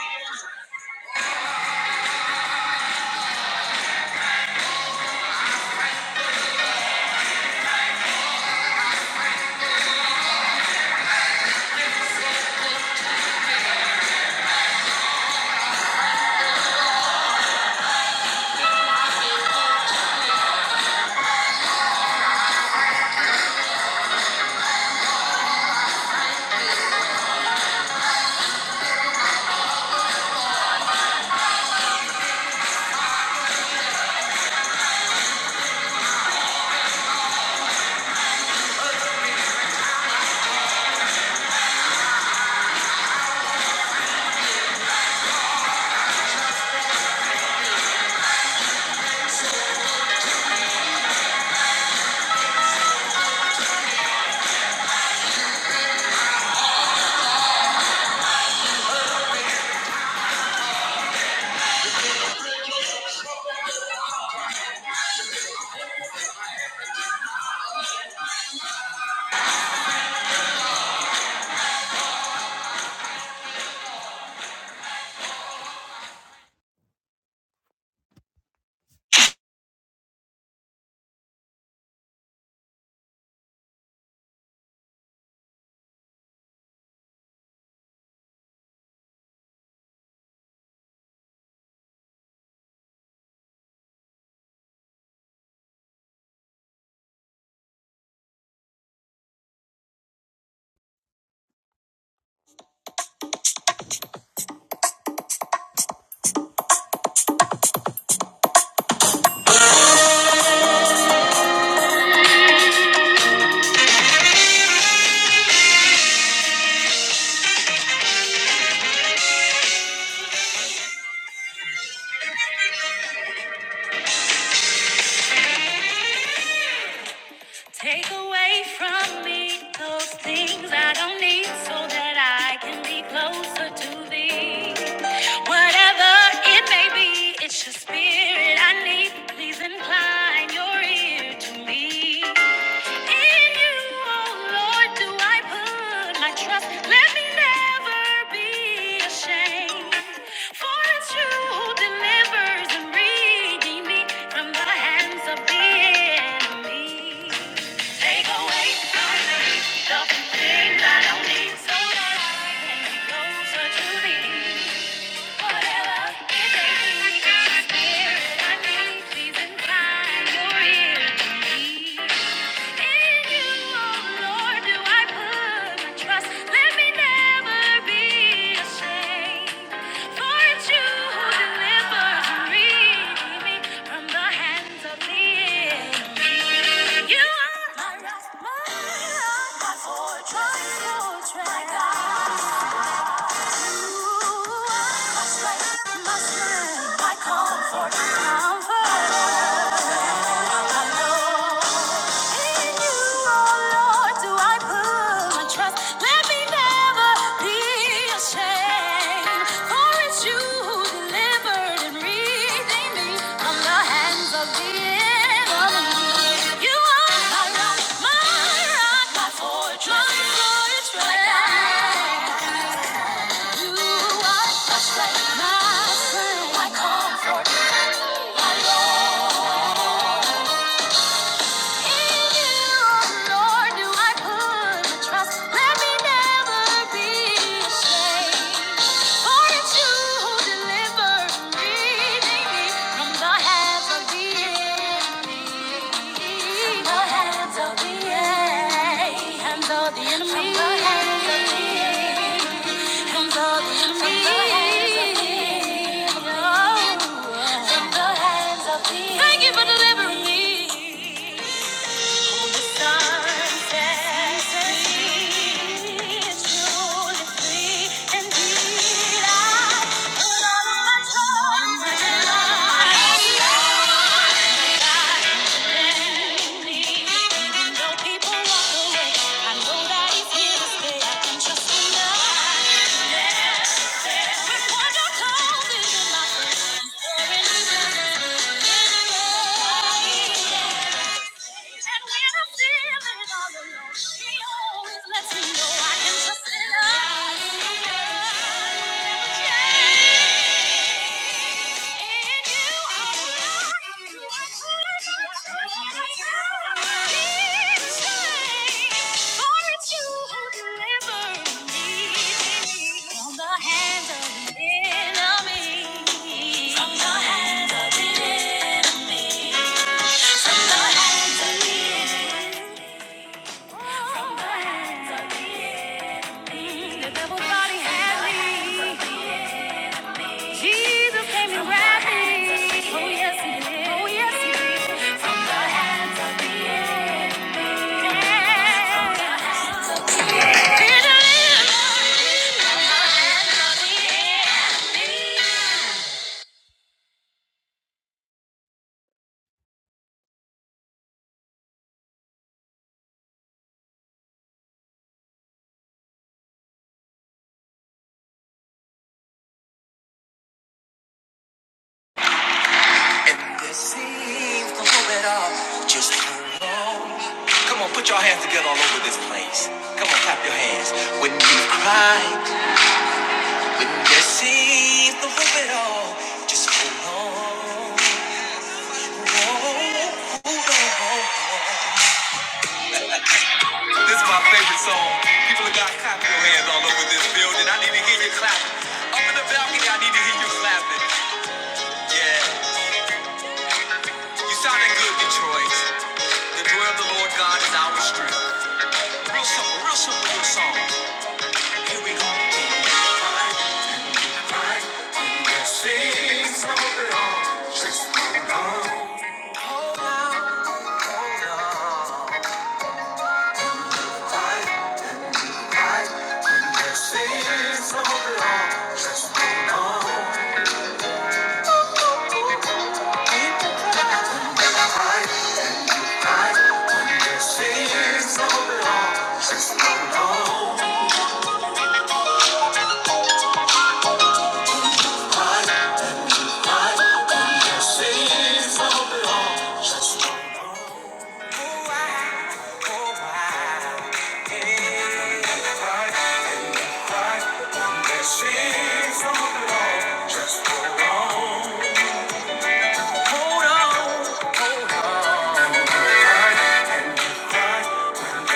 Speaker 2: Hallelujah! Take away from me those things I don't need so that I can be closer to thee. Whatever it may be, it's your spirit I need. Please incline your ear to me. In you, oh Lord, do I put my trust. Let me never be ashamed. For it's you who delivers and redeems me from the hands of the enemy. Take away from me the thing that I need so that I can be closer to thee. Whatever it may be, it's your spirit I need. Please incline your ear to me. In you, oh Lord, do I put my trust. Let me never be ashamed. For it's you who delivers me me from the hands of the enemy. You are my rock, my rock, my fortress, fortress. You are my strength, my strength, my comfort, I know. You are my strength, my strength, my comfort, my Lord. Thank you for delivering me though People walk away. I know that he's here to stay. I can trust him now. Yeah. The devil thought he had me. Jesus came and grabbed me. Oh yes, he did. Oh yes, he did. From the hands of the enemy. He delivered. From the hands of the enemy. It seems to hope it all just Come on, put your hands together all over this place. Come on, clap your hands. When you cry, when you see to hope it all, just hold on. This is my favorite song. People have got clap your hands all over this building. I need to hear you clapping. Up in the balcony, I need to hear you clapping. Yeah, you sounding good, Detroit.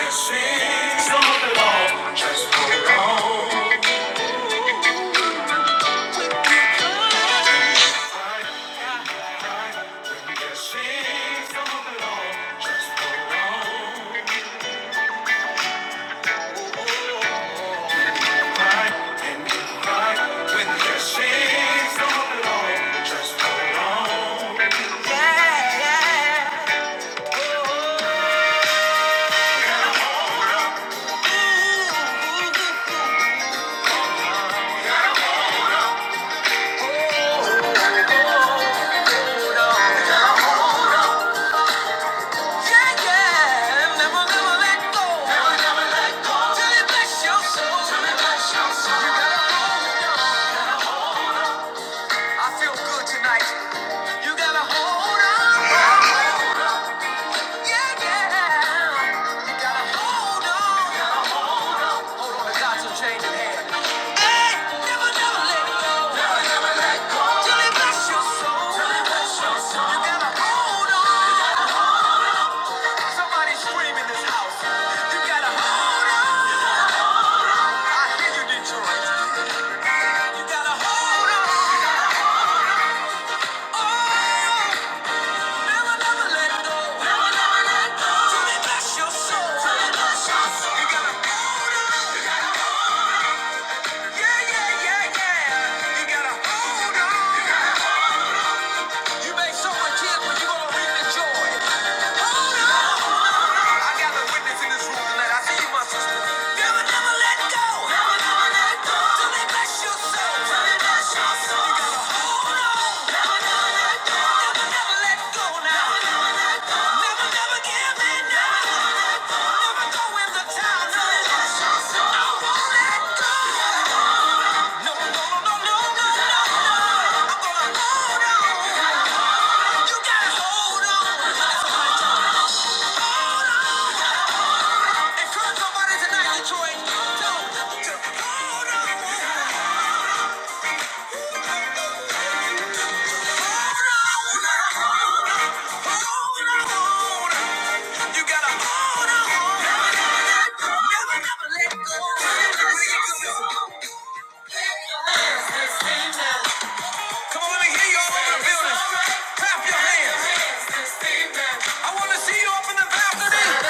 Speaker 2: it it go. Till Till bless bless your your soul. soul. You gotta go. I feel good tonight. You gotta hold on. Yeah, yeah. You gotta hold on. You gotta hold on. Hold on to God's unchanging hand. Hey, never, never let go. Never, never let go. Till it bless your soul. Till it bless your soul. You gotta hold on. You gotta hold on. Somebody scream in this house. You gotta hold on. I hear you, Detroit. You gotta hold on. Oh.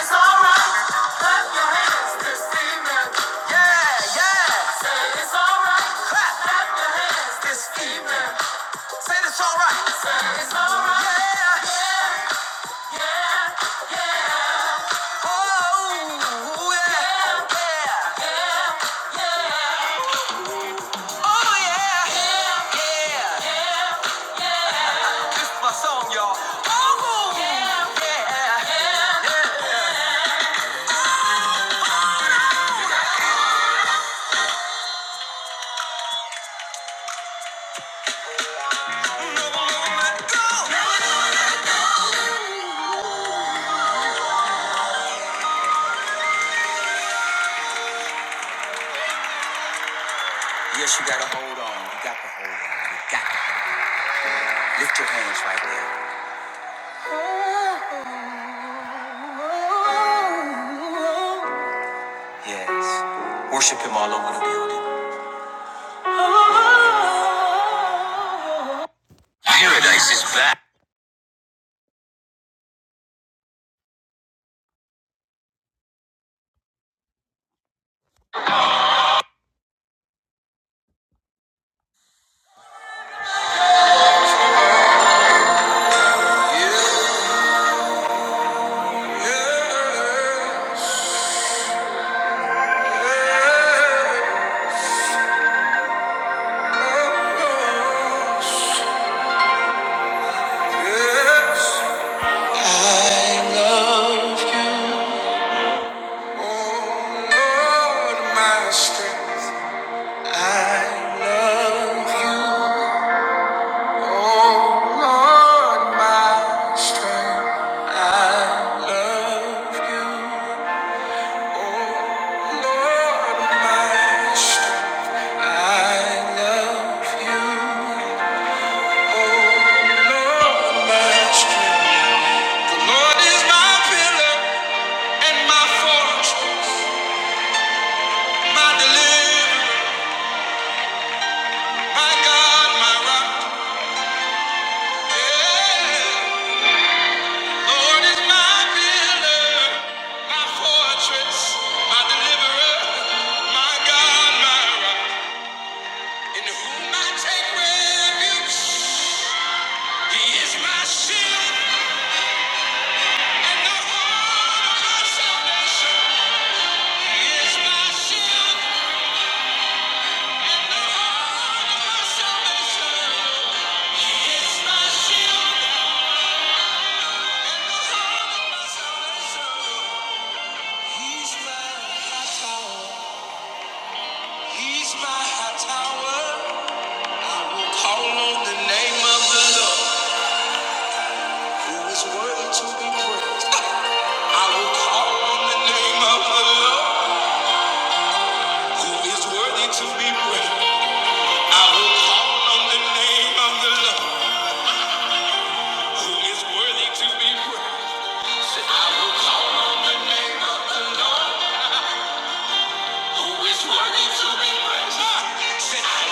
Speaker 2: It's alright. Yes, you gotta hold on. You got to hold on. You got to lift your hands right there. Yes. Worship him all over the building. Paradise is back. I love you. I love you. Lord is my pillar and my forge, my deliverer, my God, my rock. Yeah. Lord is my pillar, my forge, my deliverer, my God, my rock. In whom I take refuge, He is my shield and the horn of my salvation. He is my shield and the horn of my salvation. He is my shield. He's my high tower. I will call on the name of the Lord. Who is worthy to be praised. I will call on the name of the Lord. Who is worthy to be praised. I will call on the name of the Lord. Who is worthy to be praised. Who is worthy to be praised. Ah, I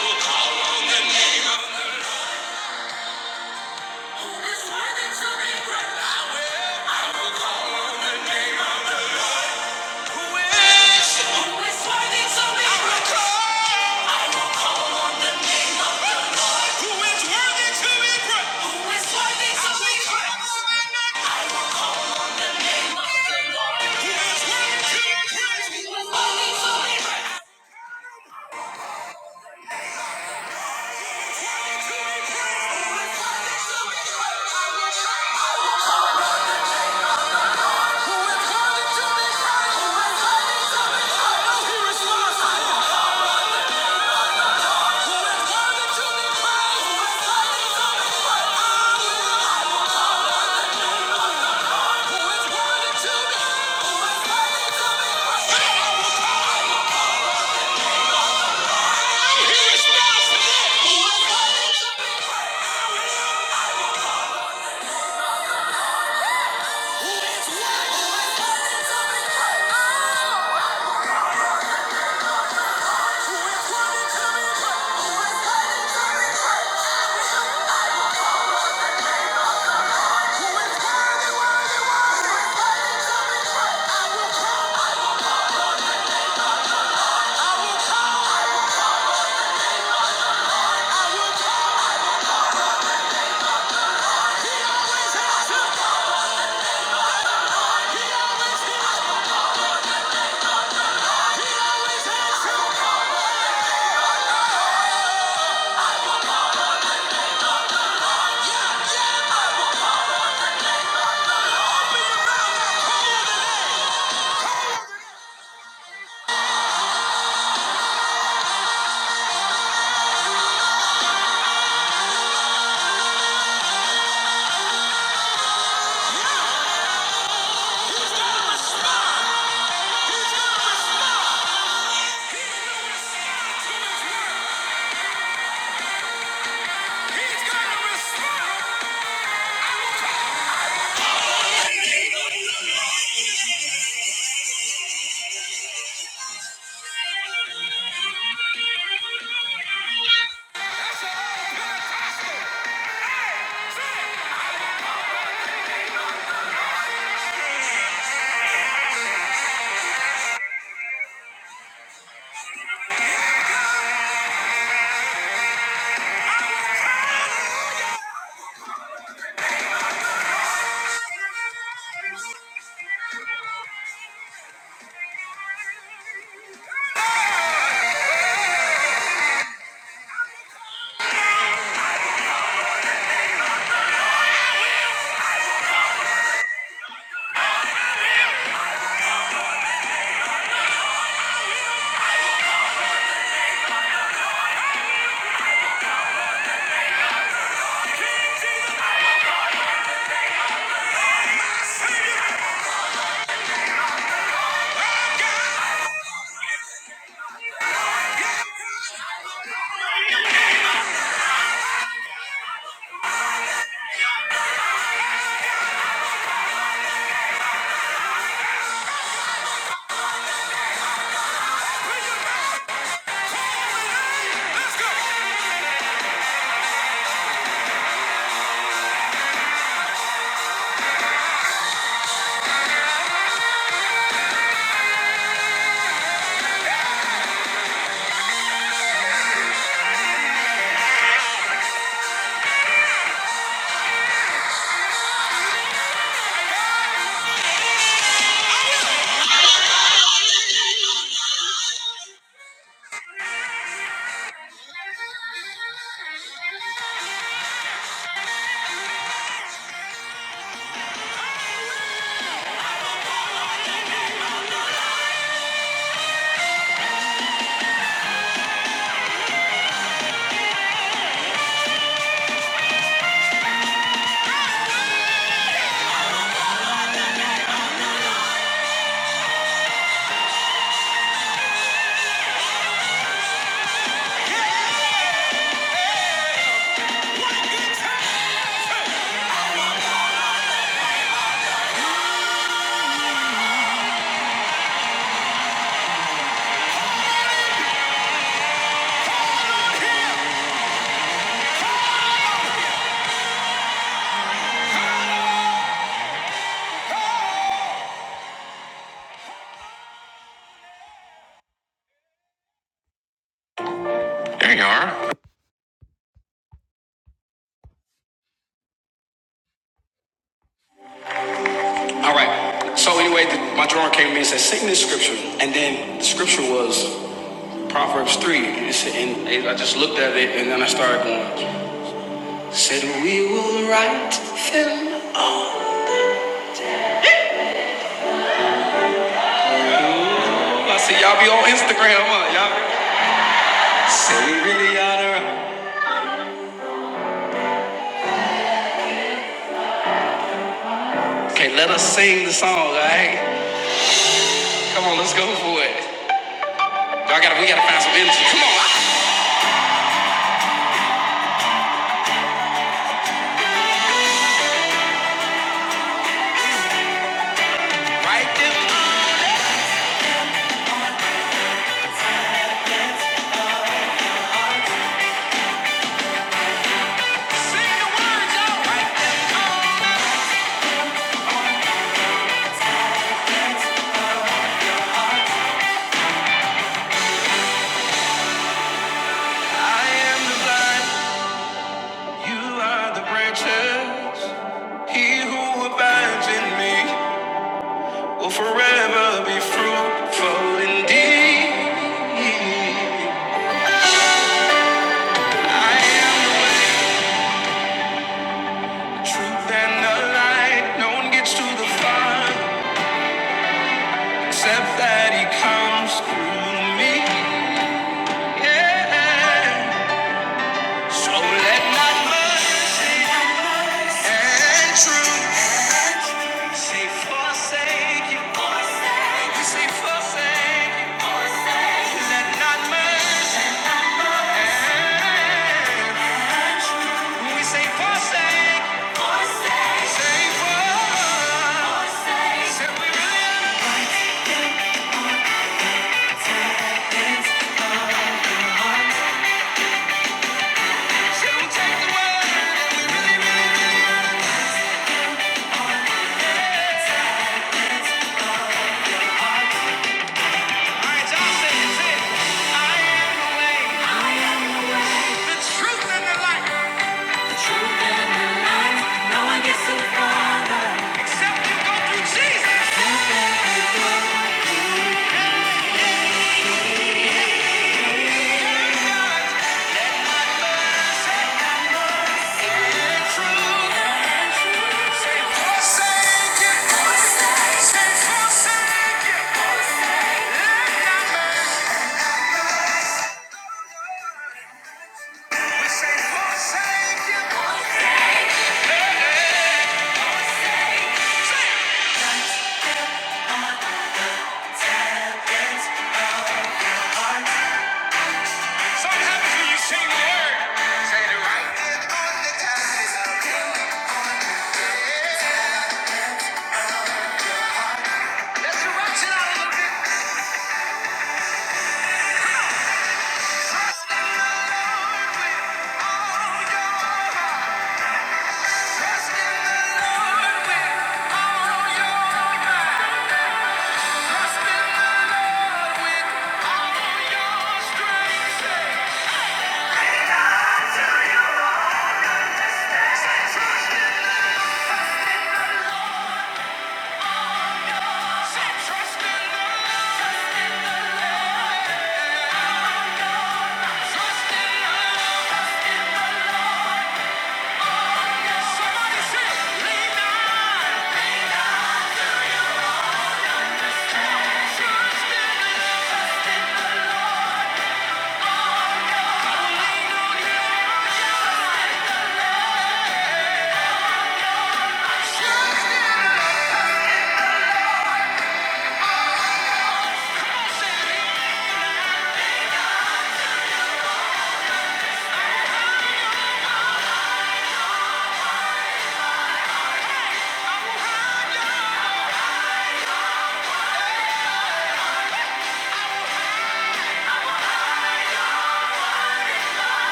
Speaker 2: will call on Who is worthy to be praised? Thank you. All right. So anyway, the, my drummer came to me and said, "Sing this scripture." And then the scripture was Proverbs three. It And I just looked at it, and then I started going. Said we will write them all. I said, "Y'all be on Instagram, huh? Y'all said we really ought to." write." Okay, let us sing the song. Hey, come on, let's go for it. Y'all gotta, we gotta find some energy. Come on. I am the vine, you are the branches. He who abides in me. will forever be fruitful indeed. Truth and the light, no one gets to the Father except that He comes through me. Yeah. So let not mercy and truth say forsake you. Forsake We say forsake you. Let not mercy and truth. When we say forsake you. Forsake. Say forsake. Forsake. Say we really are.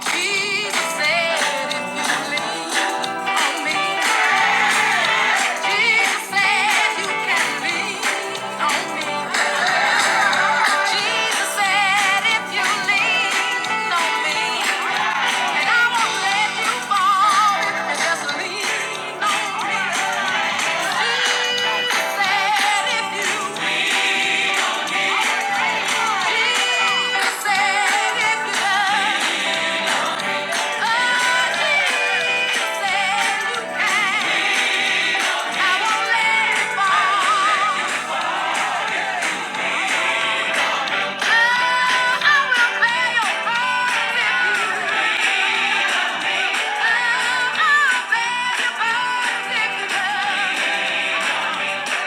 Speaker 2: Jesus said, if you lean on me, Jesus said you can lean on me. Jesus said, if you lean on me, Thank you.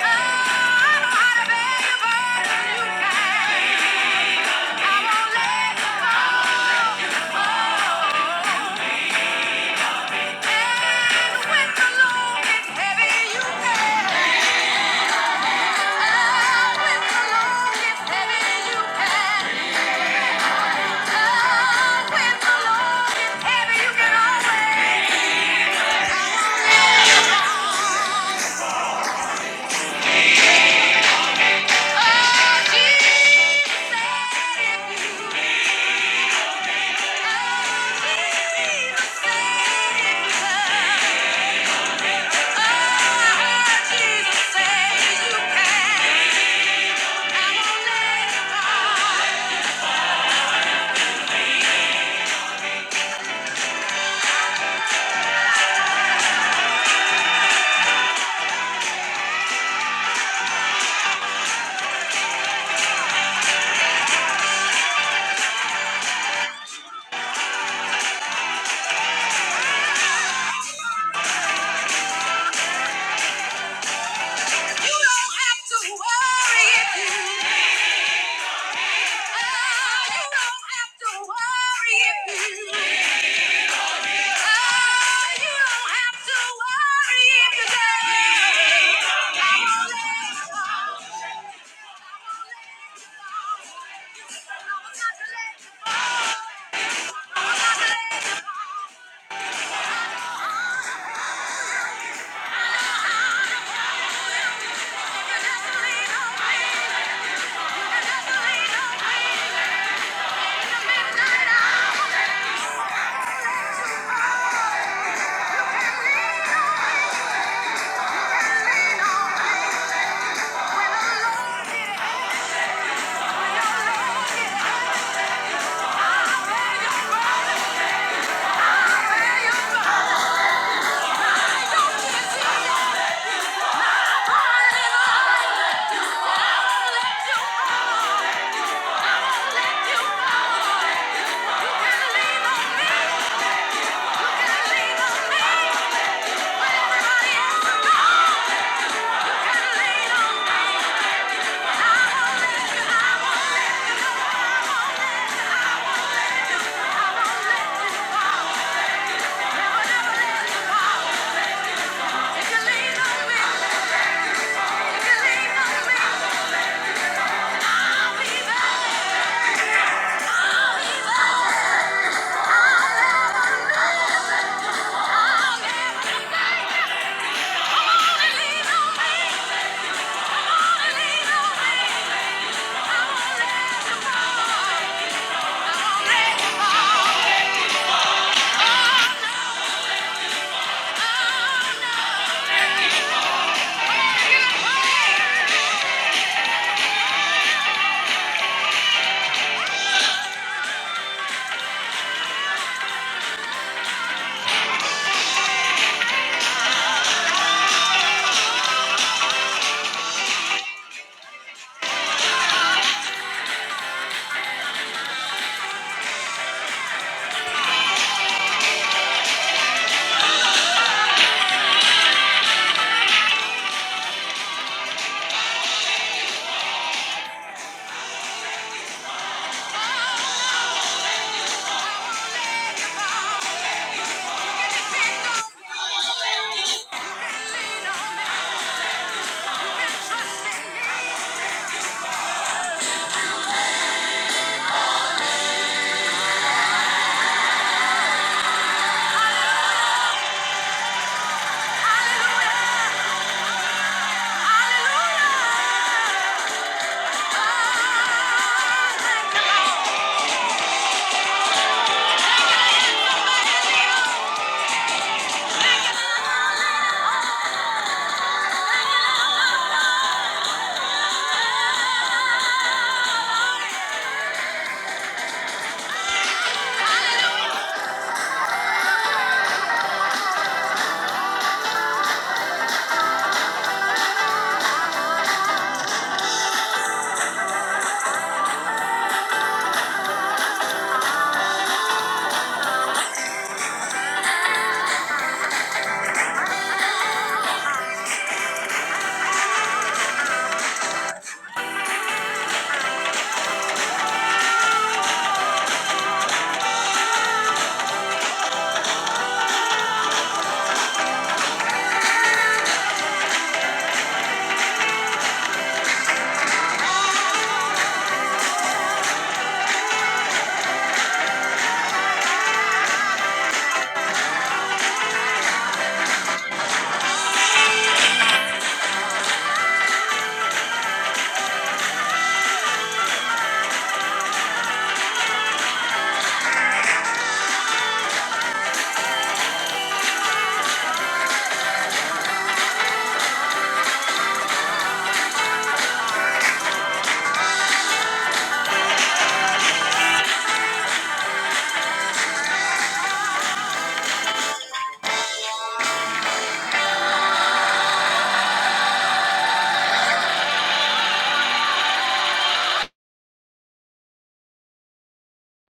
Speaker 2: Oh, Jesus. if you. Oh!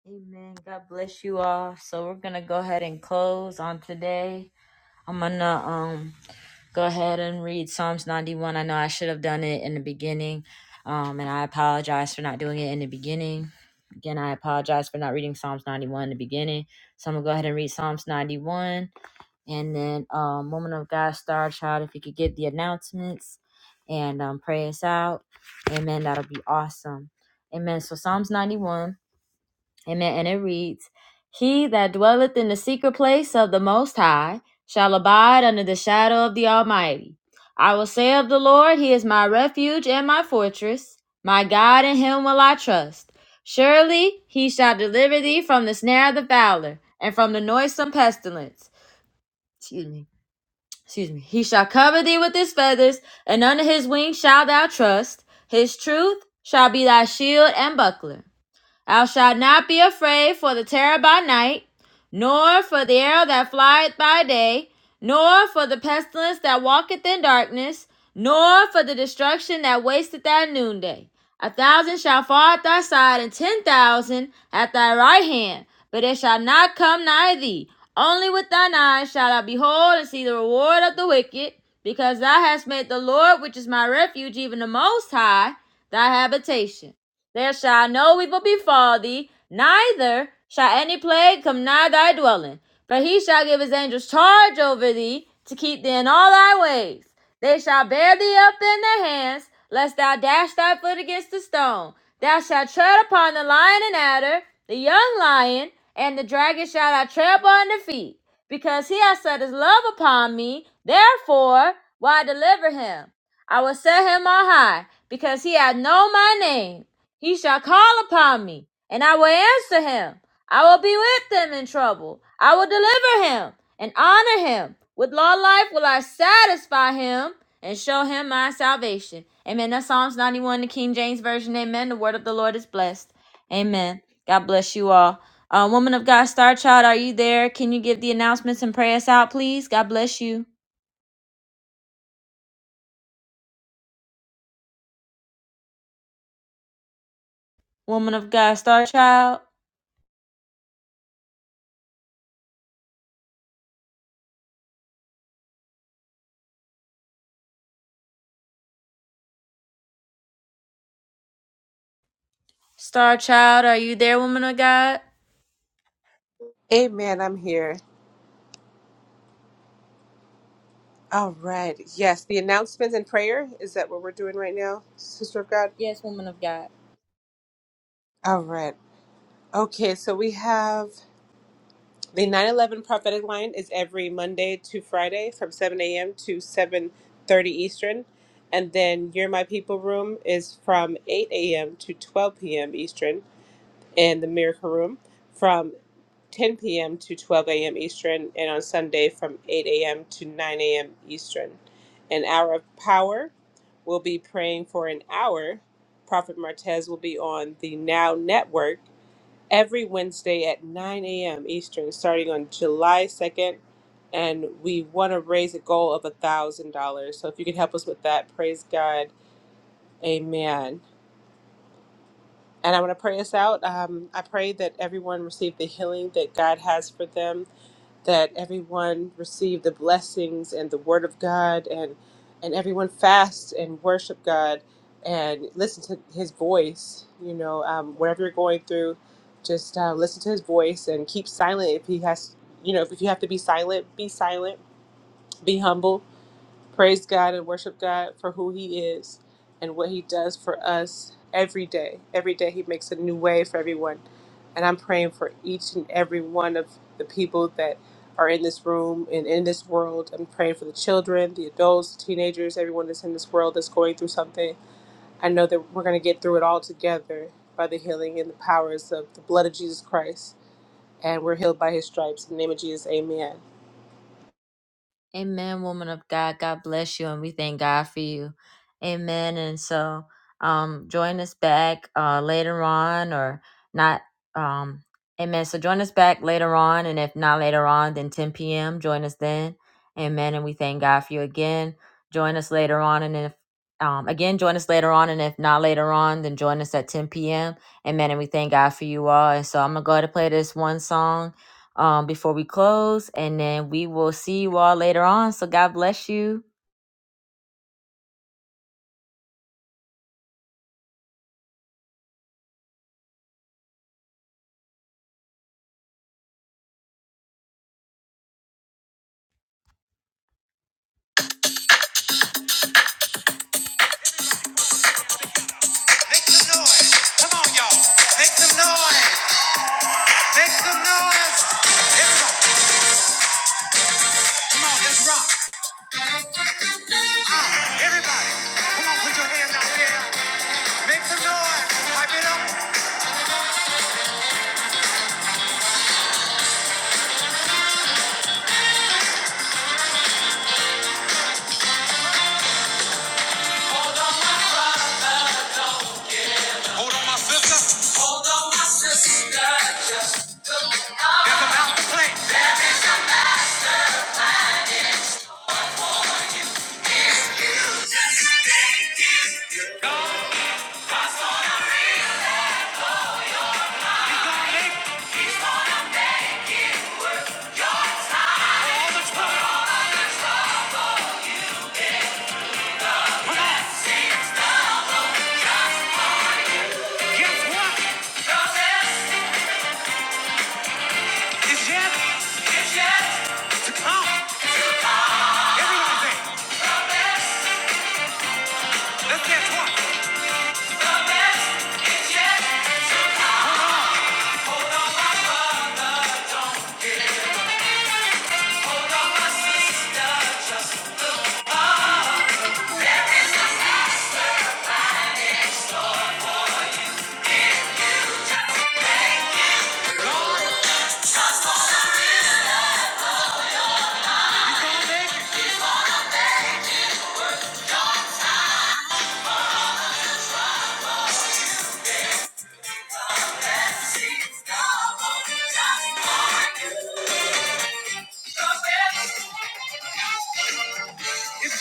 Speaker 2: Amen. God bless you all. So we're gonna go ahead and close on today. I'm gonna um go ahead and read Psalms 91. I know I should have done it in the beginning, um, and I apologize for not doing it in the beginning. Again, I apologize for not reading Psalms 91 in the beginning. So I'm gonna go ahead and read Psalms 91. and then um woman of god star child if you could get the announcements and um pray us out amen that'll be awesome amen so psalms 91 amen and it reads he that dwelleth in the secret place of the most high shall abide under the shadow of the almighty i will say of the lord he is my refuge and my fortress my god in him will i trust surely he shall deliver thee from the snare of the fowler and from the noisome pestilence excuse me excuse me, he shall cover thee with his feathers, and under his wings shalt thou trust. His truth shall be thy shield and buckler. Thou shalt not be afraid for the terror by night, nor for the arrow that flieth by day, nor for the pestilence that walketh in darkness, nor for the destruction that wasteth at noonday. A thousand shall fall at thy side, and ten thousand at thy right hand, but it shall not come nigh thee. Only with thine eyes shalt thou behold and see the reward of the wicked, because thou hast made the Lord, which is my refuge, even the Most High, thy habitation. There shall no evil befall thee, neither shall any plague come nigh thy dwelling. For he shall give his angels charge over thee to keep thee in all thy ways. They shall bear thee up in their hands, lest thou dash thy foot against a stone. Thou shalt tread upon the lion and adder, the young lion, and the dragon shall thou tread upon the feet. Because he hath set his love upon me, therefore will I deliver him. I will set him on high, because he hath known my name. He shall call upon me, and I will answer him. I will be with them in trouble. I will deliver him and honor him. With long life will I satisfy him and show him my salvation. Amen. That's Psalms 91, the King James Version. Amen. The word of the Lord is blessed. Amen. God bless you all. Uh, woman of God, Star Child, are you there? Can you give the announcements and pray us out, please? God bless you. Woman of God, Star Child. Star Child, are you there, woman of God?
Speaker 7: Amen. I'm here. All right. Yes, the announcements and prayer. Is that what we're doing right now, Sister of God?
Speaker 2: Yes, woman of God.
Speaker 7: All right. Okay, so we have. The 9 11 prophetic line is every Monday to Friday from 7 a.m. to 7.30 Eastern. And then You're My People Room is from 8 a.m. to 12 p.m. Eastern. And the Miracle Room from 10 p.m. to 12 a.m. Eastern. And on Sunday from 8 a.m. to 9 a.m. Eastern. An hour of power. We'll be praying for an hour. Prophet Martez will be on the Now Network every Wednesday at 9 a.m. Eastern, starting on July 2nd. And we want to raise a goal of $1,000. So if you can help us with that, praise God. Amen. And I want to pray us out. Um, I pray that everyone received the healing that God has for them that everyone receive the blessings and the word of God and and everyone fast and worship God and listen to his voice you know um, whatever you're going through just uh, listen to his voice and keep silent if he has you know if you have to be silent be silent be humble praise God and worship God for who He is and what He does for us every day. Every day He makes a new way for everyone. And I'm praying for each and every one of the people that are in this room and in this world. I'm praying for the children, the adults, the teenagers, everyone that's in this world that's going through something. I know that we're going to get through it all together by the healing and the powers of the blood of Jesus Christ. And we're healed by His stripes. In the name of Jesus, amen.
Speaker 2: Amen, woman of God. God bless you, and we thank God for you. Amen. And so, um, join us back uh, later on, or not. Um, amen. So join us back later on, and if not later on, then 10 p.m. Join us then. Amen. And we thank God for you again. Join us later on, and if um, again, join us later on, and if not later on, then join us at 10 p.m. Amen. And we thank God for you all. And so I'm gonna go ahead and play this one song um, before we close, and then we will see you all later on. So God bless you. Make some noise. Come on, y'all. Make some noise. Make some noise. Everybody, come on, let's rock. Ah, everybody, come on, put your hands out there. Make some noise. Pipe it up. Hold on, my sister. Just look up. If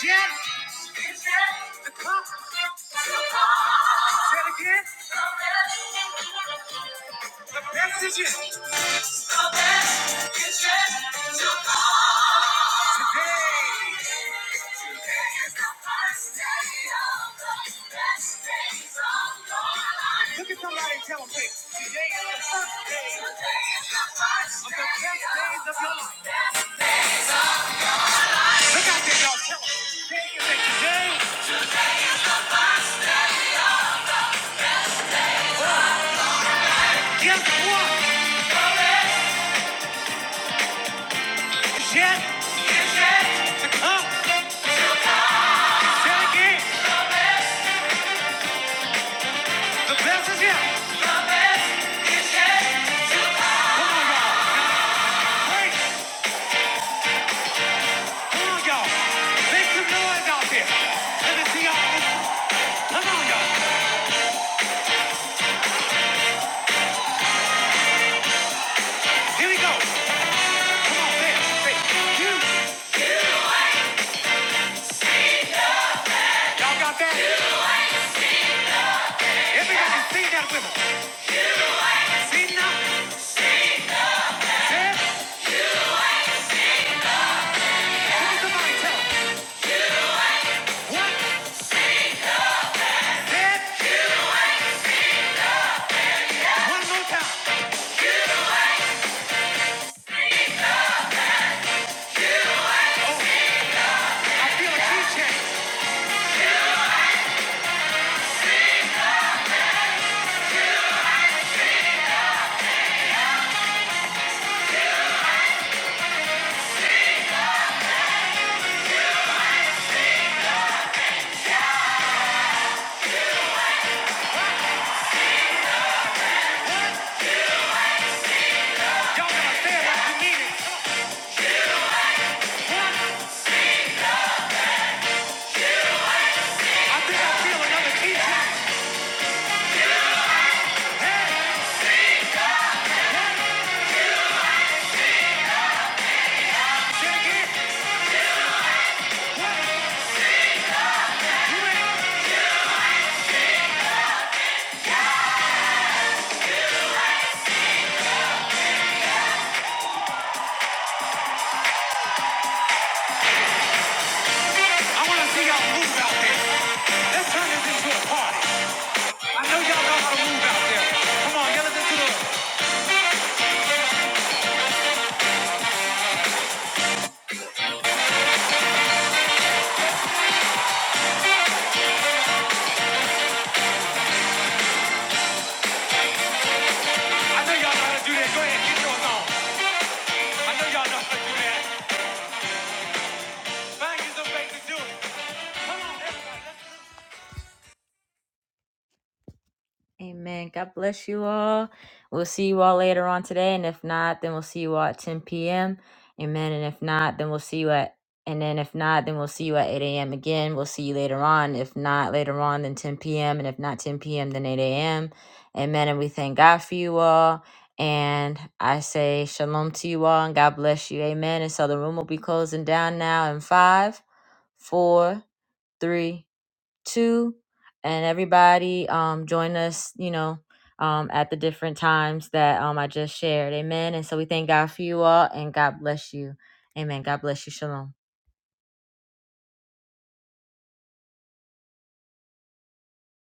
Speaker 2: Jack, if Jack, the cop, the cop, is Jack, the Look at somebody Come on, y'all. Great. Come on, y'all. Make some noise out there. Let me see y'all. Come on, y'all. Here we go. Come on, say it. You. Y'all got that? Everybody sing that with Sing now. Say it. Look at somebody One. more time. Oh, I feel a like out there. Amen. God bless you all. We'll see you all later on today, and if not, then we'll see you all at 10 p.m. Amen. And if not, then we'll see you at. And then if not, then we'll see you at 8 a.m. again. We'll see you later on. If not later on, then 10 p.m. And if not 10 p.m., then 8 a.m. Amen. And we thank God for you all. And I say shalom to you all and God bless you. Amen. And so the room will be closing down now in five, four, three, two, and everybody um, join us, you know, um, at the different times that um, I just shared. Amen. And so we thank God for you all and God bless you. Amen. God bless you. Shalom.